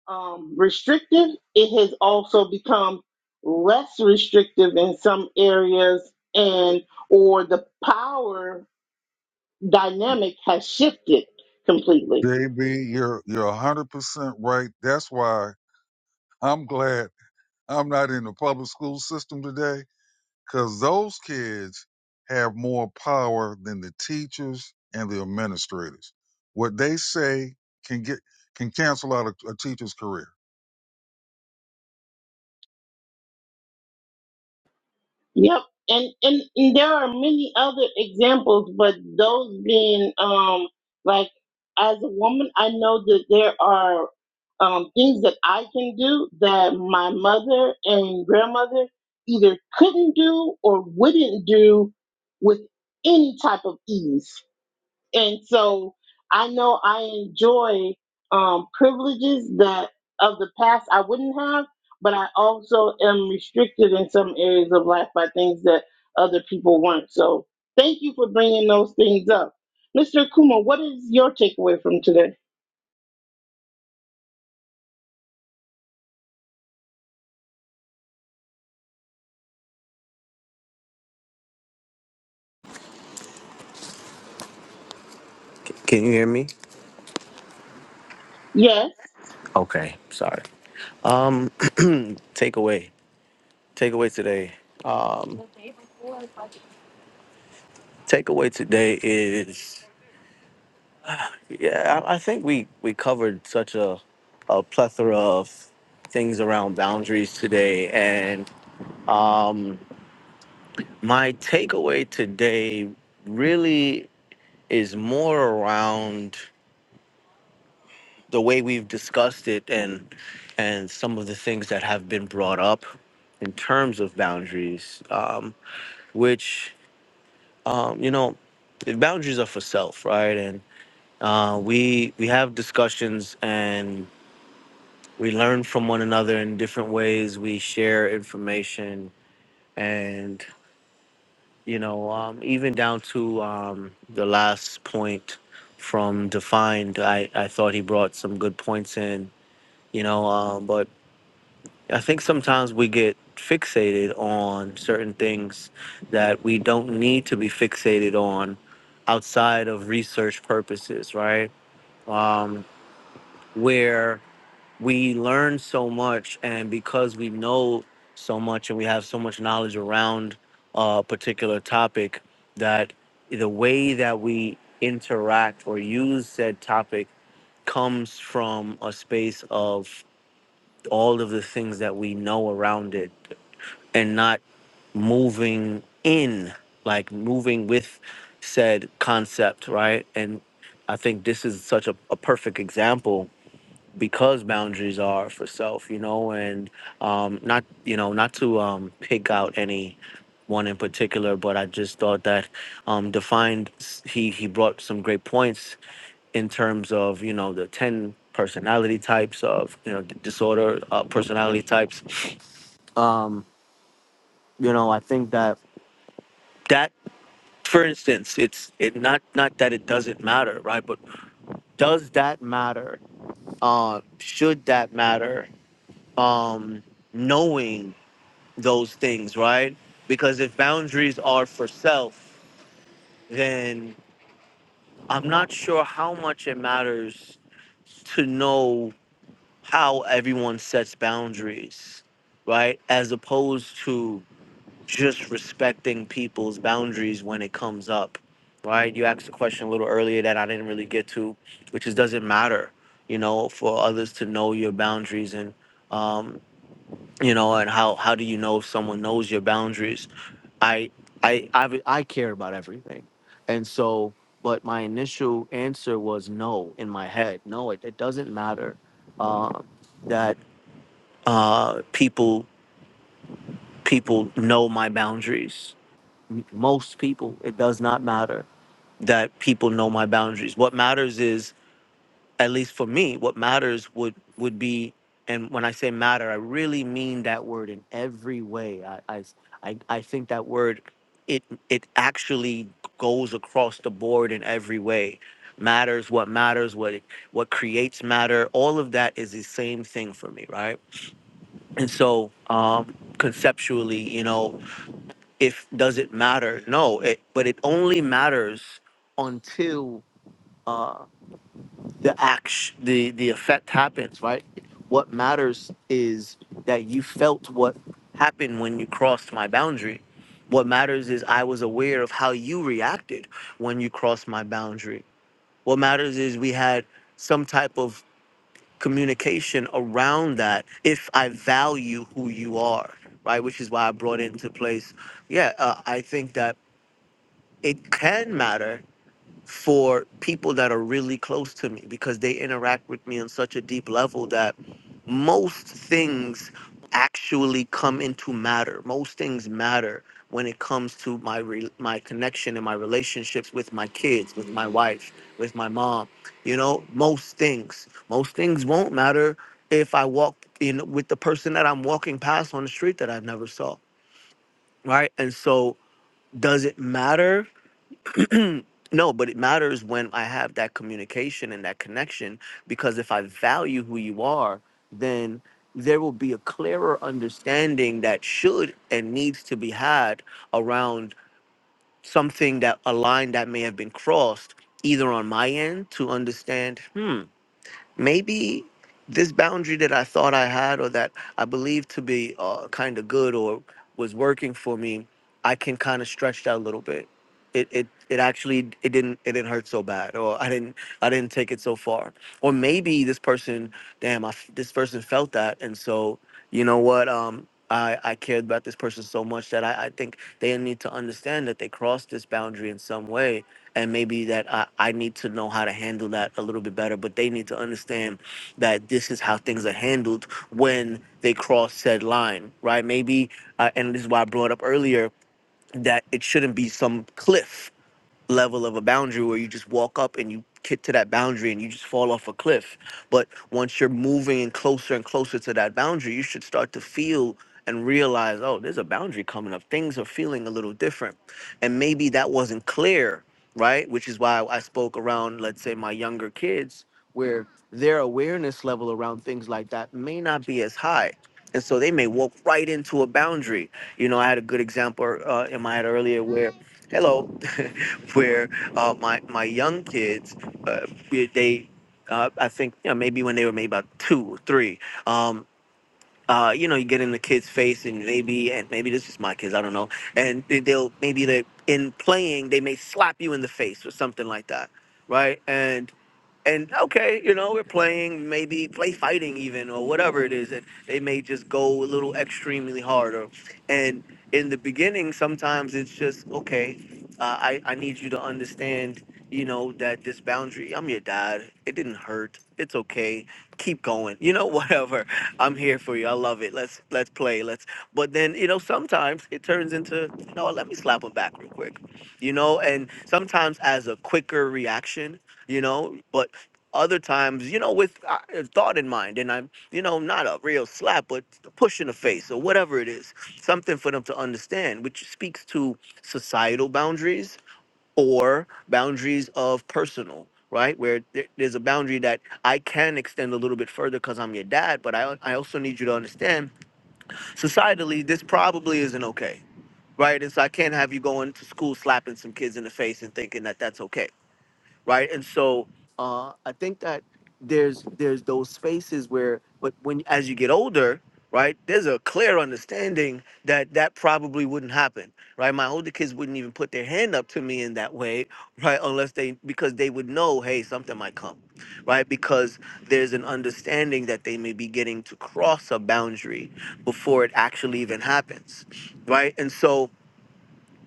Speaker 1: um, restrictive, it has also become less restrictive in some areas, and or the power dynamic has shifted completely.
Speaker 2: JB, you're, you're 100% right. That's why I'm glad I'm not in the public school system today because those kids have more power than the teachers and the administrators. What they say can get can cancel out a, a teacher's career.
Speaker 1: Yep, and, and and there are many other examples, but those being um like as a woman, I know that there are um things that I can do that my mother and grandmother either couldn't do or wouldn't do with any type of ease and so I know I enjoy um, privileges that of the past I wouldn't have, but I also am restricted in some areas of life by things that other people weren't. So thank you for bringing those things up, Mr. Akuma. What is your takeaway from today?
Speaker 7: Can you hear me?
Speaker 1: Yes.
Speaker 7: Okay, sorry. Um, takeaway. Takeaway today. Takeaway today is yeah. I, I think we we covered such a a plethora of things around boundaries today, and um My takeaway today really is more around the way we've discussed it and and some of the things that have been brought up in terms of boundaries, um, which um, you know, the boundaries are for self, right? And uh, we we have discussions and we learn from one another in different ways. We share information and. you know um, even down to um, the last point from defined I, I thought he brought some good points in you know um, but i think sometimes we get fixated on certain things that we don't need to be fixated on outside of research purposes right um, where we learn so much and because we know so much and we have so much knowledge around a particular topic that the way that we interact or use said topic comes from a space of all of the things that we know around it and not moving in like moving with said concept right and i think this is such a, a perfect example because boundaries are for self, you know, and um, not, you know, not to um, pick out any one in particular, but I just thought that um, defined he he brought some great points in terms of you know the ten personality types of you know d- disorder uh, personality types. Um, you know, I think that that for instance, it's it not not that it doesn't matter, right? But does that matter? Uh, should that matter? Um, knowing those things, right? Because if boundaries are for self, then I'm not sure how much it matters to know how everyone sets boundaries, right? As opposed to just respecting people's boundaries when it comes up, right? You asked a question a little earlier that I didn't really get to, which is does it matter, you know, for others to know your boundaries and, um, you know, and how how do you know if someone knows your boundaries? I I I I care about everything, and so. But my initial answer was no in my head. No, it, it doesn't matter uh, that uh, people people know my boundaries. M- Most people, it does not matter that people know my boundaries. What matters is at least for me, what matters would would be, and when I say matter, I really mean that word in every way. I I I, I think that word it it actually goes across the board in every way. Matters what matters, what it- what creates matter, all of that is the same thing for me, right? And so, um, conceptually, you know, if does it matter? No, it, but it only matters until. uh, the act the the effect happens right what matters is that you felt what happened when you crossed my boundary what matters is i was aware of how you reacted when you crossed my boundary what matters is we had some type of communication around that if i value who you are right which is why i brought into place yeah uh, i think that it can matter for people that are really close to me because they interact with me on such a deep level that most things actually come into matter. Most things matter when it comes to my re- my connection and my relationships with my kids, with my wife, with my mom. You know, most things. Most things won't matter if I walk in with the person that I'm walking past on the street that I've never saw, right? And so does it matter? No, but it matters when I have that communication and that connection because if I value who you are, then there will be a clearer understanding that should and needs to be had around something that a line that may have been crossed either on my end to understand hmm, maybe this boundary that I thought I had or that I believed to be uh, kind of good or was working for me, I can kind of stretch that a little bit. It, it it actually it didn't it didn't hurt so bad or I didn't I didn't take it so far or maybe this person damn I f this person felt that and so you know what um I I cared about this person so much that I I think they need to understand that they crossed this boundary in some way and maybe that I, I need to know how to handle that a little bit better but they need to understand that this is how things are handled when they cross said line right maybe uh, and this is why i brought up earlier that it shouldn't be some cliff level of a boundary where you just walk up and you get to that boundary and you just fall off a cliff. But once you're moving in closer and closer to that boundary, you should start to feel and realize, oh, there's a boundary coming up. Things are feeling a little different. And maybe that wasn't clear, right? Which is why I spoke around, let's say, my younger kids, where their awareness level around things like that may not be as high. And so they may walk right into a boundary. You know, I had a good example uh, in my head earlier where, hello, where uh, my my young kids, uh, they, uh, I think you know, maybe when they were maybe about two or three, um, uh, you know, you get in the kid's face and maybe and maybe this is my kids, I don't know, and they- they'll maybe they in playing they may slap you in the face or something like that, right? And and okay, you know, we're playing maybe play fighting even or whatever it is that they may just go a little extremely harder. And in the beginning, sometimes it's just okay. Uh, I I need you to understand, you know, that this boundary. I'm your dad. It didn't hurt. It's okay. Keep going. You know, whatever. I'm here for you. I love it. Let's let's play. Let's. But then you know, sometimes it turns into you know, what, let me slap him back real quick. You know, and sometimes as a quicker reaction you know but other times, you know, with uh, a thought in mind, and I'm, you know, not a real slap, but a push in the face or whatever it is, something for them to understand, which speaks to societal boundaries or boundaries of personal, right? Where there- there's a boundary that I can extend a little bit further because I'm your dad, but I, I also need you to understand societally, this probably isn't okay, right? And so I can't have you going to school slapping some kids in the face and thinking that that's okay right? And so uh, I think that there's there's those spaces where, but when as you get older, right, there's a clear understanding that that probably wouldn't happen, right? My older kids wouldn't even put their hand up to me in that way, right? Unless they because they would know, hey, something might come, right? Because there's an understanding that they may be getting to cross a boundary before it actually even happens, right? And so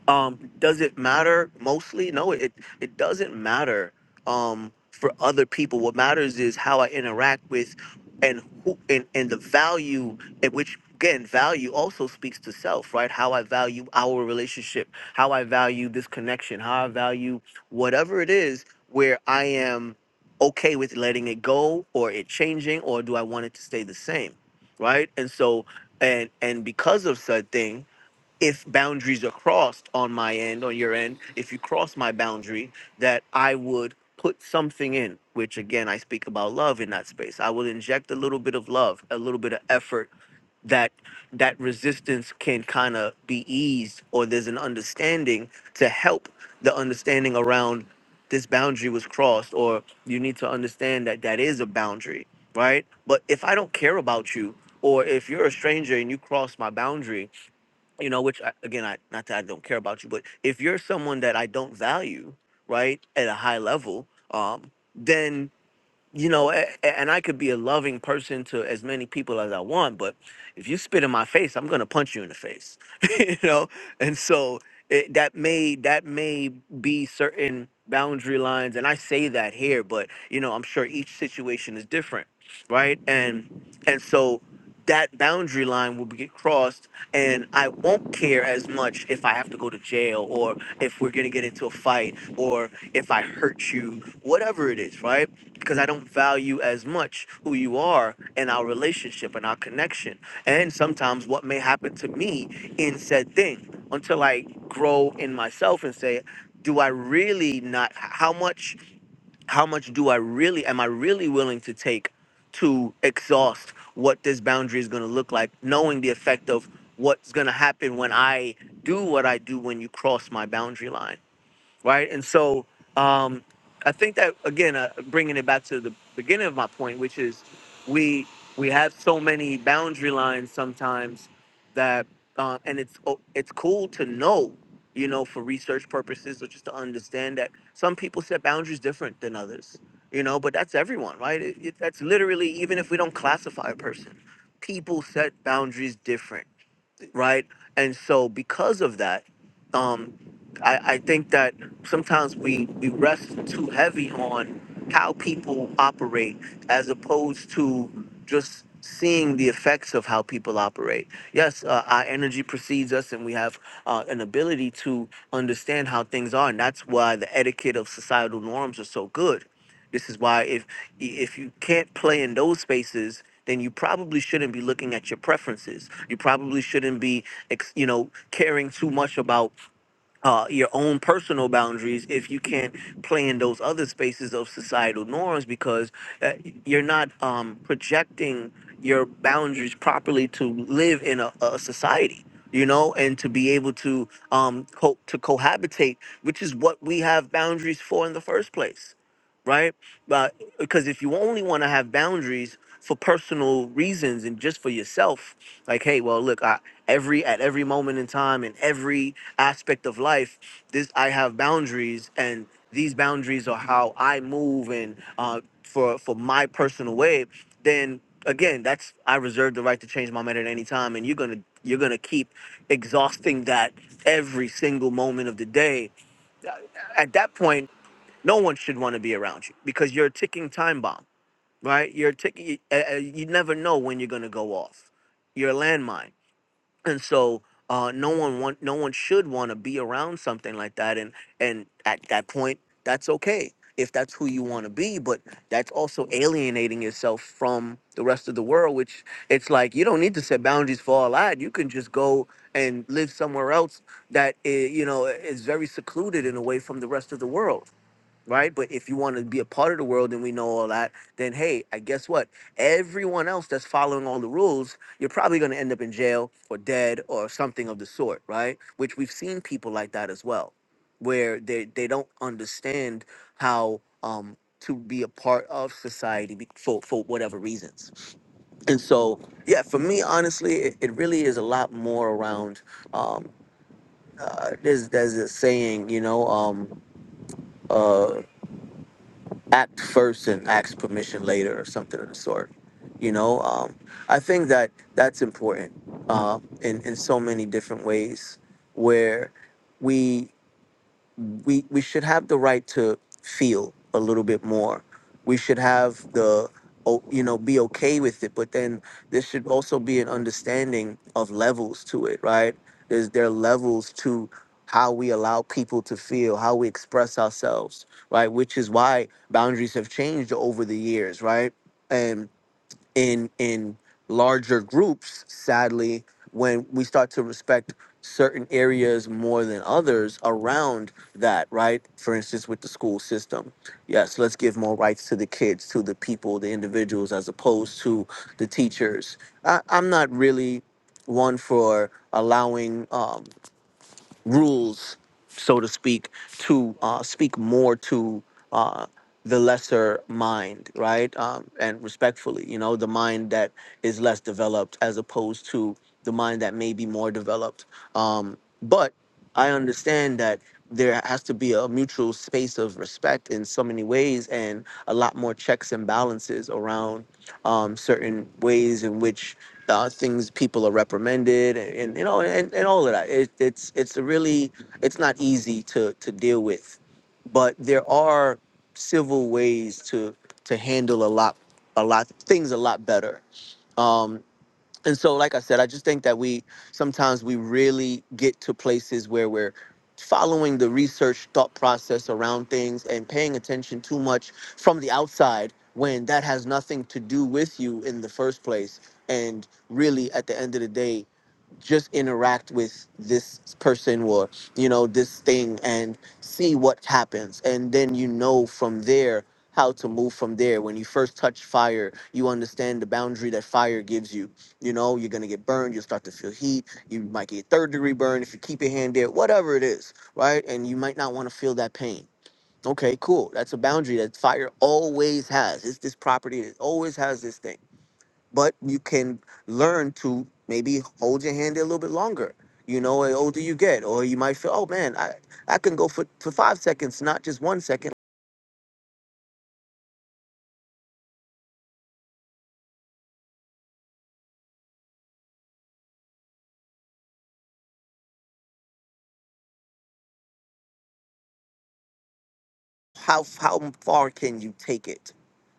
Speaker 7: um does it matter mostly no it it doesn't matter um for other people what matters is how i interact with and who and, and the value at which again value also speaks to self right how i value our relationship how i value this connection how i value whatever it is where i am okay with letting it go or it changing or do i want it to stay the same right and so and and because of said thing if boundaries are crossed on my end, on your end, if you cross my boundary, that I would put something in, which again, I speak about love in that space. I will inject a little bit of love, a little bit of effort that that resistance can kind of be eased or there's an understanding to help the understanding around this boundary was crossed or you need to understand that that is a boundary right but if i don't care about you or if you're a stranger and you cross my boundary you know, which I, again, I not that I don't care about you, but if you're someone that I don't value, right, at a high level, um, then you know, a- a- and I could be a loving person to as many people as I want, but if you spit in my face, I'm gonna punch you in the face, you know. And so it, that may that may be certain boundary lines, and I say that here, but you know, I'm sure each situation is different, right? And and so that boundary line will be crossed, and I won't care as much if I have to go to jail if we're gonna get into a fight or if I hurt you, whatever it is, right? Because I don't value as much who you are and our relationship and our connection, and sometimes what may happen to me in said thing until I grow in myself and say, do I really not? How much? how much do I really am I really willing to take to exhaust what this boundary is going to look like, knowing the effect of what's going to happen when I do what I do when you cross my boundary line right? And so um, I think that again, uh, bringing it back to the beginning of my point, which is we we have so many boundary lines sometimes that, uh, and it's o- it's cool to know, you know, for research purposes or just to understand that some people set boundaries different than others, you know, but that's everyone, right? It, it, that's literally even if we don't classify a person, people set boundaries different right? And so because of that, um, I, I think that sometimes we, we rest too heavy on how people operate as opposed to just seeing the effects of how people operate. Yes, uh, our energy precedes us and we have uh, an ability to understand how things are. And that's why the etiquette of societal norms are so good. This is why if if you can't play in those spaces then you probably shouldn't be looking at your preferences you probably shouldn't be ex- you know caring too much about uh, your own personal boundaries if you can't play in those other spaces of societal norms because uh, you're not um, projecting your boundaries properly to live in a, a society you know and to be able to um co- to cohabitate which is what we have boundaries for in the first place right? But because if you only want to have boundaries for personal reasons and just for yourself, like, hey, well, look, I, every at every moment in time and every aspect of life, this I have boundaries, and these boundaries are how I move and uh, for for my personal way. Then again, that's I reserve the right to change my mind at any time, and you're gonna you're gonna keep exhausting that every single moment of the day at that point, no one should want to be around you because you're a ticking time bomb, right? You're ticking. You, uh, uh, you never know when you're gonna go off. You're a landmine and so uh, no one want no one should want to be around something like that and and at that point that's okay if that's who you want to be but that's also alienating yourself from the rest of the world which it's like you don't need to set boundaries for all that you can just go and live somewhere else that i- you know is very secluded and away from the rest of the world right? But if you want to be a part of the world and we know all that, then hey, I guess what? Everyone else that's following all the rules, you're probably going to end up in jail or dead or something of the sort, right? Which we've seen people like that as well, where they they don't understand how um to be a part of society be- for for whatever reasons. And so, yeah, for me, honestly, it, it really is a lot more around. Um, uh, there's there's a saying, you know. Um, uh, act first and ask permission later or something of the sort you know um, i think that that's important uh, in, in so many different ways where we we we should have the right to feel a little bit more. We should have the o- you know be okay with it, but then there should also be an understanding of levels to it, right? There's there are levels to how we allow people to feel, how we express ourselves, right? Which is why boundaries have changed over the years, right? in in larger groups sadly when we start to respect certain areas more than others around that right for instance with the school system yes let's give more rights to the kids to the people the individuals as opposed to the teachers I, i'm not really one for allowing um, rules, so to speak, to uh, speak more to uh, the lesser mind, right? Um, and respectfully, you know, the mind that is less developed as opposed to the mind that may be more developed. Um, but I understand that there has to be a mutual space of respect in so many ways and a lot more checks and balances around um, certain ways in which uh, things people are reprimanded and, and you know and, and all of that it, it's it's really it's not easy to to deal with but there are civil ways to to handle a lot a lot things a lot better Um, and so like i said i just think that we sometimes we really get to places where we're following the research thought process around things and paying attention too much from the outside when that has nothing to do with you in the first place and really at the end of the day just interact with this person or you know this thing and see what happens and then you know from there how to move from there when you first touch fire you understand the boundary that fire gives you you know, you're gonna get burned. You'll start to feel heat. You might get third degree burn if you keep your hand there. Whatever it is, right? And you might not want to feel that pain. Okay, cool. That's a boundary that fire always has. It's this property. that always has this thing. But you can learn to maybe hold your hand there a little bit longer. You know, the older you get, or you might feel, oh man, I I can go for for five seconds, not just one second. How how far can you take it?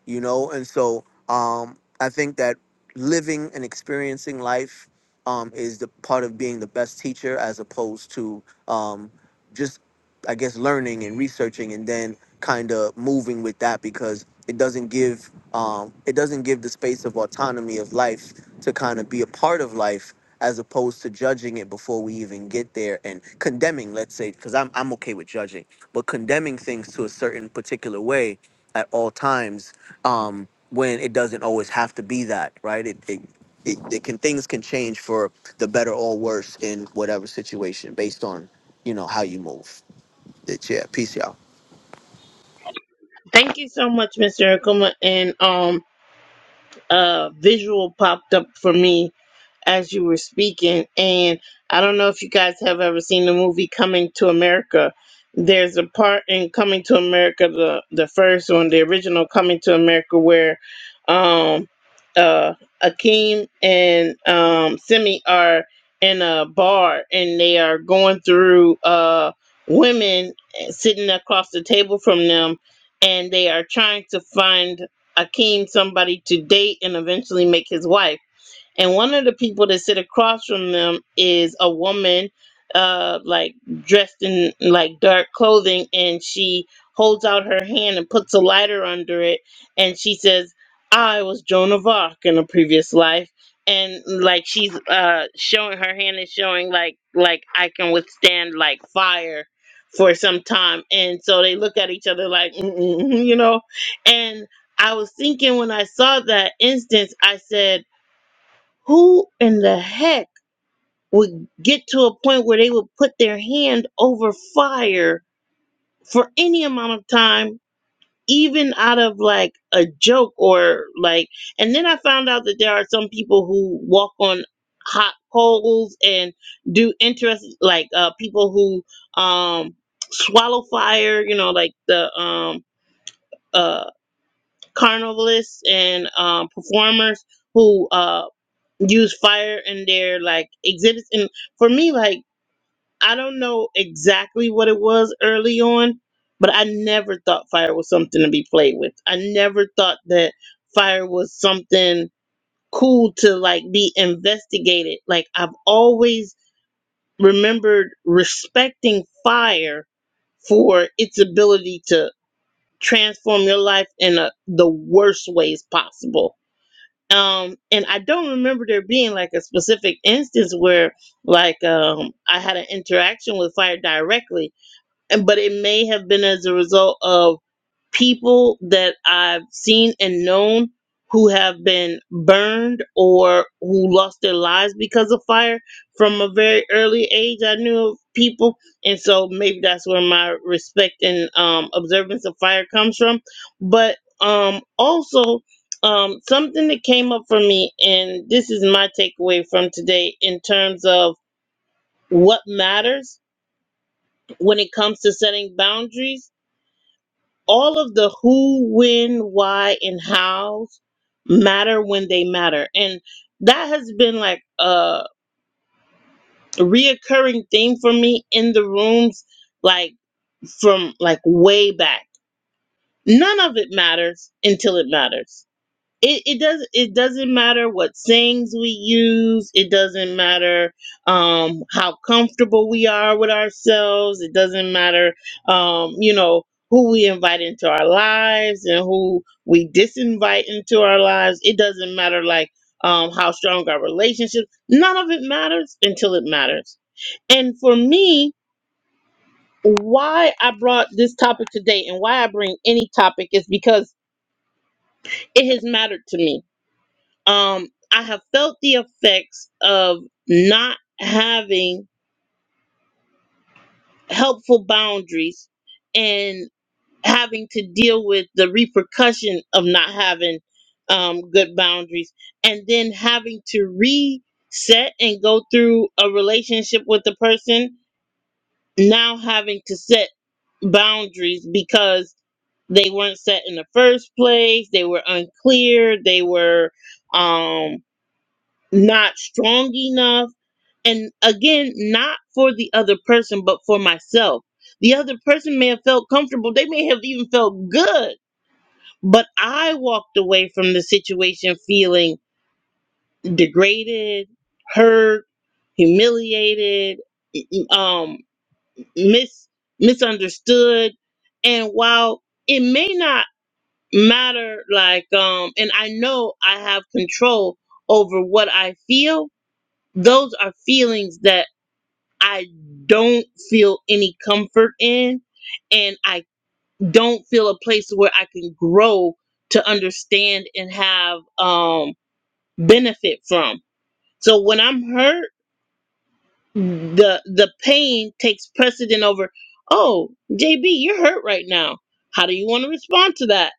Speaker 7: you know and so um i think that living and experiencing life um is the part of being the best teacher as opposed to um just i guess learning and researching and then kind of moving with that because it doesn't give um it doesn't give the space of autonomy of life to kind of be a part of life as opposed to judging it before we even get there and condemning let's say because I'm, I'm okay with judging but condemning things to a certain particular way at all times um, when it doesn't always have to be that, right? It, it, it, it can things can change for the better or worse in whatever situation based on you know how you move. It's, yeah, peace, y'all.
Speaker 1: Thank you so much, Mr. Akuma. And um, a visual popped up for me as you were speaking. And I don't know if you guys have ever seen the movie Coming to America. There's a part in Coming to America, the the first one, the original Coming to America, where um, uh, Akeem and um, Simi are in a bar and they are going through uh, women sitting across the table from them, and they are trying to find Akeem somebody to date and eventually make his wife and one of the people that sit across from them is a woman uh like dressed in like dark clothing and she holds out her hand and puts a lighter under it and she says i was joan of arc in a previous life and like she's uh showing her hand is showing like like i can withstand like fire for some time and so they look at each other like Mm-mm, you know and i was thinking when i saw that instance i said who in the heck would get to a point where they would put their hand over fire for any amount of time, even out of like a joke or like? And then I found out that there are some people who walk on hot coals and do interest like uh people who um swallow fire you know like the um uh carnivalists and um performers who uh use fire in their like exhibits and for me like i don't know exactly what it was early on but i never thought fire was something to be played with i never thought that fire was something cool to like be investigated like i've always remembered respecting fire for its ability to transform your life in a, the worst ways possible um and i don't remember there being like a specific instance where like um i had an interaction with fire directly and but it may have been as a result of people that I've seen and known who have been burned or who lost their lives because of fire from a very early age. I knew of people, and so maybe that's where my respect and um, observance of fire comes from. But um, also, um, something that came up for me, and this is my takeaway from today in terms of what matters when it comes to setting boundaries all of the who, when, why, and hows matter when they matter. And that has been like a reoccurring theme for me in the rooms, like from like way back. None of it matters until it matters it, it does it doesn't matter what sayings we use it doesn't matter um how comfortable we are with ourselves it doesn't matter um you know who we invite into our lives and who we disinvite into our lives it doesn't matter like um how strong our relationship none of it matters until it matters and for me why i brought this topic today and why i bring any topic is because it has mattered to me um, I have felt the effects of not having helpful boundaries and having to deal with the repercussion of not having um, good boundaries, and then having to reset and go through a relationship with the person, now having to set boundaries because they weren't set in the first place, they were unclear, they were um, not strong enough And again, not for the other person, but for myself. The other person may have felt comfortable. They may have even felt good. But I walked away from the situation feeling degraded, hurt, humiliated, um, mis- misunderstood. And while it may not matter, like, um, and I know I have control over what I feel, those are feelings that I don't feel any comfort in, and I don't feel a place where I can grow to understand and have um, benefit from. So when I'm hurt, the the pain takes precedent over. Oh, JB, you're hurt right now. How do you want to respond to that?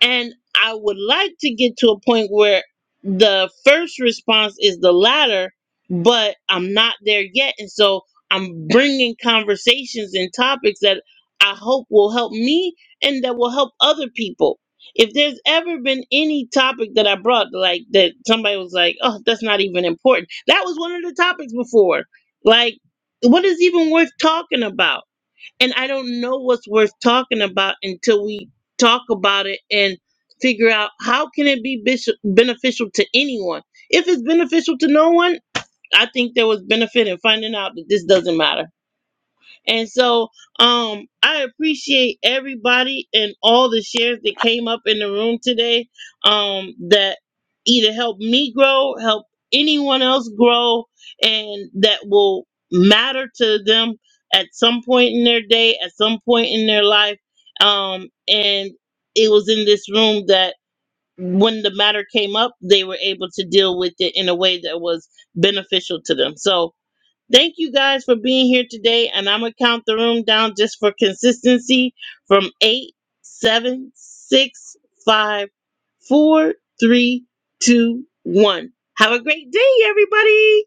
Speaker 1: And I would like to get to a point where the first response is the latter, but I'm not there yet. And so I'm bringing conversations and topics that I hope will help me and that will help other people. If there's ever been any topic that I brought, like that somebody was like, oh, that's not even important. That was one of the topics before. Like, what is even worth talking about? and I don't know what's worth talking about until we talk about it and figure out how can it be bis- beneficial to anyone. If it's beneficial to no one, I think there was benefit in finding out that this doesn't matter. And so um I appreciate everybody and all the shares that came up in the room today um that either help me grow, help anyone else grow and that will matter to them at some point in their day, at some point in their life. Um and it was in this room that when the matter came up, they were able to deal with it in a way that was beneficial to them. So Thank you guys for being here today, and I'm gonna count the room down just for consistency from eight, seven, six, five, four, three, two, one. Have a great day, everybody.